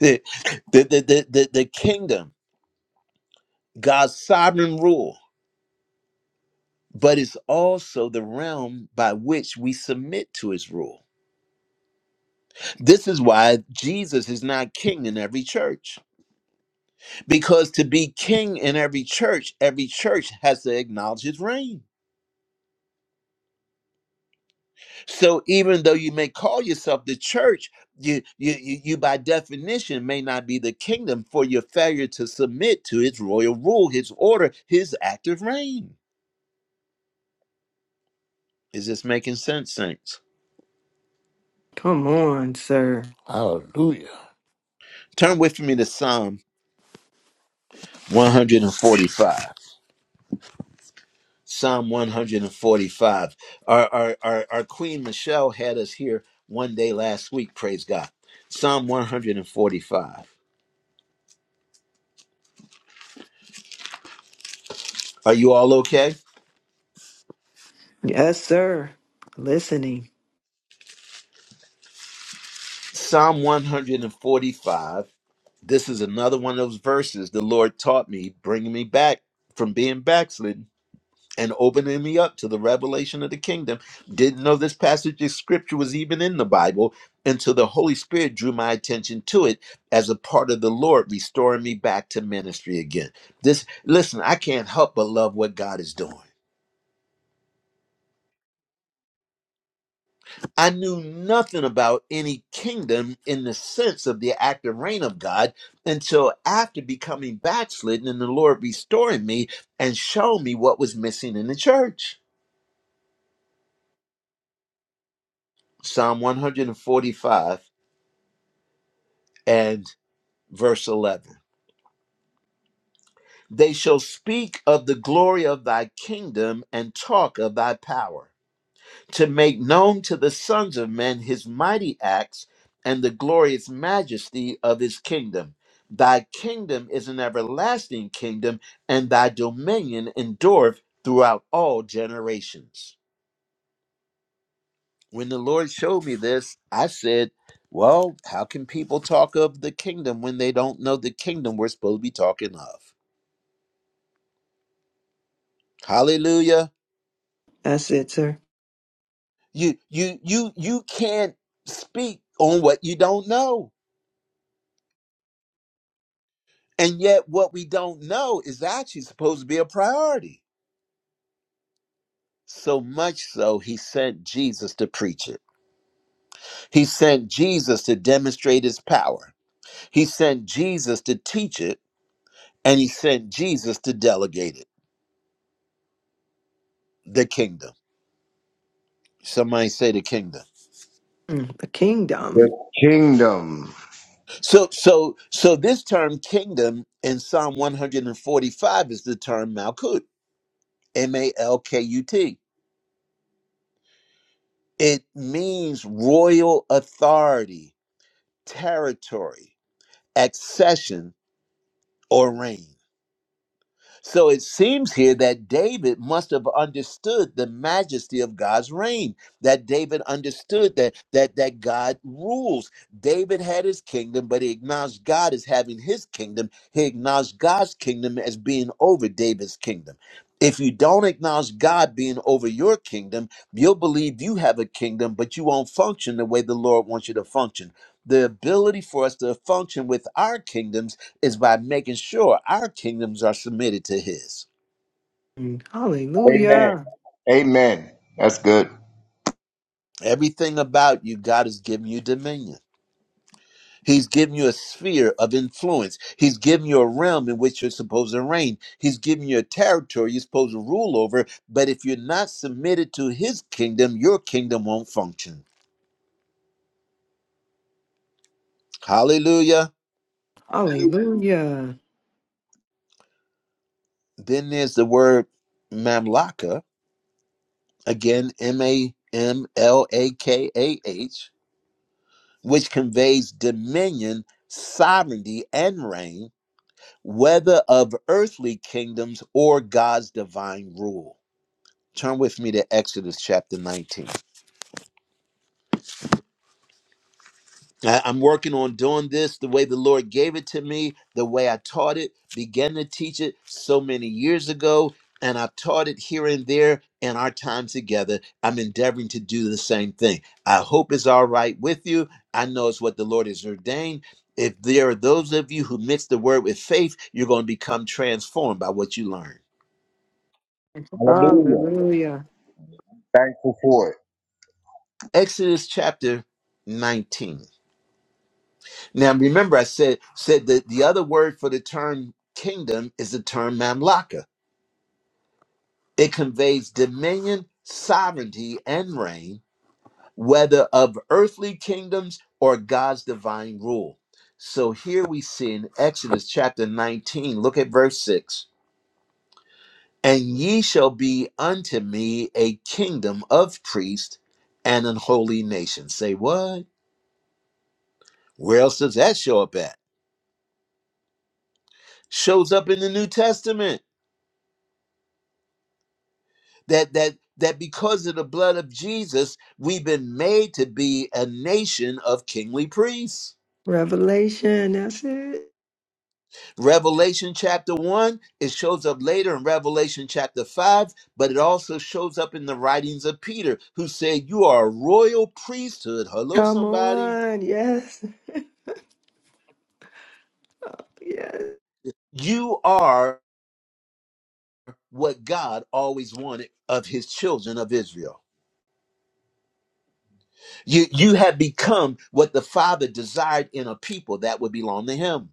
[SPEAKER 1] The the the the, the the kingdom, God's sovereign rule but it's also the realm by which we submit to his rule. This is why Jesus is not king in every church, because to be king in every church, every church has to acknowledge his reign. So even though you may call yourself the church, you, you, you, you by definition may not be the kingdom for your failure to submit to his royal rule, his order, his active reign. Is this making sense, saints?
[SPEAKER 3] Come on, sir.
[SPEAKER 10] Hallelujah.
[SPEAKER 1] Turn with me to Psalm 145. Psalm 145. Our, our, our, our Queen Michelle had us here one day last week, praise God. Psalm 145. Are you all okay?
[SPEAKER 3] Yes, sir. Listening.
[SPEAKER 1] Psalm 145. This is another one of those verses the Lord taught me, bringing me back from being backslidden. and opening me up to the revelation of the kingdom. Didn't know this passage of scripture was even in the Bible until the Holy Spirit drew my attention to it as a part of the Lord restoring me back to ministry again. This listen, I can't help but love what God is doing. I knew nothing about any kingdom in the sense of the active reign of God until after becoming backslidden and the Lord restoring me and showing me what was missing in the church. Psalm 145 and verse 11. They shall speak of the glory of thy kingdom and talk of thy power, to make known to the sons of men his mighty acts and the glorious majesty of his kingdom. Thy kingdom is an everlasting kingdom, and thy dominion endureth throughout all generations. When the Lord showed me this, I said, Well, how can people talk of the kingdom when they don't know the kingdom we're supposed to be talking of? Hallelujah.
[SPEAKER 3] That's it, sir.
[SPEAKER 1] You you you you can't speak on what you don't know. And yet what we don't know is actually supposed to be a priority. So much so he sent Jesus to preach it. He sent Jesus to demonstrate his power. He sent Jesus to teach it and he sent Jesus to delegate it. The kingdom. Somebody say the kingdom.
[SPEAKER 3] Mm, the kingdom.
[SPEAKER 8] The kingdom.
[SPEAKER 1] So so so this term kingdom in Psalm 145 is the term Malkut. M A L K U T It means royal authority, territory, accession, or reign. So it seems here that David must have understood the majesty of God's reign, that David understood that that that God rules. David had his kingdom, but he acknowledged God as having his kingdom. He acknowledged God's kingdom as being over David's kingdom. If you don't acknowledge God being over your kingdom, you'll believe you have a kingdom, but you won't function the way the Lord wants you to function. The ability for us to function with our kingdoms is by making sure our kingdoms are submitted to his.
[SPEAKER 3] Mm,
[SPEAKER 8] Amen.
[SPEAKER 3] Hallelujah.
[SPEAKER 8] Amen. That's good.
[SPEAKER 1] Everything about you, God has given you dominion. He's given you a sphere of influence. He's given you a realm in which you're supposed to reign. He's given you a territory you're supposed to rule over. But if you're not submitted to his kingdom, your kingdom won't function. Hallelujah.
[SPEAKER 8] Hallelujah.
[SPEAKER 3] Hallelujah.
[SPEAKER 1] Then there's the word mamlaka, again, M A M L A K A H, which conveys dominion, sovereignty, and reign whether of earthly kingdoms or God's divine rule. Turn with me to Exodus chapter 19. I- I'm working on doing this the way the Lord gave it to me, the way I taught it, began to teach it so many years ago, and I've taught it here and there in our time together. I'm endeavoring to do the same thing. I hope it's all right with you. I know it's what the Lord has ordained. If there are those of you who mix the word with faith, you're going to become transformed by what you learn.
[SPEAKER 8] Hallelujah.
[SPEAKER 3] Hallelujah.
[SPEAKER 8] Thankful for it.
[SPEAKER 1] Exodus chapter 19. Now remember I said said that the other word for the term kingdom is the term mamlaka. It conveys dominion, sovereignty, and reign, whether of earthly kingdoms or God's divine rule. So here we see in Exodus chapter 19, look at verse 6. And ye shall be unto me a kingdom of priests and an holy nation. Say what? Where else does that show up at? shows up in the New Testament that that that because of the blood of Jesus, we've been made to be a nation of kingly priests.
[SPEAKER 3] Revelation. That's it.
[SPEAKER 1] Revelation chapter 1, it shows up later in Revelation chapter 5, but it also shows up in the writings of Peter, who said, You are a royal priesthood. Hello,
[SPEAKER 3] Come
[SPEAKER 1] somebody.
[SPEAKER 3] on. Yes. Yes.
[SPEAKER 1] You are what God always wanted of his children of Israel. You, you have become what the Father desired in a people that would belong to him.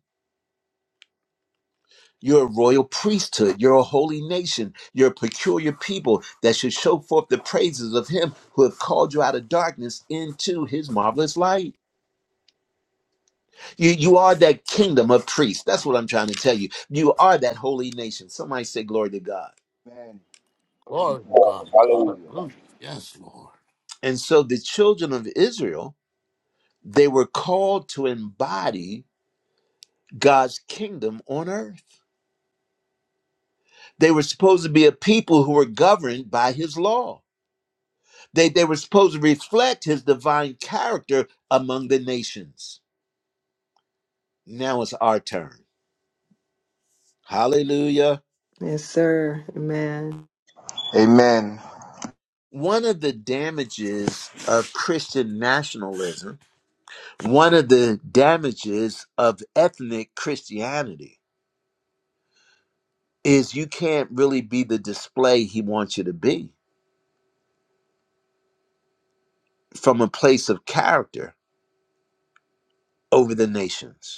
[SPEAKER 1] You're a royal priesthood. You're a holy nation. You're a peculiar people that should show forth the praises of Him who have called you out of darkness into His marvelous light. You, you are that kingdom of priests. That's what I'm trying to tell you. You are that holy nation. Somebody say, Glory to God.
[SPEAKER 8] Amen.
[SPEAKER 10] Glory to God.
[SPEAKER 8] Hallelujah.
[SPEAKER 10] Hallelujah. Yes, Lord.
[SPEAKER 1] And so the children of Israel, they were called to embody God's kingdom on earth. They were supposed to be a people who were governed by His law They, they were supposed to reflect his divine character among the nations. Now it's our turn. Hallelujah.
[SPEAKER 3] Yes, sir. Amen.
[SPEAKER 8] Amen.
[SPEAKER 1] One of the damages of Christian nationalism, one of the damages of ethnic Christianity, is you can't really be the display he wants you to be from a place of character over the nations.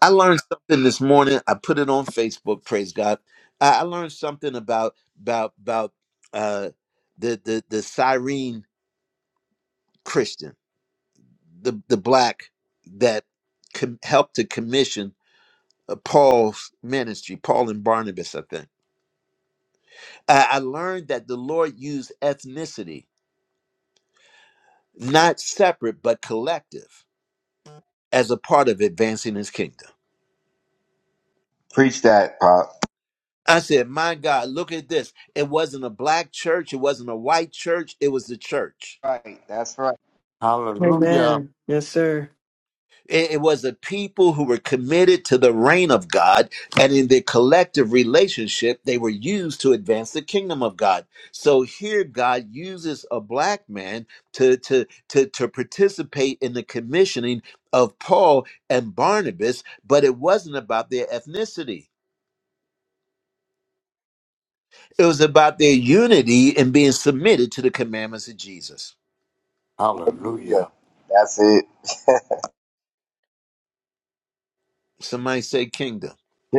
[SPEAKER 1] I learned something this morning. I put it on Facebook. Praise God. I, I learned something about about about uh, the the the Cyrene Christian, the the black that com- helped to commission uh, Paul's ministry, Paul and Barnabas. I think I, I learned that the Lord used ethnicity, not separate but collective, as a part of advancing His kingdom.
[SPEAKER 8] Preach that, Pop.
[SPEAKER 1] I said, "My God, look at this! It wasn't a black church. It wasn't a white church. It was the church."
[SPEAKER 8] Right. That's right.
[SPEAKER 10] Hallelujah.
[SPEAKER 3] Amen. Yes, sir.
[SPEAKER 1] It, it was a people who were committed to the reign of God, and in their collective relationship, they were used to advance the kingdom of God. So here, God uses a black man to to to, to participate in the commissioning of Paul and Barnabas, but it wasn't about their ethnicity. It was about their unity and being submitted to the commandments of Jesus.
[SPEAKER 8] Hallelujah.
[SPEAKER 10] Hallelujah.
[SPEAKER 8] That's it.
[SPEAKER 1] Somebody say kingdom.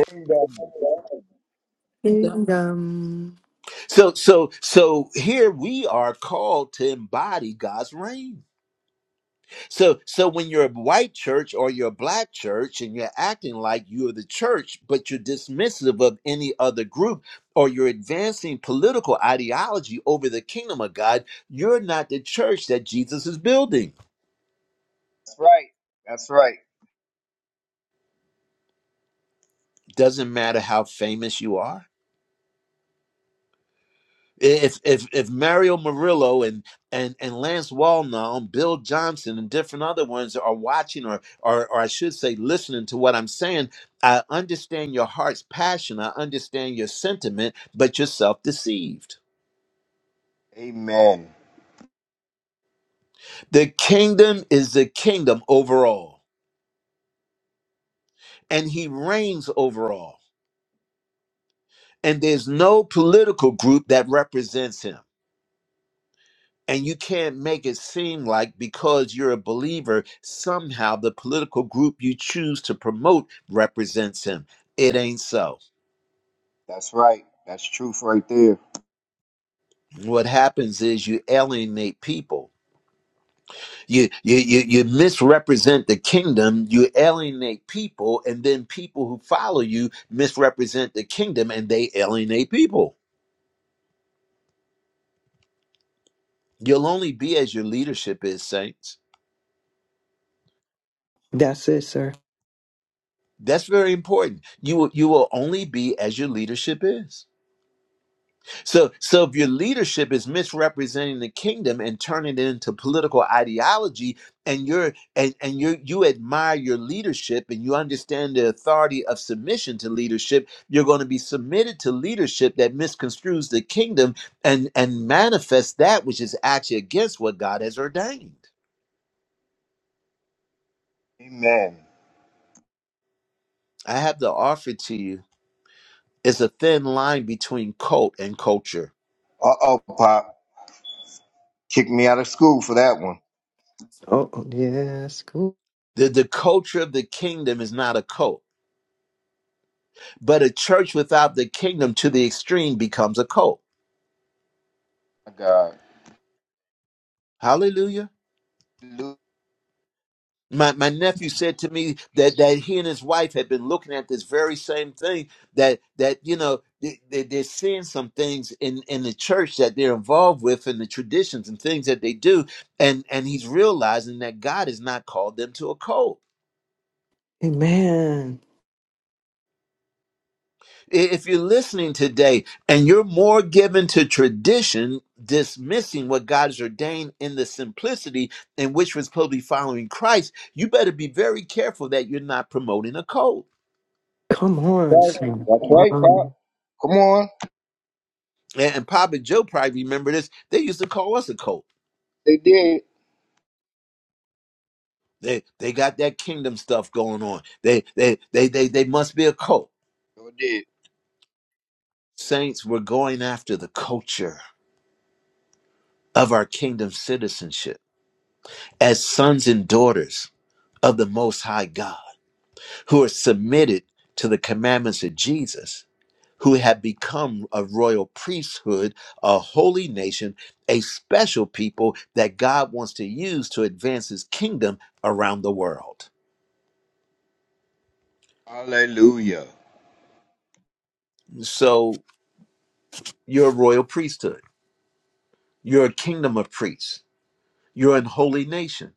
[SPEAKER 8] Kingdom. That's
[SPEAKER 7] kingdom
[SPEAKER 3] Kingdom.
[SPEAKER 1] So so so here we are called to embody God's reign. So so when you're a white church or you're a black church and you're acting like you're the church, but you're dismissive of any other group or you're advancing political ideology over the kingdom of God, you're not the church that Jesus is building.
[SPEAKER 8] right. That's right.
[SPEAKER 1] Doesn't matter how famous you are. if if if Mario Murillo and and and Lance Wallnall and Bill Johnson and different other ones are watching or or or I should say listening to what I'm saying, I understand your heart's passion. I understand your sentiment, but you're self-deceived.
[SPEAKER 8] Amen.
[SPEAKER 1] The kingdom is the kingdom overall, and he reigns overall. And there's no political group that represents him. And you can't make it seem like because you're a believer, somehow the political group you choose to promote represents him. It ain't so.
[SPEAKER 8] That's right. That's truth right there.
[SPEAKER 1] What happens is you alienate people. You, you you you misrepresent the kingdom. You alienate people, and then people who follow you misrepresent the kingdom, and they alienate people. You'll only be as your leadership is, saints.
[SPEAKER 3] That's it, sir.
[SPEAKER 1] That's very important. You will, you will only be as your leadership is. So, so if your leadership is misrepresenting the kingdom and turning it into political ideology, and you're and and you you admire your leadership and you understand the authority of submission to leadership, you're going to be submitted to leadership that misconstrues the kingdom and and manifests that which is actually against what God has ordained.
[SPEAKER 8] Amen.
[SPEAKER 1] I have to offer to you is a thin line between cult and culture.
[SPEAKER 8] Uh oh, Pop. Kick me out of school for that one.
[SPEAKER 3] Oh, oh, yes. Cool.
[SPEAKER 1] The the culture of the kingdom is not a cult But a church without the kingdom to the extreme becomes a cult.
[SPEAKER 8] My God.
[SPEAKER 1] Hallelujah.
[SPEAKER 8] Hallelujah.
[SPEAKER 1] My, my nephew said to me that, that he and his wife had been looking at this very same thing that that you know they, they, they're seeing some things in, in the church that they're involved with and the traditions and things that they do and and he's realizing that God has not called them to a cult.
[SPEAKER 3] Amen.
[SPEAKER 1] If you're listening today and you're more given to tradition, dismissing what God has ordained in the simplicity in which we're supposed to be following Christ, you better be very careful that you're not promoting a cult.
[SPEAKER 3] Come on,
[SPEAKER 8] Right.
[SPEAKER 3] sir.
[SPEAKER 8] That's right, Pop.
[SPEAKER 3] Wow.
[SPEAKER 8] Come on.
[SPEAKER 1] And, and Papa Joe probably remember this. They used to call us a cult.
[SPEAKER 8] They did.
[SPEAKER 1] They they got that kingdom stuff going on. They they they they they must be a cult.
[SPEAKER 8] They did.
[SPEAKER 1] Saints, we're going after the culture of our kingdom citizenship as sons and daughters of the Most High God who are submitted to the commandments of Jesus, who have become a royal priesthood, a holy nation, a special people that God wants to use to advance his kingdom around the world.
[SPEAKER 8] Hallelujah.
[SPEAKER 1] So you're a royal priesthood, you're a kingdom of priests. You're a holy nation.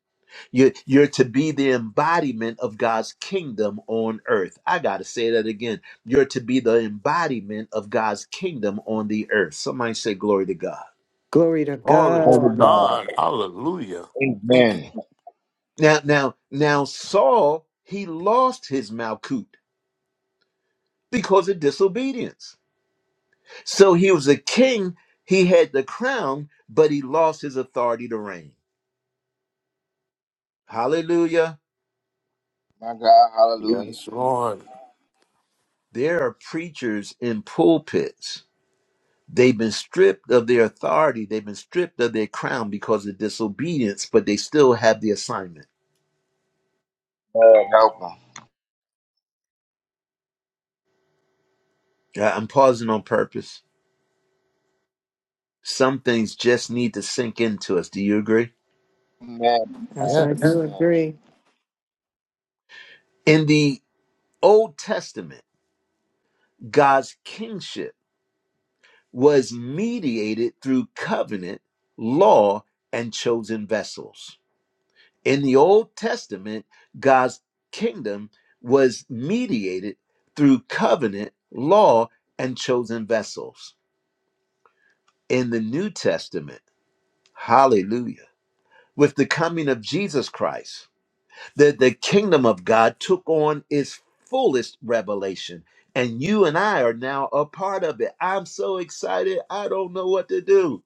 [SPEAKER 1] You're, you're to be the embodiment of God's kingdom on earth. I got to say that again. You're to be the embodiment of God's kingdom on the earth. Somebody say, Glory to God.
[SPEAKER 3] Glory to
[SPEAKER 10] Glory
[SPEAKER 8] Oh,
[SPEAKER 10] to
[SPEAKER 3] God.
[SPEAKER 10] God.
[SPEAKER 8] God.
[SPEAKER 10] Hallelujah. Thank you.
[SPEAKER 8] Amen.
[SPEAKER 1] Now, now, now, Saul, he lost his Malkut because of disobedience. So he was a king, he had the crown, but he lost his authority to reign. Hallelujah.
[SPEAKER 8] My God, hallelujah.
[SPEAKER 10] Yes, Lord.
[SPEAKER 1] There are preachers in pulpits. They've been stripped of their authority, they've been stripped of their crown because of disobedience, but they still have the assignment.
[SPEAKER 8] Lord, help them.
[SPEAKER 1] Yeah, I'm pausing on purpose. Some things just need to sink into us. Do you agree?
[SPEAKER 8] Amen.
[SPEAKER 3] Yes, I
[SPEAKER 10] Yes.
[SPEAKER 3] do
[SPEAKER 8] Amen.
[SPEAKER 3] agree.
[SPEAKER 1] In the Old Testament, God's kingship was mediated through covenant, law, and chosen vessels. In the Old Testament, God's kingdom was mediated through covenant, law, and chosen vessels. In the New Testament, hallelujah, with the coming of Jesus Christ, the, the kingdom of God took on its fullest revelation. And you and I are now a part of it. I'm so excited. I don't know what to do.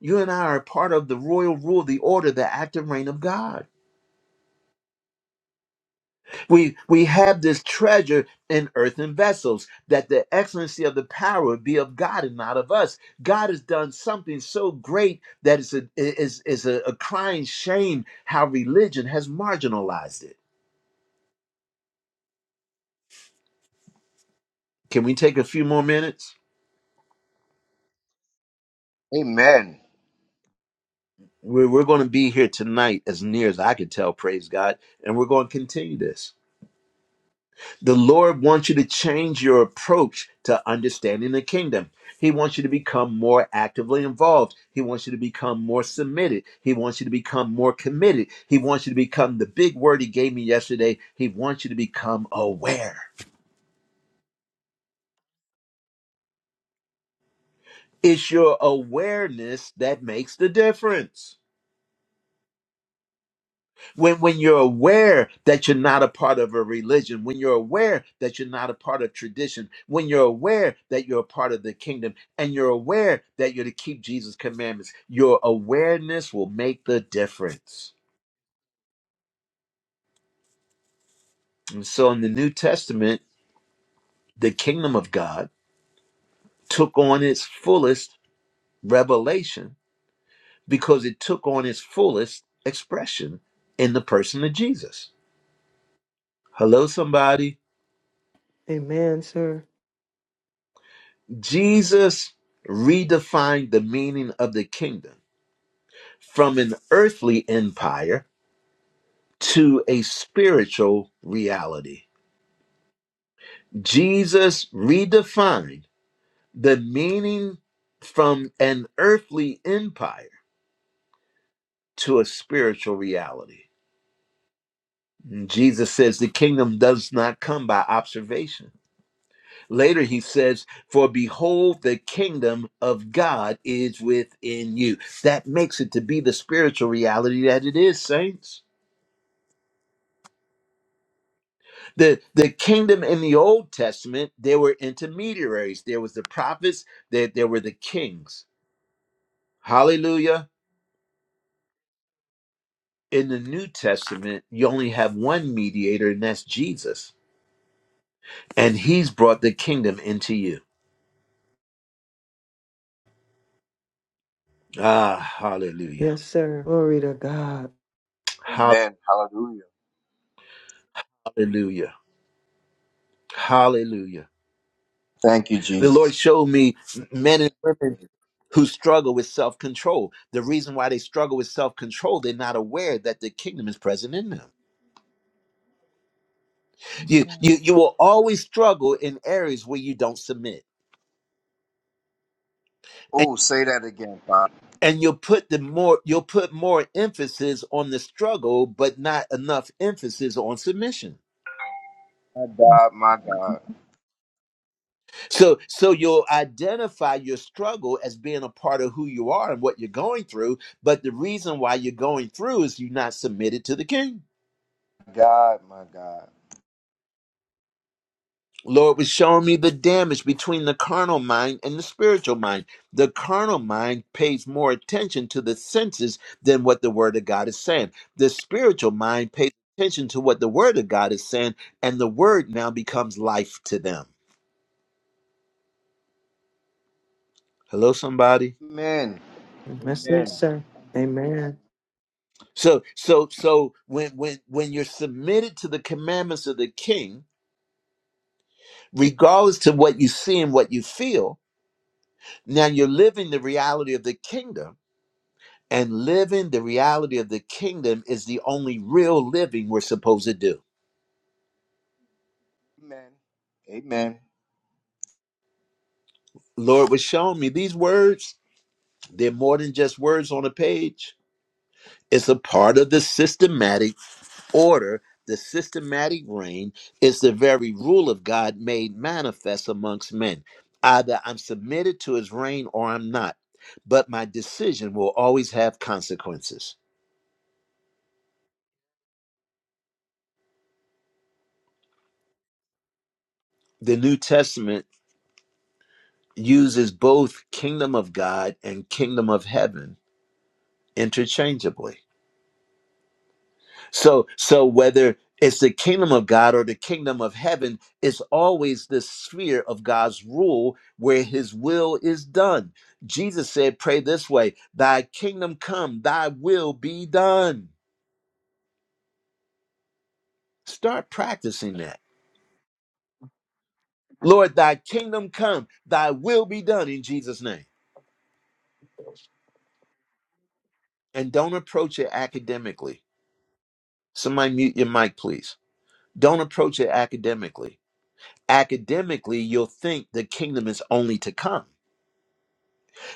[SPEAKER 1] You and I are part of the royal rule, the order, the active reign of God. We we have this treasure in earthen vessels, that the excellency of the power be of God and not of us. God has done something so great that it's a is is a, a crying shame how religion has marginalized it. Can we take a few more minutes?
[SPEAKER 8] Amen.
[SPEAKER 1] We're, we're going to be here tonight, as near as I can tell, praise God, and we're going to continue this. The Lord wants you to change your approach to understanding the kingdom. He wants you to become more actively involved. He wants you to become more submitted. He wants you to become more committed. He wants you to become the big word he gave me yesterday. He wants you to become aware. It's your awareness that makes the difference. when when you're aware that you're not a part of a religion when you're aware that you're not a part of tradition when you're aware that you're a part of the kingdom and you're aware that you're to keep jesus commandments your awareness will make the difference and so in the new testament the kingdom of god took on its fullest revelation because it took on its fullest expression in the person of jesus hello somebody
[SPEAKER 3] Amen, sir.
[SPEAKER 1] Jesus redefined the meaning of the kingdom from an earthly empire to a spiritual reality. Jesus redefined the meaning from an earthly empire to a spiritual reality. And Jesus says the kingdom does not come by observation Later, he says, For behold, the kingdom of God is within you. That makes it to be the spiritual reality that it is, saints. The, the kingdom in the Old Testament, there were intermediaries. There was the prophets, there, there were the kings. Hallelujah. In the New Testament, you only have one mediator, and that's Jesus. And he's brought the kingdom into you. Ah, hallelujah.
[SPEAKER 3] Yes, sir. Glory to God.
[SPEAKER 8] Amen. Hallelujah.
[SPEAKER 1] Hallelujah. Hallelujah.
[SPEAKER 8] Thank you,
[SPEAKER 1] The
[SPEAKER 8] Jesus.
[SPEAKER 1] Lord showed me men and women who struggle with self control. The reason why they struggle with self control, they're not aware that the kingdom is present in them. You,
[SPEAKER 11] Yeah.
[SPEAKER 1] you, you will always struggle in areas where you don't submit. And,
[SPEAKER 8] Oh, say that again, Father.
[SPEAKER 1] and you'll put the more you'll put more emphasis on the struggle but not enough emphasis on submission
[SPEAKER 8] My God, my God.
[SPEAKER 1] so so you'll identify your struggle as being a part of who you are and what you're going through but the reason why you're going through is you're not submitted to the king
[SPEAKER 8] God, my God.
[SPEAKER 1] Lord was showing me the damage between the carnal mind and the spiritual mind. The carnal mind pays more attention to the senses than what the Word of God is saying. The spiritual mind pays attention to what the Word of God is saying, and the Word now becomes life to them. Hello, somebody.
[SPEAKER 8] Amen.
[SPEAKER 3] That's it,
[SPEAKER 8] Amen.
[SPEAKER 3] sir. Amen.
[SPEAKER 1] So, so, so when when when you're submitted to the commandments of the King, regardless to what you see and what you feel, now you're living the reality of the kingdom And living the reality of the kingdom is the only real living we're supposed to do.
[SPEAKER 8] Amen. Amen.
[SPEAKER 1] Lord was showing me these words, they're more than just words on a page. It's a part of the systematic order, the systematic reign. It's the very rule of God made manifest amongst men. Either I'm submitted to his reign or I'm not. But my decision will always have consequences. The New Testament uses both kingdom of God and kingdom of heaven interchangeably. So so whether it's the kingdom of God or the kingdom of heaven, it's always this sphere of God's rule where his will is done. Jesus said, pray this way, thy kingdom come, thy will be done. Start practicing that. Lord, thy kingdom come, thy will be done in Jesus' name. And don't approach it academically. Somebody mute your mic, please. Don't approach it academically. Academically, you'll think the kingdom is only to come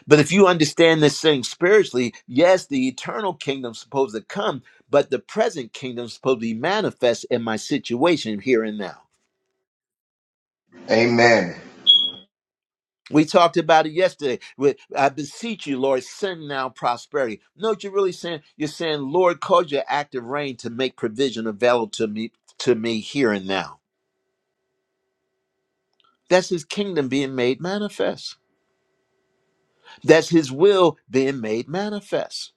[SPEAKER 1] But if you understand this thing spiritually, yes, the eternal kingdom's supposed to come, but the present kingdom's supposed to be manifest in my situation here and now.
[SPEAKER 8] Amen.
[SPEAKER 1] We talked about it yesterday. with, I beseech you, Lord, send now prosperity. No, what you're really saying, you're saying, Lord, cause your active reign to make provision available to me to me here and now. That's his kingdom being made manifest. That's his will being made manifest.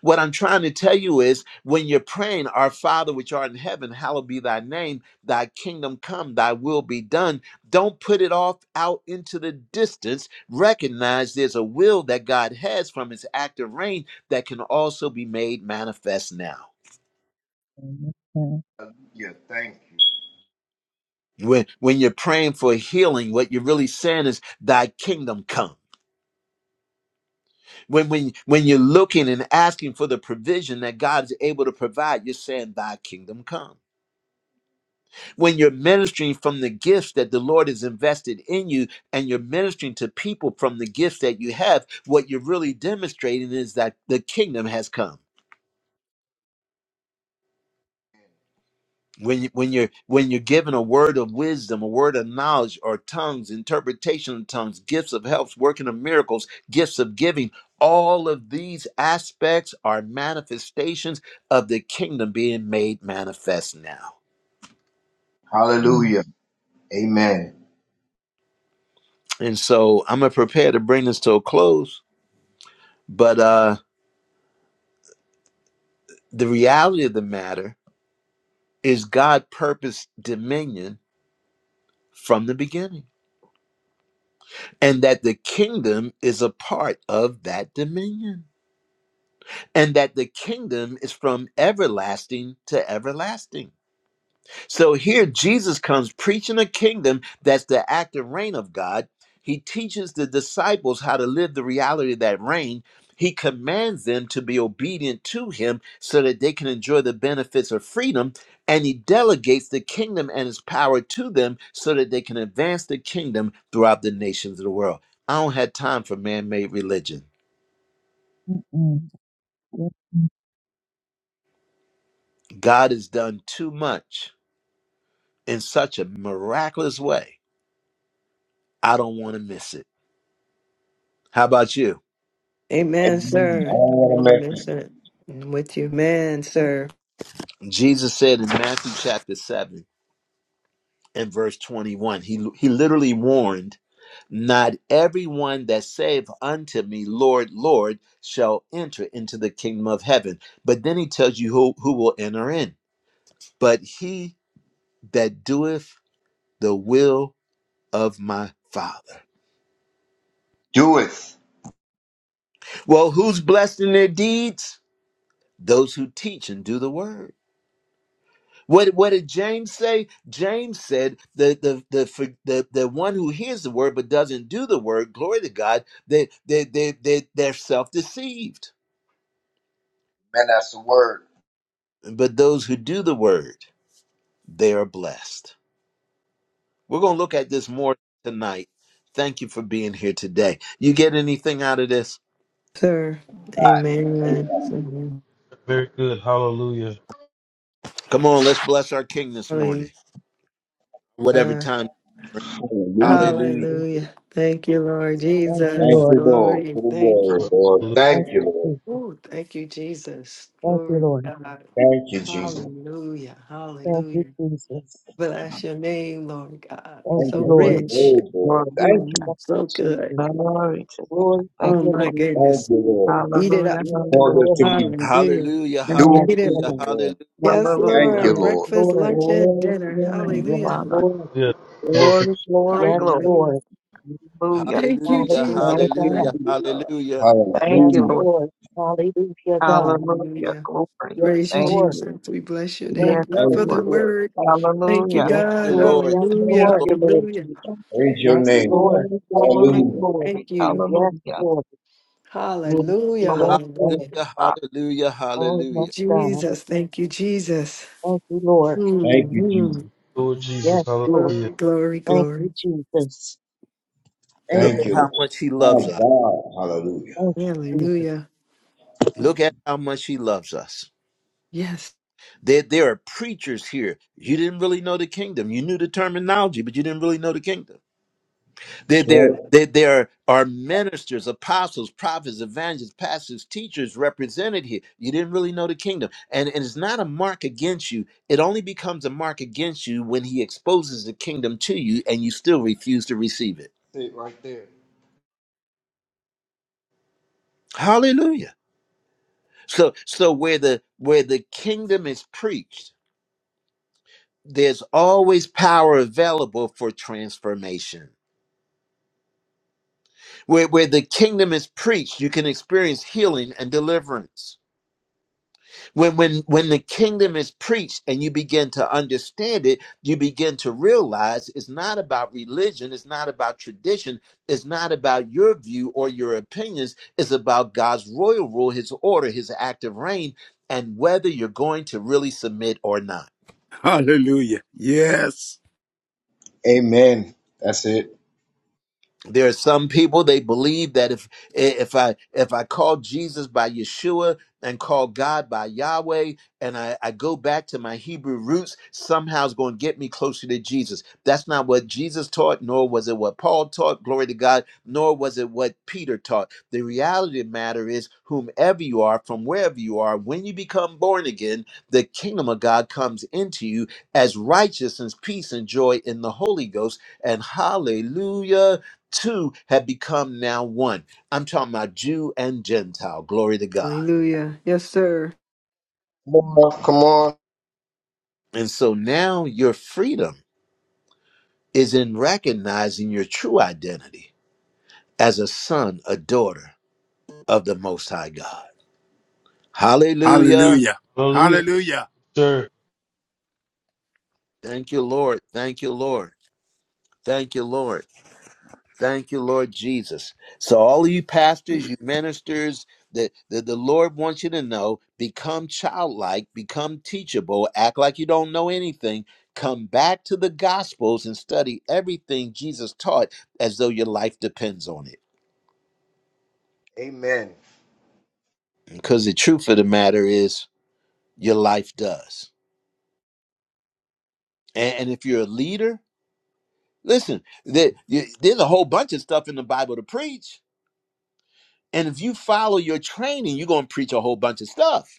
[SPEAKER 1] What I'm trying to tell you is when you're praying, Our Father which art in heaven, hallowed be thy name, thy kingdom come, thy will be done. Don't put it off out into the distance. Recognize there's a will that God has from his active reign that can also be made manifest now.
[SPEAKER 11] Amen.
[SPEAKER 8] Hallelujah. Thank you.
[SPEAKER 1] When, when you're praying for healing, what you're really saying is, Thy kingdom come. When, when, when you're looking and asking for the provision that God is able to provide, you're saying, Thy kingdom come when you're ministering from the gifts that the Lord has invested in you and you're ministering to people from the gifts that you have, what you're really demonstrating is that the kingdom has come. When, you, when you're when you're given a word of wisdom, a word of knowledge, or tongues, interpretation of tongues, gifts of helps, working of miracles, gifts of giving, all of these aspects are manifestations of the kingdom being made manifest now.
[SPEAKER 11] Mm,
[SPEAKER 8] Hallelujah. Amen.
[SPEAKER 1] And so I'm gonna prepare to bring this to a close, but uh The reality of the matter is God purposed dominion from the beginning, and that the kingdom is a part of that dominion, and that the kingdom is from everlasting to everlasting. So here Jesus comes preaching a kingdom that's the active reign of God. He teaches the disciples how to live the reality of that reign. He commands them to be obedient to him so that they can enjoy the benefits of freedom. And he delegates the kingdom and its power to them so that they can advance the kingdom throughout the nations of the world. I don't have time for man made religion.
[SPEAKER 11] mm-mm. Yes, mm,
[SPEAKER 1] God has done too much in such a miraculous way. I don't want to miss it. How about you?
[SPEAKER 3] Amen,
[SPEAKER 8] Amen. I
[SPEAKER 3] sir. I
[SPEAKER 8] want to
[SPEAKER 3] really
[SPEAKER 8] make
[SPEAKER 3] miss
[SPEAKER 8] it.
[SPEAKER 3] it. I'm with you. Man, sir.
[SPEAKER 1] Jesus said in Matthew chapter 7 and verse 21, he, he literally warned, Not everyone that saith unto me, Lord, Lord, shall enter into the kingdom of heaven. But then he tells you who, who will enter in. But he that doeth the will of my Father.
[SPEAKER 8] Do it.
[SPEAKER 1] Well, who's blessed in their deeds? Those who teach and do the word. What what did James say? James said the the the for- the, the one who hears the word but doesn't do the word, glory to God, they they they, they they're self deceived.
[SPEAKER 8] Man, that's the word.
[SPEAKER 1] But those who do the word, they are blessed. We're going to look at this more tonight. Thank you for being here today. You get anything out of this?
[SPEAKER 3] Sir. Amen.
[SPEAKER 8] God.
[SPEAKER 9] Very good. Hallelujah.
[SPEAKER 1] Come on, let's bless our King this morning. Whatever
[SPEAKER 3] Hallelujah.
[SPEAKER 1] time.
[SPEAKER 8] Hallelujah.
[SPEAKER 1] Hallelujah.
[SPEAKER 4] Jesus.
[SPEAKER 3] Hallelujah. Thank you, Lord
[SPEAKER 4] Thank you,
[SPEAKER 8] Thank
[SPEAKER 3] Jesus.
[SPEAKER 8] you,
[SPEAKER 4] Lord.
[SPEAKER 8] Lord,
[SPEAKER 3] Glory.
[SPEAKER 8] for the
[SPEAKER 3] Thank
[SPEAKER 8] word,
[SPEAKER 3] you.
[SPEAKER 8] Lord. Thank
[SPEAKER 4] Thank
[SPEAKER 8] you,
[SPEAKER 4] you,
[SPEAKER 8] Lord.
[SPEAKER 4] Jesus.
[SPEAKER 3] Oh, thank you, Jesus.
[SPEAKER 4] Thank you,
[SPEAKER 3] Glory
[SPEAKER 4] Lord.
[SPEAKER 3] to God.
[SPEAKER 8] Thank you, Jesus.
[SPEAKER 3] Hallelujah.
[SPEAKER 4] Thank you,
[SPEAKER 3] Hallelujah.
[SPEAKER 4] Jesus.
[SPEAKER 3] Bless your name, Lord God.
[SPEAKER 4] Thank
[SPEAKER 8] Thank
[SPEAKER 4] you,
[SPEAKER 3] So
[SPEAKER 8] you for
[SPEAKER 4] Lord.
[SPEAKER 8] your
[SPEAKER 12] Glory to
[SPEAKER 3] rich.
[SPEAKER 8] word, Lord. Thank you.
[SPEAKER 12] God.
[SPEAKER 3] Mm,
[SPEAKER 4] Thank you,
[SPEAKER 3] So
[SPEAKER 4] Jesus.
[SPEAKER 3] good.
[SPEAKER 12] Glory to God.
[SPEAKER 4] Glory to
[SPEAKER 12] Thank
[SPEAKER 3] Oh
[SPEAKER 4] your
[SPEAKER 12] you,
[SPEAKER 3] my
[SPEAKER 12] Lord.
[SPEAKER 4] name, God.
[SPEAKER 8] Thank
[SPEAKER 3] goodness.
[SPEAKER 8] you, Lord.
[SPEAKER 3] Eat it
[SPEAKER 12] Hallelujah.
[SPEAKER 3] up.
[SPEAKER 4] Yes,
[SPEAKER 8] For this
[SPEAKER 12] Hallelujah.
[SPEAKER 8] to
[SPEAKER 4] Lord.
[SPEAKER 8] be
[SPEAKER 3] Hallelujah.
[SPEAKER 1] Hallelujah.
[SPEAKER 8] doing.
[SPEAKER 4] Yes,
[SPEAKER 12] Thank you,
[SPEAKER 1] Hallelujah.
[SPEAKER 12] Lord.
[SPEAKER 4] God.
[SPEAKER 1] Hallelujah.
[SPEAKER 8] Lord.
[SPEAKER 3] Yes,
[SPEAKER 8] Thank
[SPEAKER 12] Hallelujah.
[SPEAKER 8] you,
[SPEAKER 3] Lord.
[SPEAKER 4] Yes,
[SPEAKER 8] Lord.
[SPEAKER 3] Breakfast,
[SPEAKER 4] Lord.
[SPEAKER 3] lunch, and
[SPEAKER 12] Glory to
[SPEAKER 3] dinner.
[SPEAKER 12] your name,
[SPEAKER 4] Yes,
[SPEAKER 3] Hallelujah.
[SPEAKER 12] Father.
[SPEAKER 4] Lord.
[SPEAKER 9] Yeah.
[SPEAKER 12] Glory, glory,
[SPEAKER 4] Yes,
[SPEAKER 12] glory.
[SPEAKER 3] Hallelujah.
[SPEAKER 4] Lord.
[SPEAKER 12] Hallelujah.
[SPEAKER 3] Thank you,
[SPEAKER 1] Hallelujah.
[SPEAKER 3] Jesus.
[SPEAKER 4] Hallelujah,
[SPEAKER 12] Thank you,
[SPEAKER 3] Thank
[SPEAKER 1] Hallelujah.
[SPEAKER 4] God.
[SPEAKER 12] Jesus.
[SPEAKER 3] you,
[SPEAKER 1] Hallelujah.
[SPEAKER 3] Lord.
[SPEAKER 12] Thank
[SPEAKER 4] Yes,
[SPEAKER 12] you,
[SPEAKER 8] Hallelujah.
[SPEAKER 12] Lord.
[SPEAKER 4] Lord. Hallelujah, God.
[SPEAKER 12] Hallelujah.
[SPEAKER 3] Hallelujah.
[SPEAKER 12] Glory.
[SPEAKER 4] Yes,
[SPEAKER 3] Praise you,
[SPEAKER 12] Thank
[SPEAKER 4] Lord.
[SPEAKER 3] Jesus.
[SPEAKER 12] you.
[SPEAKER 3] We bless your
[SPEAKER 4] Thank
[SPEAKER 3] name
[SPEAKER 12] Yes,
[SPEAKER 4] you,
[SPEAKER 3] God,
[SPEAKER 8] Thank
[SPEAKER 3] for
[SPEAKER 8] you,
[SPEAKER 3] the
[SPEAKER 12] Lord.
[SPEAKER 4] Jesus.
[SPEAKER 8] Lord.
[SPEAKER 3] word. Thank you,
[SPEAKER 12] Hallelujah.
[SPEAKER 1] Thank
[SPEAKER 4] Yes,
[SPEAKER 1] you,
[SPEAKER 3] God.
[SPEAKER 4] Lord.
[SPEAKER 1] Lord.
[SPEAKER 4] Yes,
[SPEAKER 1] Thank you,
[SPEAKER 12] Thank
[SPEAKER 3] Hallelujah.
[SPEAKER 4] Lord.
[SPEAKER 1] Lord.
[SPEAKER 12] you, Lord
[SPEAKER 3] Hallelujah.
[SPEAKER 12] Jesus.
[SPEAKER 8] Praise your
[SPEAKER 4] Yes,
[SPEAKER 8] name,
[SPEAKER 3] Ooh,
[SPEAKER 8] God.
[SPEAKER 4] Lord.
[SPEAKER 12] Glory,
[SPEAKER 3] Thank you.
[SPEAKER 12] glory,
[SPEAKER 3] Thank
[SPEAKER 8] Hallelujah.
[SPEAKER 3] you.
[SPEAKER 12] glory.
[SPEAKER 3] Thank you.
[SPEAKER 4] Yes,
[SPEAKER 12] Hallelujah.
[SPEAKER 4] Lord.
[SPEAKER 12] Yes,
[SPEAKER 3] Hallelujah.
[SPEAKER 12] Lord.
[SPEAKER 4] Yes,
[SPEAKER 12] Thank
[SPEAKER 4] Lord.
[SPEAKER 3] Hallelujah.
[SPEAKER 12] you,
[SPEAKER 1] Hallelujah,
[SPEAKER 12] Father.
[SPEAKER 1] hallelujah,
[SPEAKER 4] Oh, yes,
[SPEAKER 1] hallelujah.
[SPEAKER 4] God.
[SPEAKER 3] Jesus. Thank you, Jesus.
[SPEAKER 4] Thank you, Lord.
[SPEAKER 8] Thank you, Jesus.
[SPEAKER 3] Mhm.
[SPEAKER 4] Yes, Lord.
[SPEAKER 3] Glory, glory,
[SPEAKER 4] Thank you,
[SPEAKER 3] glory.
[SPEAKER 4] Jesus. Thank
[SPEAKER 1] Look
[SPEAKER 8] Thank
[SPEAKER 1] at
[SPEAKER 4] you,
[SPEAKER 8] you,
[SPEAKER 4] Lord.
[SPEAKER 1] how much he loves
[SPEAKER 8] Lord.
[SPEAKER 1] us.
[SPEAKER 8] My God. Hallelujah.
[SPEAKER 4] Thank you, Jesus.
[SPEAKER 3] Hallelujah.
[SPEAKER 1] Look at how much he loves us.
[SPEAKER 3] Yes.
[SPEAKER 1] There, there are preachers here. You didn't really know the kingdom. You knew the terminology, but you didn't really know the kingdom. There,
[SPEAKER 8] That's
[SPEAKER 1] there,
[SPEAKER 8] right.
[SPEAKER 1] there, there are ministers, apostles, prophets, evangelists, pastors, teachers represented here. You didn't really know the kingdom. And, and it's not a mark against you. It only becomes a mark against you when he exposes the kingdom to you and you still refuse to receive it.
[SPEAKER 8] That's it right there.
[SPEAKER 1] Hallelujah. So so where the where the kingdom is preached, there's always power available for transformation. Where where the kingdom is preached, you can experience healing and deliverance. when when when the kingdom is preached and you begin to understand it you begin to realize it's not about religion it's not about tradition it's not about your view or your opinions it's about god's royal rule his order his active reign and whether you're going to really submit or not
[SPEAKER 13] Hallelujah. Yes.
[SPEAKER 8] Amen. That's it.
[SPEAKER 1] there are some people they believe that if eh, if i if i call jesus by yeshua and call god by yahweh and i, I go back to my hebrew roots somehow it's going to get me closer to jesus that's not what jesus taught nor was it what paul taught glory to god nor was it what peter taught the reality of the matter is whomever you are from wherever you are when you become born again the kingdom of god comes into you as righteousness peace and joy in the holy ghost and hallelujah two have become now one. I'm talking about Jew and Gentile. Glory to God.
[SPEAKER 3] Hallelujah. Yes, sir.
[SPEAKER 8] Come on. Come on.
[SPEAKER 1] And so now your freedom is in recognizing your true identity as a son, a daughter of the Most High God. Hallelujah.
[SPEAKER 13] Hallelujah.
[SPEAKER 9] Hallelujah,
[SPEAKER 13] Hallelujah.
[SPEAKER 9] sir.
[SPEAKER 1] Thank you, Lord. Thank you, Lord. Thank you, Lord. Thank you, Lord Jesus. So, all of you pastors, you ministers, that the, the Lord wants you to know become childlike, become teachable, act like you don't know anything. Come back to the Gospels and study everything Jesus taught as though your life depends on it.
[SPEAKER 8] Amen.
[SPEAKER 1] Because the truth of the matter is, your life does. And, and if you're a leader, listen, there, you- there's a whole bunch of stuff in the Bible to preach. And if you follow your training, you're going to preach a whole bunch of stuff.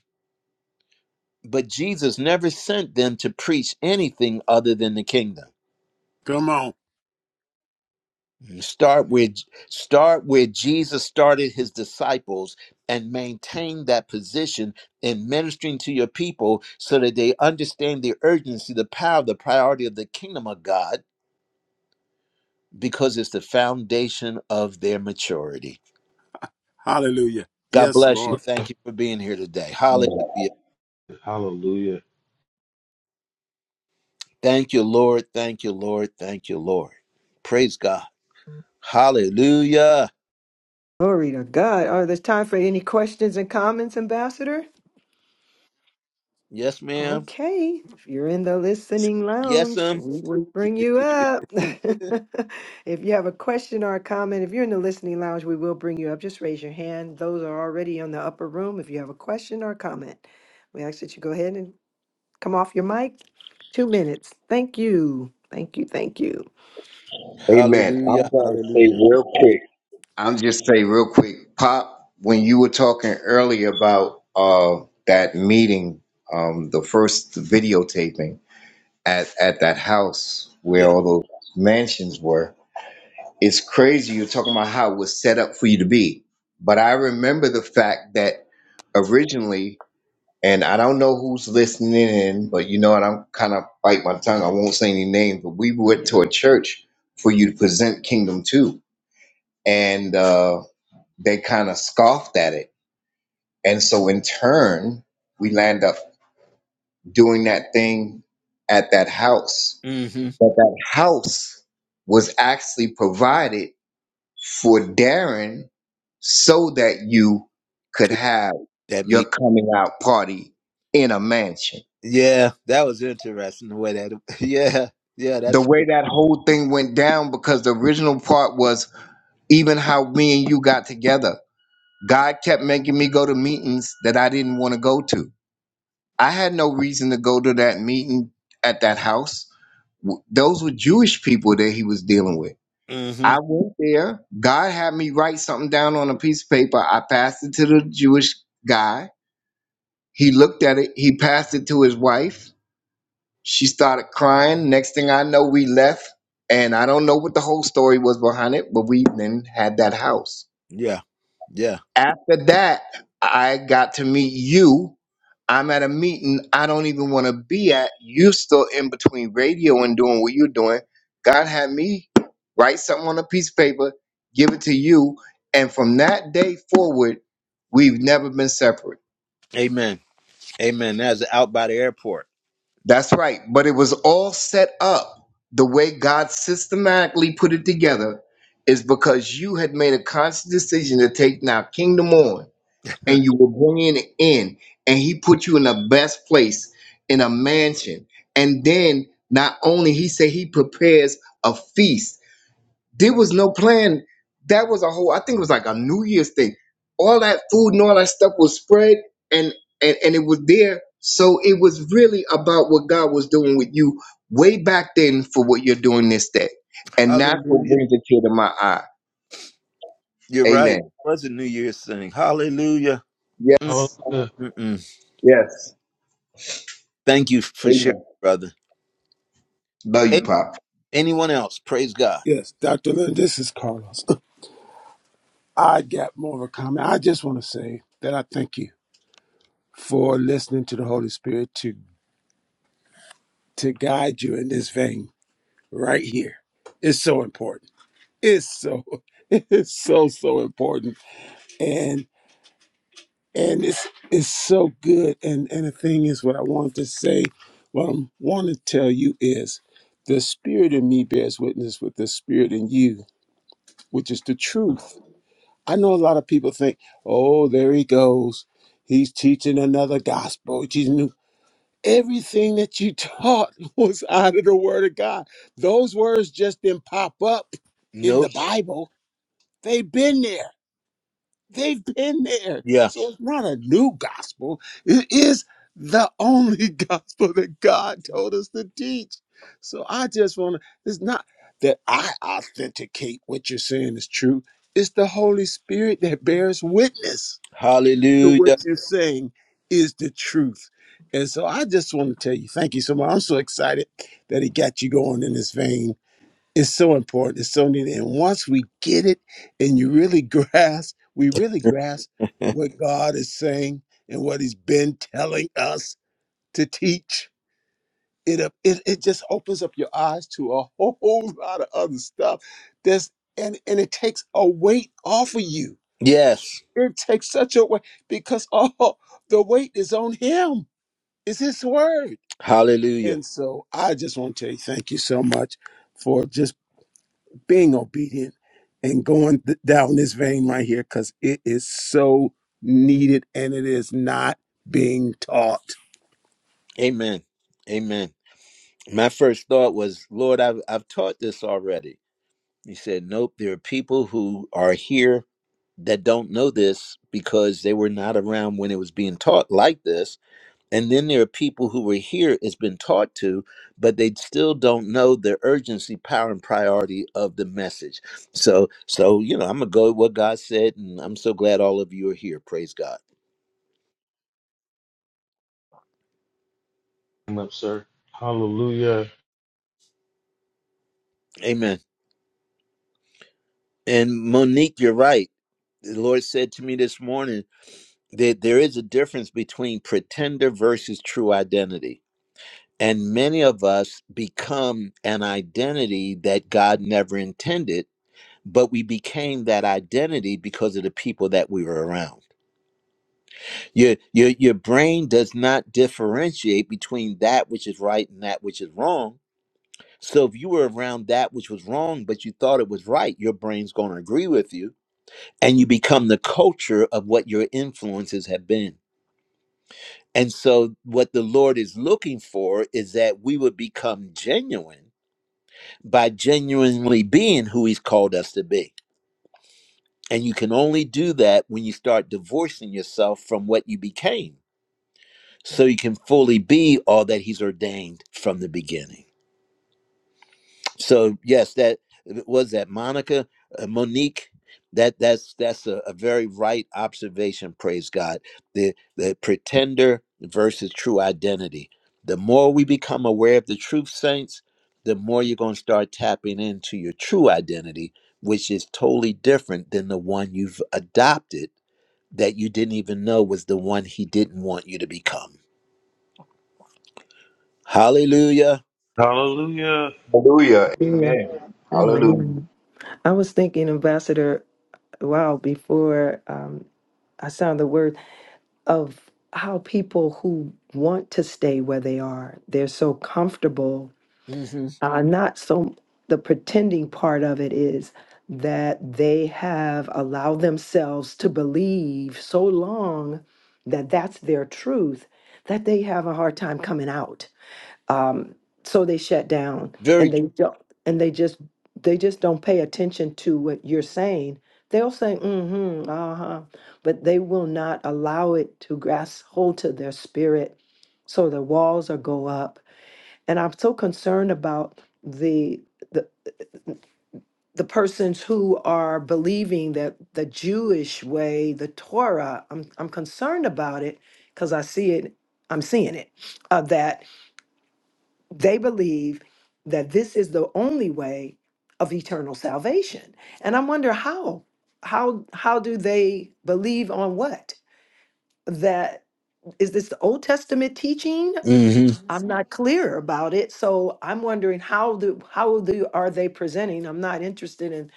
[SPEAKER 1] But Jesus never sent them to preach anything other than the kingdom.
[SPEAKER 13] Come on.
[SPEAKER 1] Mm, Start where start where Jesus started his disciples and maintain that position in ministering to your people so that they understand the urgency, the power, the priority of the kingdom of God because it's the foundation of their maturity.
[SPEAKER 13] Hallelujah.
[SPEAKER 1] God
[SPEAKER 13] Yes,
[SPEAKER 1] bless you.
[SPEAKER 13] Lord.
[SPEAKER 1] Thank you for being here today. Hallelujah.
[SPEAKER 9] Hallelujah.
[SPEAKER 1] Thank you, Lord. Thank you, Lord. Thank you, Lord. Praise God. Hallelujah.
[SPEAKER 3] Glory to God. Oh, there's time for any questions and comments, Ambassador?
[SPEAKER 1] Yes, ma'am.
[SPEAKER 3] Okay. If you're in the listening
[SPEAKER 1] Yes,
[SPEAKER 3] lounge,
[SPEAKER 1] um.
[SPEAKER 3] we will bring you up. if you have a question or a comment, if you're in the listening lounge, we will bring you up. Just raise your hand. Those are already in the upper room. If you have a question or a comment, we ask that you go ahead and come off your mic. Two minutes. Thank you. Thank you. Thank you.
[SPEAKER 8] Amen.
[SPEAKER 1] Hallelujah.
[SPEAKER 8] I'm going to
[SPEAKER 1] Hallelujah.
[SPEAKER 8] say real quick. I'm just say real quick, Pop, when you were talking earlier about uh that meeting, um the first videotaping at at that house where
[SPEAKER 1] Yeah.
[SPEAKER 8] all those mansions were, it's crazy you're talking about how it was set up for you to be. But I remember the fact that originally and I don't know who's listening in, but you know what? I'm kind of bite my tongue. I won't say any names, but we went to a church for you to present Kingdom Two, and uh, they kind of scoffed at it. And so in turn, we land up doing that thing at that house.
[SPEAKER 1] Mm-hmm.
[SPEAKER 8] But that house was actually provided for Darren so that you could
[SPEAKER 1] Could
[SPEAKER 8] have
[SPEAKER 1] that
[SPEAKER 8] your
[SPEAKER 1] mean?
[SPEAKER 8] coming out party in a mansion.
[SPEAKER 1] Yeah, that was interesting the way that. Yeah. Yeah,
[SPEAKER 8] The
[SPEAKER 1] that's true.
[SPEAKER 8] way that whole thing went down, because the original part was even how me and you got together. God kept making me go to meetings that I didn't want to go to I had no reason to go to that meeting at that house. W- Those were Jewish people that he was dealing with.
[SPEAKER 1] Mm-hmm.
[SPEAKER 8] I went there. God had me write something down on a piece of paper. I passed it to the Jewish guy. He looked at it. He passed it to his wife. She started crying. Next thing I know, we left. And I don't know what the whole story was behind it, but we then had that house.
[SPEAKER 1] Yeah. Yeah.
[SPEAKER 8] After that, I got to meet you. I'm at a meeting I don't even want to be at. You still in between radio and doing what you're doing. God had me write something on a piece of paper, give it to you, and from that day forward, we've never been separate.
[SPEAKER 1] Amen. Amen. That's out by the airport.
[SPEAKER 8] That's right. But it was all set up the way God systematically put it together is because you had made a conscious decision to take now kingdom on. and you were bringing it in, and he put you in the best place in a mansion. And then not only he said he prepares a feast. There was no plan. That was a whole. I think it was like a New Year's thing. All that food and all that stuff was spread, and and and it was there. So it was really about what God was doing with you way back then for what you're doing this day, and that's what
[SPEAKER 1] Hallelujah.
[SPEAKER 8] brings a tear to my eye.
[SPEAKER 1] You're right. It
[SPEAKER 8] Amen.
[SPEAKER 1] was a New Year's thing. Hallelujah.
[SPEAKER 8] Yes.
[SPEAKER 9] Hallelujah.
[SPEAKER 1] Mm-mm-mm.
[SPEAKER 8] Yes.
[SPEAKER 1] Thank you for sharing,
[SPEAKER 8] Amen.
[SPEAKER 1] brother.
[SPEAKER 8] Love you,
[SPEAKER 1] A-
[SPEAKER 8] Pop.
[SPEAKER 1] anyone else? Praise God.
[SPEAKER 13] Yes, Dr. Lynn, this is Carlos. I got more of a comment. I just want to say that I thank you for listening to the Holy Spirit to to guide you in this vein right here. It's so important. It's so it's so so important. and it's it's so good. And and the thing is, what I wanted to say, what I want to tell you is, the spirit in me bears witness with the spirit in you, which is the truth. I know a lot of people think, oh, there he goes, he's teaching another gospel. He's new. Everything that you taught was out of the Word of God. Those words just didn't pop up in the
[SPEAKER 1] Nope.
[SPEAKER 13] Bible. They've been there. They've been there.
[SPEAKER 1] Yeah.
[SPEAKER 13] So it's not a new gospel. It is the only gospel that God told us to teach. So I just want to, it's not that I authenticate what you're saying is true, it's the Holy Spirit that bears witness to
[SPEAKER 1] Hallelujah.
[SPEAKER 13] what you're saying is the truth. And so I just want to tell you, thank you so much. I'm so excited that he got you going in this vein it's so important. It's so needed. And once we get it and you really grasp, we really grasp what God is saying and what He's been telling us to teach. It, up- it it just opens up your eyes to a whole lot of other stuff. There's and and it takes a weight off of you.
[SPEAKER 1] Yes.
[SPEAKER 13] It takes such a weight because all the weight is on him. It's his word.
[SPEAKER 1] Hallelujah.
[SPEAKER 13] And so I just want to tell you thank you so much for just. being obedient and going th- down this vein right here because it is so needed and it is not being taught.
[SPEAKER 1] Amen. Amen. my first thought was, Lord, I've, I've taught this already. He said, Nope, there are people who are here that don't know this because they were not around when it was being taught like this. And then there are people who were here, it's been taught to, but they still don't know the urgency, power, and priority of the message. So, so you know, I'm gonna go with what God said, and I'm so glad all of you are here. Praise God.
[SPEAKER 9] Come up, sir. Hallelujah.
[SPEAKER 1] Amen. And Monique, you're right. The Lord said to me this morning. there, there is a difference between pretender versus true identity. And many of us become an identity that God never intended, but we became that identity because of the people that we were around. Your, your, your brain does not differentiate between that which is right and that which is wrong. So if you were around that which was wrong, but you thought it was right, your brain's going to agree with you, and you become the culture of what your influences have been. And so, what the Lord is looking for is that we would become genuine by genuinely being who He's called us to be. And you can only do that when you start divorcing yourself from what you became so you can fully be all that He's ordained from the beginning. so yes that uh, was that monica uh, monique that that's that's a, a very right observation praise god the the pretender versus true identity the more we become aware of the truth saints the more you're going to start tapping into your true identity which is totally different than the one you've adopted that you didn't even know was the one he didn't want you to become hallelujah
[SPEAKER 9] Hallelujah.
[SPEAKER 8] Hallelujah.
[SPEAKER 3] Yeah,
[SPEAKER 8] Amen. Hallelujah.
[SPEAKER 3] amen. I was thinking, Ambassador, wow, before um, I sound the word of how people who want to stay where they are, they're so comfortable
[SPEAKER 1] hmm
[SPEAKER 3] Uh, not so, the pretending part of it is that they have allowed themselves to believe so long that that's their truth that they have a hard time coming out. Um, so they shut down and
[SPEAKER 1] very
[SPEAKER 3] they don't, and they just, they just don't pay attention to what you're saying. They'll say, mm hmm, uh huh, but they will not allow it to grasp hold to their spirit. So the walls will go up and I'm so concerned about the the the persons who are believing that the Jewish way, the Torah. I'm I'm concerned about it because I see it. I'm seeing it uh, that they believe that this is the only way of eternal salvation, and I wonder how how how do they believe on what that is this the Old Testament teaching I'm not clear about it, so I'm wondering how do, how do, are they presenting? I'm not interested in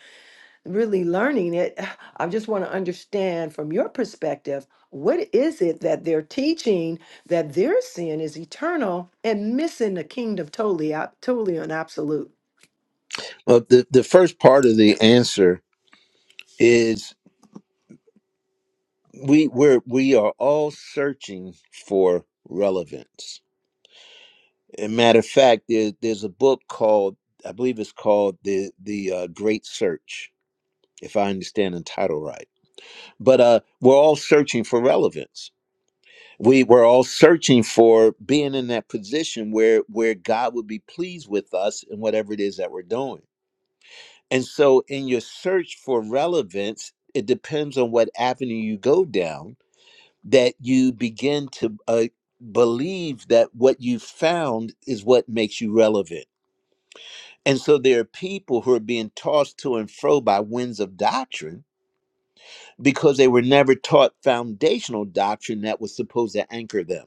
[SPEAKER 3] really learning it. I just want to understand from your perspective, what is it that they're teaching that their sin is eternal and missing the kingdom totally, ab- totally and absolute?
[SPEAKER 1] Well, the, the first part of the answer is we we're we are all searching for relevance. And matter of fact, there, there's a book called I believe it's called the the uh, Great Search, if I understand the title right. But uh, we're all searching for relevance. We we're all searching for being in that position where where God would be pleased with us in whatever it is that we're doing And so, in your search for relevance, it depends on what avenue you go down that you begin to uh, believe that what you found is what makes you relevant. And so, there are people who are being tossed to and fro by winds of doctrine because they were never taught foundational doctrine that was supposed to anchor them.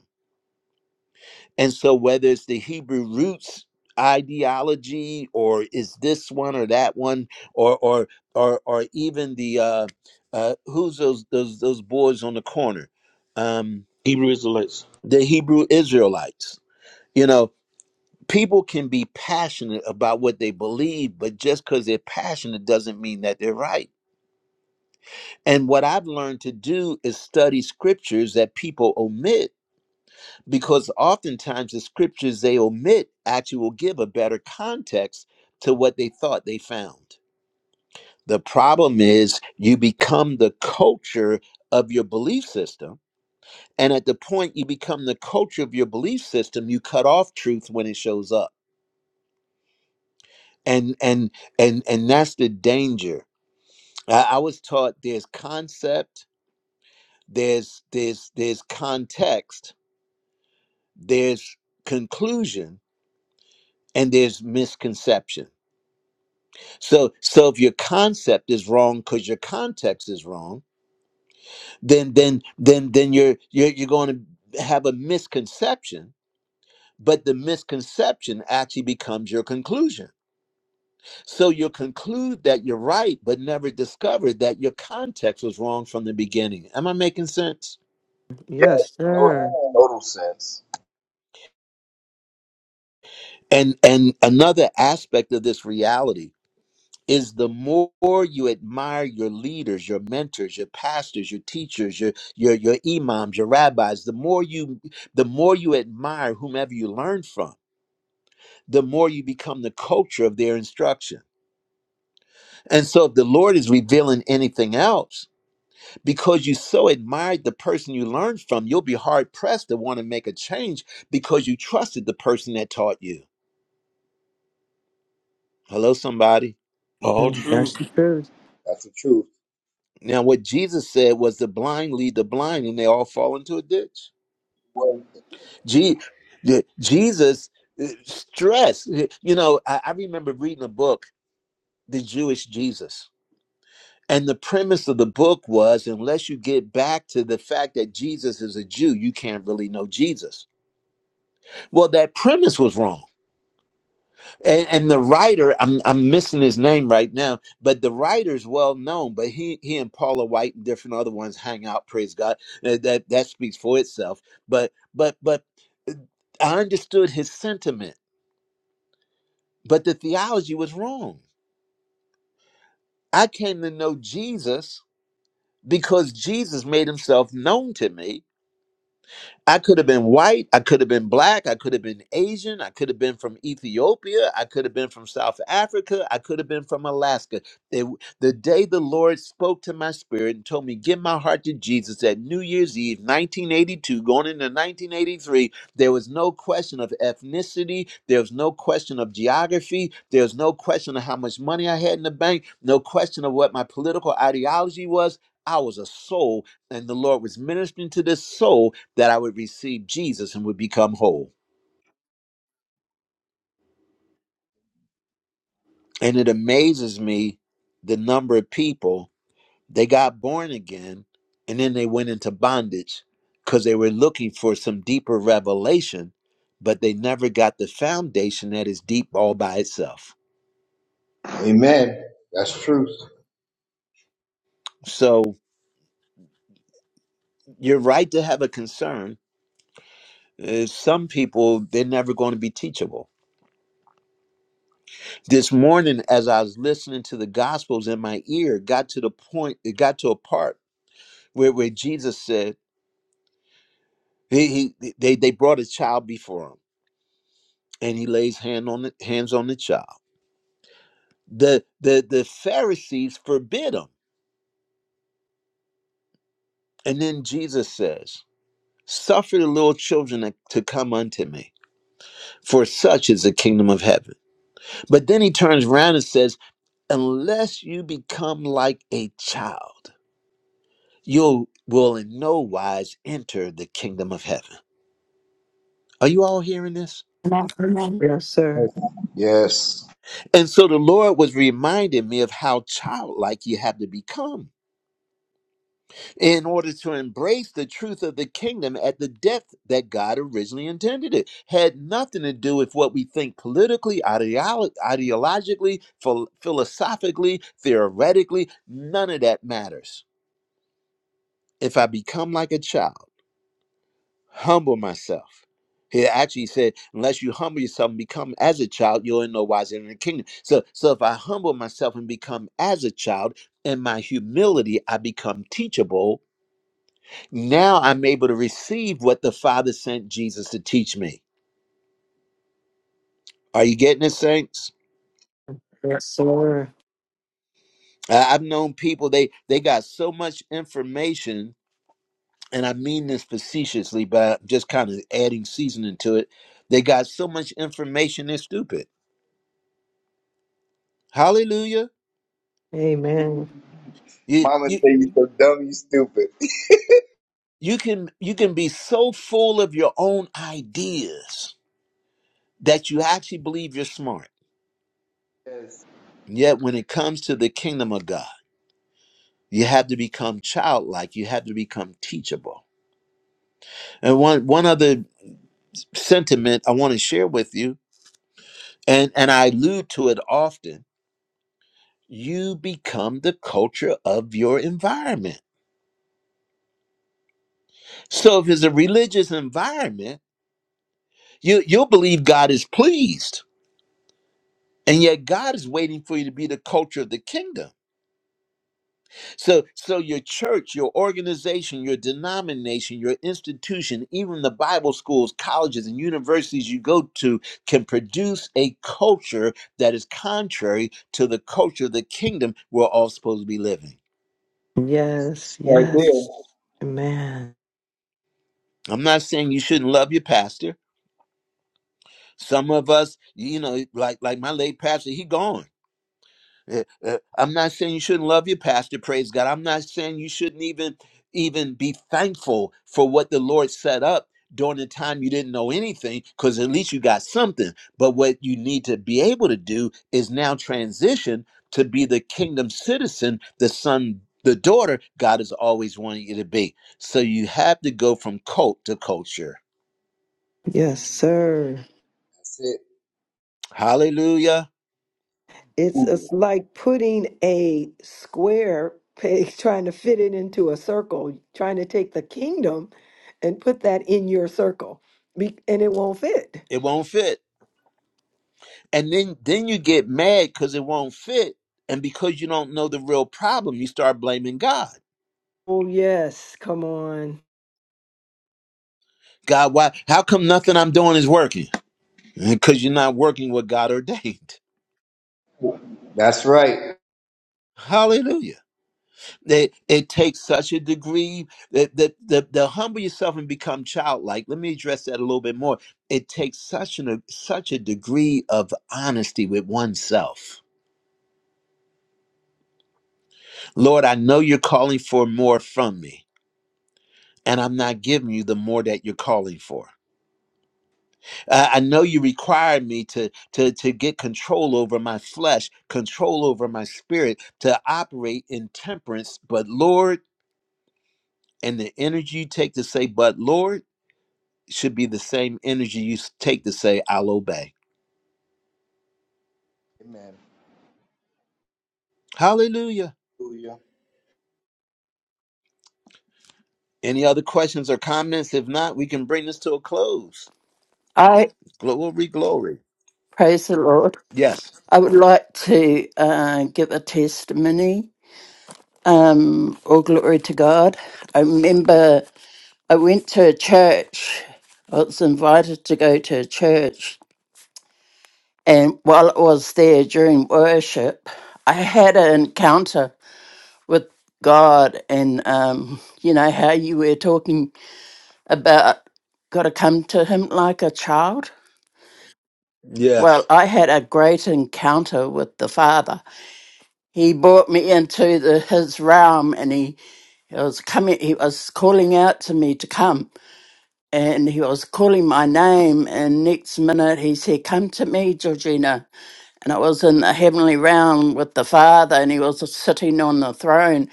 [SPEAKER 1] And so, whether it's the Hebrew roots ideology, or is this one or that one, or or or or even the uh, uh, who's those those those boys on the corner, um,
[SPEAKER 9] Hebrew Israelites.
[SPEAKER 1] the Hebrew Israelites. You know, people can be passionate about what they believe, but just because they're passionate doesn't mean that they're right. And what I've learned to do is study scriptures that people omit because oftentimes the scriptures they omit actually will give a better context to what they thought they found. The problem is you become the culture of your belief system. And at the point you become the culture of your belief system, you cut off truth when it shows up. And and and and that's the danger. I, I was taught there's concept, there's there's there's context, there's conclusion, and there's misconception So so if your concept is wrong because your context is wrong, then then then then you're you're you're going to have a misconception, but the misconception actually becomes your conclusion. So you'll conclude that you're right, but never discover that your context was wrong from the beginning. Am I making sense?
[SPEAKER 3] Yes, sir.
[SPEAKER 8] Total, total sense.
[SPEAKER 1] And and another aspect of this reality is the more you admire your leaders, your mentors, your pastors, your teachers, your your your imams, your rabbis, the more you the more you admire whomever you learn from, the more you become the culture of their instruction. And so if the Lord is revealing anything else, because you so admired the person you learned from, you'll be hard pressed to want to make a change because you trusted the person that taught you. Hello, somebody.
[SPEAKER 9] All
[SPEAKER 3] Mm,
[SPEAKER 9] true.
[SPEAKER 3] That's true.
[SPEAKER 8] That's the truth.
[SPEAKER 1] Now, what Jesus said was the blind lead the blind and they all fall into a ditch. Je- the- Jesus uh, stressed. You know, I, I remember reading a book, The Jewish Jesus. And the premise of the book was unless you get back to the fact that Jesus is a Jew, you can't really know Jesus. Well, that premise was wrong. And, and the writer, I'm, I'm missing his name right now, but the writer's well known. But he, he and Paula White and different other ones hang out, praise God. Uh, That, that speaks for itself. But, but, but uh, I understood his sentiment But the theology was wrong. I came to know Jesus because Jesus made himself known to me I could have been white. I could have been black. I could have been Asian. I could have been from Ethiopia. I could have been from South Africa. I could have been from Alaska. They, the day the Lord spoke to my spirit and told me, Give my heart to Jesus at New Year's Eve, 1982, going into 1983, there was no question of ethnicity. There was no question of geography. There was no question of how much money I had in the bank. No question of what my political ideology was. I was a soul, and the Lord was ministering to this soul that I would receive Jesus and would become whole. And it amazes me the number of people they got born again and then they went into bondage because they were looking for some deeper revelation, but they never got the foundation that is deep all by itself.
[SPEAKER 8] Amen. That's truth.
[SPEAKER 1] So you're right to have a concern. Uh, some people, they're never going to be teachable. This morning, as I was listening to the Gospels in my ear, got to the point, it got to a part where, where Jesus said, He, he they they brought a child before him, and he lays hand on the, hands on the child. The the the Pharisees forbid him, and then Jesus says, "Suffer the little children to to come unto me, for such is the kingdom of heaven." But then he turns around and says, "Unless you become like a child, you will in no wise enter the kingdom of heaven." Are you all hearing this?
[SPEAKER 6] Amen. Amen.
[SPEAKER 3] Yes, sir.
[SPEAKER 8] Yes.
[SPEAKER 1] And so the Lord was reminding me of how childlike you have to become in order to embrace the truth of the kingdom at the depth that God originally intended it. Had nothing to do with what we think politically, ideolo- ideologically, phil- philosophically, theoretically. None of that matters. If I become like a child, humble myself. He actually said, unless you humble yourself and become as a child, you're in no wise in the kingdom. So, so if I humble myself and become as a child, in my humility, I become teachable Now I'm able to receive what the Father sent Jesus to teach me. Are you getting it, saints?
[SPEAKER 3] Yes, sir.
[SPEAKER 1] I- I've known people they they got so much information, and I mean this facetiously, but I'm just kind of adding seasoning to it. They got so much information they're stupid. Hallelujah!
[SPEAKER 3] Amen.
[SPEAKER 1] You
[SPEAKER 8] Mama
[SPEAKER 1] you
[SPEAKER 8] say you so dumb, you stupid.
[SPEAKER 1] you can you can be so full of your own ideas that you actually believe you're smart.
[SPEAKER 8] Yes.
[SPEAKER 1] Yet when it comes to the kingdom of God, you have to become childlike. You have to become teachable And one one other sentiment I want to share with you, and and I allude to it often. You become the culture of your environment. So if it's a religious environment, you you'll believe God is pleased, and yet God is waiting for you to be the culture of the kingdom So, so your church, your organization, your denomination, your institution, even the Bible schools, colleges, and universities you go to can produce a culture that is contrary to the culture of the kingdom we're all supposed to be living.
[SPEAKER 3] Yes,
[SPEAKER 8] Right
[SPEAKER 3] yes.
[SPEAKER 8] there.
[SPEAKER 3] Amen.
[SPEAKER 1] I'm not saying you shouldn't love your pastor. Some of us, you know, like like my late pastor, he gone. Eh, eh, I'm not saying you shouldn't love your pastor, praise God. I'm not saying you shouldn't even even be thankful for what the Lord set up during the time you didn't know anything cuz at least you got something. But what you need to be able to do is now transition to be the kingdom citizen, the son, the daughter God has always wanted you to be. So you have to go from cult to culture.
[SPEAKER 3] Yes,
[SPEAKER 8] Amen.
[SPEAKER 3] sir.
[SPEAKER 8] That's it.
[SPEAKER 1] Hallelujah.
[SPEAKER 3] It's
[SPEAKER 8] Hallelujah.
[SPEAKER 3] it's like putting a square peg, trying to fit it into a circle, trying to take the kingdom and put that in your circle, be, and it won't fit.
[SPEAKER 1] It won't fit. and then then you get mad because it won't fit and because you don't know the real problem you start blaming god
[SPEAKER 3] Oh yes, come on,
[SPEAKER 1] god why how come nothing i'm doing is working because you're not working what god ordained
[SPEAKER 8] That's right.
[SPEAKER 1] hallelujah it, it takes such a degree that the, the, the humble yourself and become childlike let me address that a little bit more it takes such an such a degree of honesty with oneself lord i know you're calling for more from me and i'm not giving you the more that you're calling for Uh, I know you require me to, to, to get control over my flesh, control over my spirit, to operate in temperance. But Lord, and the energy you take to say, but Lord, should be the same energy you s- take to say, I'll obey.
[SPEAKER 8] Amen.
[SPEAKER 1] Hallelujah.
[SPEAKER 8] Hallelujah.
[SPEAKER 1] Any other questions or comments? If not, we can bring this to a close.
[SPEAKER 14] I
[SPEAKER 1] Glory, glory.
[SPEAKER 14] praise the Lord.
[SPEAKER 1] Yes.
[SPEAKER 14] I would like to uh, give a testimony. Um, all glory to God. I remember I went to a church. I was invited to go to a church, and while I was there during worship, I had an encounter with God. And um, you know how you were talking about got to come to Him like a child. Well,
[SPEAKER 1] Yes.
[SPEAKER 14] I had a great encounter with the Father he brought me into the, his realm and he, he was coming he was calling out to me to come and he was calling my name and next minute he said come to me georgina and i was in the heavenly realm with the father and he was sitting on the throne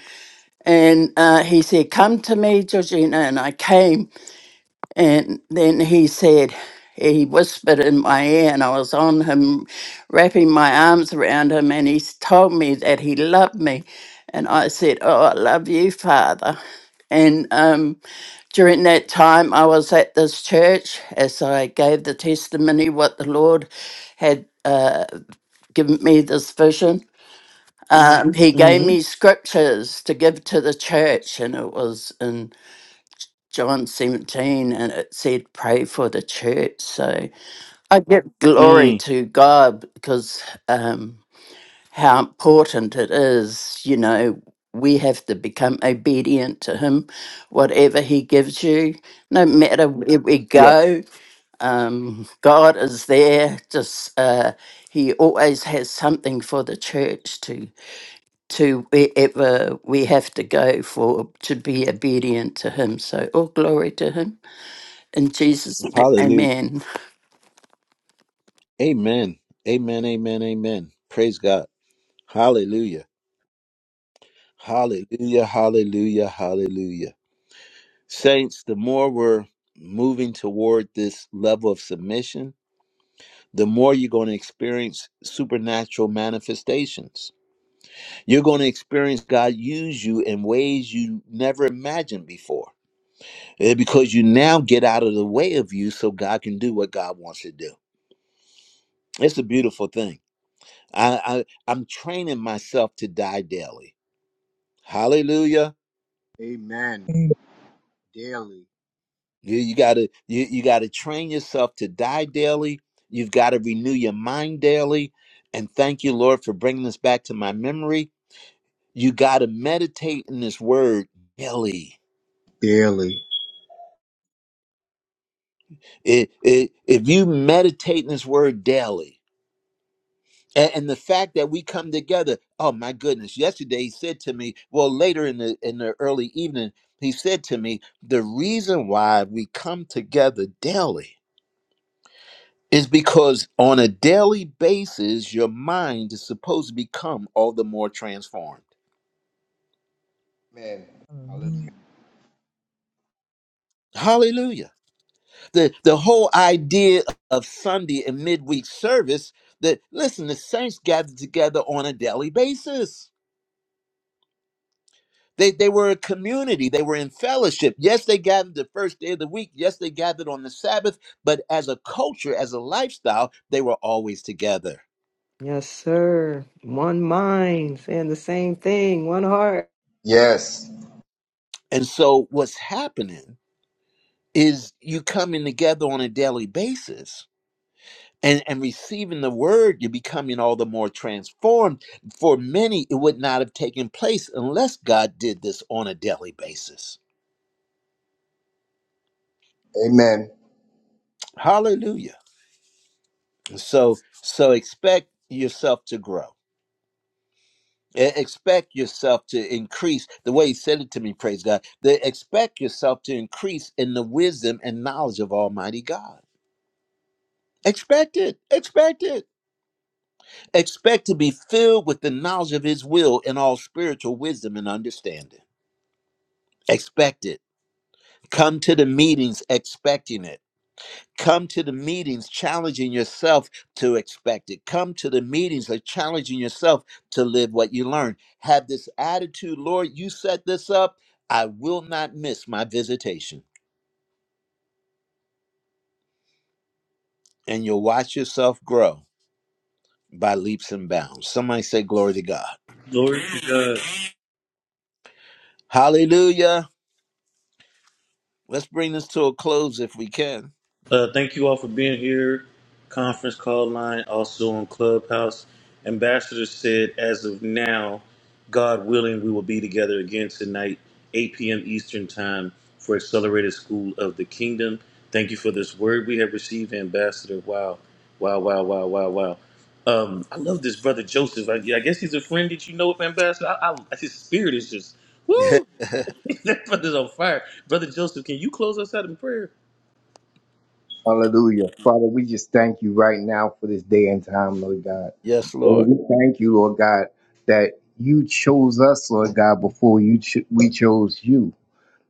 [SPEAKER 14] and uh, he said come to me georgina and i came and then he said, he whispered in my ear, and I was on him, wrapping my arms around him, and he s- told me that he loved me. And I said, Oh, I love you, Father. And um, during that time, I was at this church as I gave the testimony what the Lord had uh, given me this vision. Um, Mhm. he gave
[SPEAKER 1] Mm-hmm.
[SPEAKER 14] me scriptures to give to the church, and it was in John 17 and it said, pray for the church. So I give glory
[SPEAKER 1] Mm.
[SPEAKER 14] to God because um, how important it is, you know, we have to become obedient to Him, whatever He gives you, no matter where we
[SPEAKER 1] Yeah.
[SPEAKER 14] go. Um, God is there, just uh, He always has something for the church to. To wherever we have to go for to be obedient to Him. So, all glory to Him. In Jesus' name,
[SPEAKER 1] Hallelujah.
[SPEAKER 14] amen.
[SPEAKER 1] Amen. Amen. Amen. Amen. Praise God. Hallelujah. Hallelujah, hallelujah, hallelujah. Saints, the more we're moving toward this level of submission, the more you're going to experience supernatural manifestations. You're going to experience God use you in ways you never imagined before eh, because you now get out of the way of you so God can do what God wants to do. It's a beautiful thing. I, I, I'm training myself to die daily. Hallelujah.
[SPEAKER 8] Amen. Daily.
[SPEAKER 1] You, you gotta you, you gotta train yourself to die daily. You've got to renew your mind daily. And thank you, Lord, for bringing this back to my memory. You got to meditate in this word daily.
[SPEAKER 8] Daily.
[SPEAKER 1] It, it, if you meditate in this word daily, and, and the fact that we come together, oh my goodness! Yesterday he said to me, well, later in the in the early evening, he said to me, the reason why we come together daily is because on a daily basis, your mind is supposed to become all the more transformed.
[SPEAKER 8] Amen. Hallelujah.
[SPEAKER 11] Hallelujah.
[SPEAKER 1] Hallelujah. The the whole idea of Sunday and midweek service that listen, the saints gathered together on a daily basis. They they were a community, they were in fellowship. Yes, they gathered the first day of the week, yes, they gathered on the Sabbath, but as a culture, as a lifestyle, they were always together.
[SPEAKER 3] yes sir. One mind saying the same thing, one heart.
[SPEAKER 8] Yes.
[SPEAKER 1] And so what's happening is you coming together on a daily basis and, and receiving the word, you're becoming all the more transformed. For many, it would not have taken place unless God did this on a daily basis.
[SPEAKER 8] Amen.
[SPEAKER 1] Hallelujah. So, so expect yourself to grow. E- Expect yourself to increase the way he said it to me, praise God. The, expect yourself to increase in the wisdom and knowledge of Almighty God. Expect it. Expect it. Expect to be filled with the knowledge of his will and all spiritual wisdom and understanding. Expect it Come to the meetings expecting it. Come to the meetings challenging yourself to expect it. Come to the meetings of challenging yourself to live what you learn. Have this attitude, Lord, you set this up. I will not miss my visitation. And you'll watch yourself grow by leaps and bounds. Somebody say, Glory to God.
[SPEAKER 9] Glory to God.
[SPEAKER 1] Hallelujah. Let's bring this to a close if we can.
[SPEAKER 9] Uh, thank you all for being here. Conference call line, also on Clubhouse. Ambassador said, as of now, God willing, we will be together again tonight, 8 p.m. Eastern Time, for Accelerated School of the Kingdom. Thank you for this word we have received, Ambassador. Wow, wow, wow, wow, wow, wow. Um, I love this brother Joseph. I, I guess he's a friend that you know, of, Ambassador. I, I, his spirit is just, woo! that brother's on fire. Brother Joseph, can you close us out in prayer?
[SPEAKER 8] Hallelujah. Father, we just thank you right now for this day and time, Lord God.
[SPEAKER 1] yes, Lord.
[SPEAKER 8] Lord, we thank you, Lord God, that you chose us, Lord God, before you cho- we chose you.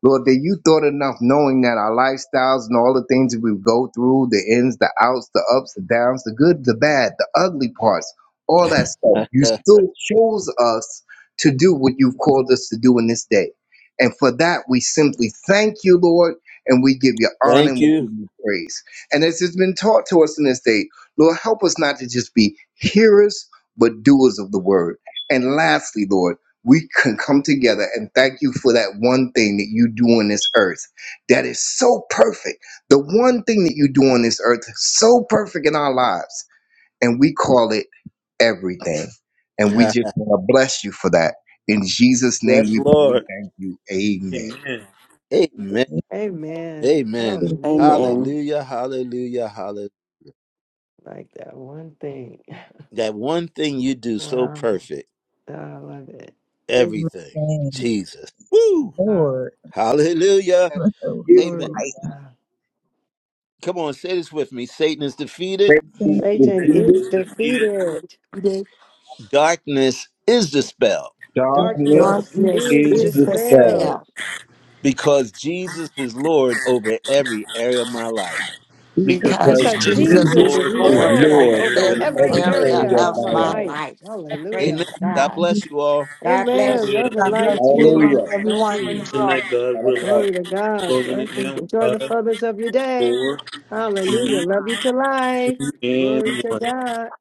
[SPEAKER 8] Lord, that you thought enough knowing that our lifestyles and all the things that we go through, the ins, the outs, the ups, the downs, the good, the bad, the ugly parts, all that stuff, you still chose us to do what you've called us to do in this day. And for that, we simply thank you, Lord, and we give you honor
[SPEAKER 1] Thank
[SPEAKER 8] and we
[SPEAKER 1] you.
[SPEAKER 8] give you praise. And as has been taught to us in this day, Lord, help us not to just be hearers, but doers of the word. And lastly, Lord, we can come together and thank you for that one thing that you do on this earth that is so perfect. The one thing that you do on this earth is so perfect in our lives. And we call it everything. And we
[SPEAKER 1] yes,
[SPEAKER 8] just want to bless you for that. In Jesus' name we pray and
[SPEAKER 1] Lord.
[SPEAKER 8] thank you. Amen
[SPEAKER 9] Amen.
[SPEAKER 1] Amen.
[SPEAKER 11] It's
[SPEAKER 3] Amen.
[SPEAKER 1] Amen.
[SPEAKER 11] just
[SPEAKER 3] Hallelujah.
[SPEAKER 14] Amen.
[SPEAKER 1] Hallelujah. Hallelujah. Hallelujah.
[SPEAKER 3] Like that one thing.
[SPEAKER 1] That one thing you do so
[SPEAKER 3] Wow,
[SPEAKER 1] perfect,
[SPEAKER 3] I love it.
[SPEAKER 1] everything.
[SPEAKER 11] everything.
[SPEAKER 1] Jesus. Woo.
[SPEAKER 3] Wow,
[SPEAKER 11] Lord,
[SPEAKER 1] Hallelujah.
[SPEAKER 8] that
[SPEAKER 11] right
[SPEAKER 8] years
[SPEAKER 3] glory.
[SPEAKER 1] Amen.
[SPEAKER 8] ago.
[SPEAKER 3] to God.
[SPEAKER 1] Come on, say this with me. Satan is defeated.
[SPEAKER 8] Satan
[SPEAKER 11] thing.
[SPEAKER 8] is
[SPEAKER 3] Satan
[SPEAKER 9] Satan
[SPEAKER 3] is
[SPEAKER 8] defeated.
[SPEAKER 9] is defeated
[SPEAKER 3] defeated.
[SPEAKER 6] The
[SPEAKER 1] Darkness is dispelled
[SPEAKER 11] Thank
[SPEAKER 8] Darkness
[SPEAKER 9] darkness
[SPEAKER 7] of
[SPEAKER 3] Darkness
[SPEAKER 11] you.
[SPEAKER 9] is
[SPEAKER 6] Darkness
[SPEAKER 3] is
[SPEAKER 8] is
[SPEAKER 6] is
[SPEAKER 11] Thank
[SPEAKER 6] the
[SPEAKER 9] dispelled
[SPEAKER 6] spell.
[SPEAKER 8] dispelled
[SPEAKER 3] dispelled
[SPEAKER 1] because Jesus is Lord over every area of my life.
[SPEAKER 9] because
[SPEAKER 8] because
[SPEAKER 6] because
[SPEAKER 3] because
[SPEAKER 9] Jesus is
[SPEAKER 7] Jesus
[SPEAKER 6] Jesus
[SPEAKER 3] Jesus
[SPEAKER 8] Jesus
[SPEAKER 6] is
[SPEAKER 3] is
[SPEAKER 9] Lord
[SPEAKER 7] is
[SPEAKER 9] over
[SPEAKER 8] is
[SPEAKER 6] Lord
[SPEAKER 7] Lord
[SPEAKER 3] Lord
[SPEAKER 9] every
[SPEAKER 6] over
[SPEAKER 8] Lord
[SPEAKER 3] over
[SPEAKER 9] area
[SPEAKER 8] in
[SPEAKER 7] over
[SPEAKER 6] every
[SPEAKER 9] of my
[SPEAKER 3] every
[SPEAKER 7] every
[SPEAKER 8] every
[SPEAKER 11] you.
[SPEAKER 9] life.
[SPEAKER 6] area
[SPEAKER 3] area
[SPEAKER 7] area
[SPEAKER 8] area of
[SPEAKER 3] of
[SPEAKER 8] my
[SPEAKER 7] of
[SPEAKER 6] of
[SPEAKER 3] my
[SPEAKER 7] my
[SPEAKER 6] my
[SPEAKER 7] life.
[SPEAKER 8] life.
[SPEAKER 3] life.
[SPEAKER 6] life.
[SPEAKER 1] Amen.
[SPEAKER 3] Hallelujah.
[SPEAKER 6] Praise
[SPEAKER 11] Thank
[SPEAKER 1] God
[SPEAKER 6] God.
[SPEAKER 11] you.
[SPEAKER 1] bless you all.
[SPEAKER 6] God
[SPEAKER 3] Amen.
[SPEAKER 6] bless
[SPEAKER 9] Hallelujah.
[SPEAKER 3] Love and
[SPEAKER 7] God
[SPEAKER 9] Love you
[SPEAKER 7] bless
[SPEAKER 3] light
[SPEAKER 9] all.
[SPEAKER 3] to you
[SPEAKER 7] you
[SPEAKER 3] all.
[SPEAKER 7] and
[SPEAKER 8] Hallelujah.
[SPEAKER 7] everyone
[SPEAKER 9] See
[SPEAKER 7] in
[SPEAKER 9] you
[SPEAKER 7] the
[SPEAKER 3] Blessing.
[SPEAKER 7] room.
[SPEAKER 9] tonight, God
[SPEAKER 8] God
[SPEAKER 9] willing.
[SPEAKER 8] bless.
[SPEAKER 3] Glory to God.
[SPEAKER 9] Closing it
[SPEAKER 3] Blessings.
[SPEAKER 9] now
[SPEAKER 3] Enjoy the
[SPEAKER 9] five,
[SPEAKER 3] fullness of your day.
[SPEAKER 9] four,
[SPEAKER 3] Hallelujah.
[SPEAKER 9] three,
[SPEAKER 3] Love you to life. Glory
[SPEAKER 9] and
[SPEAKER 3] to
[SPEAKER 9] one.
[SPEAKER 3] God.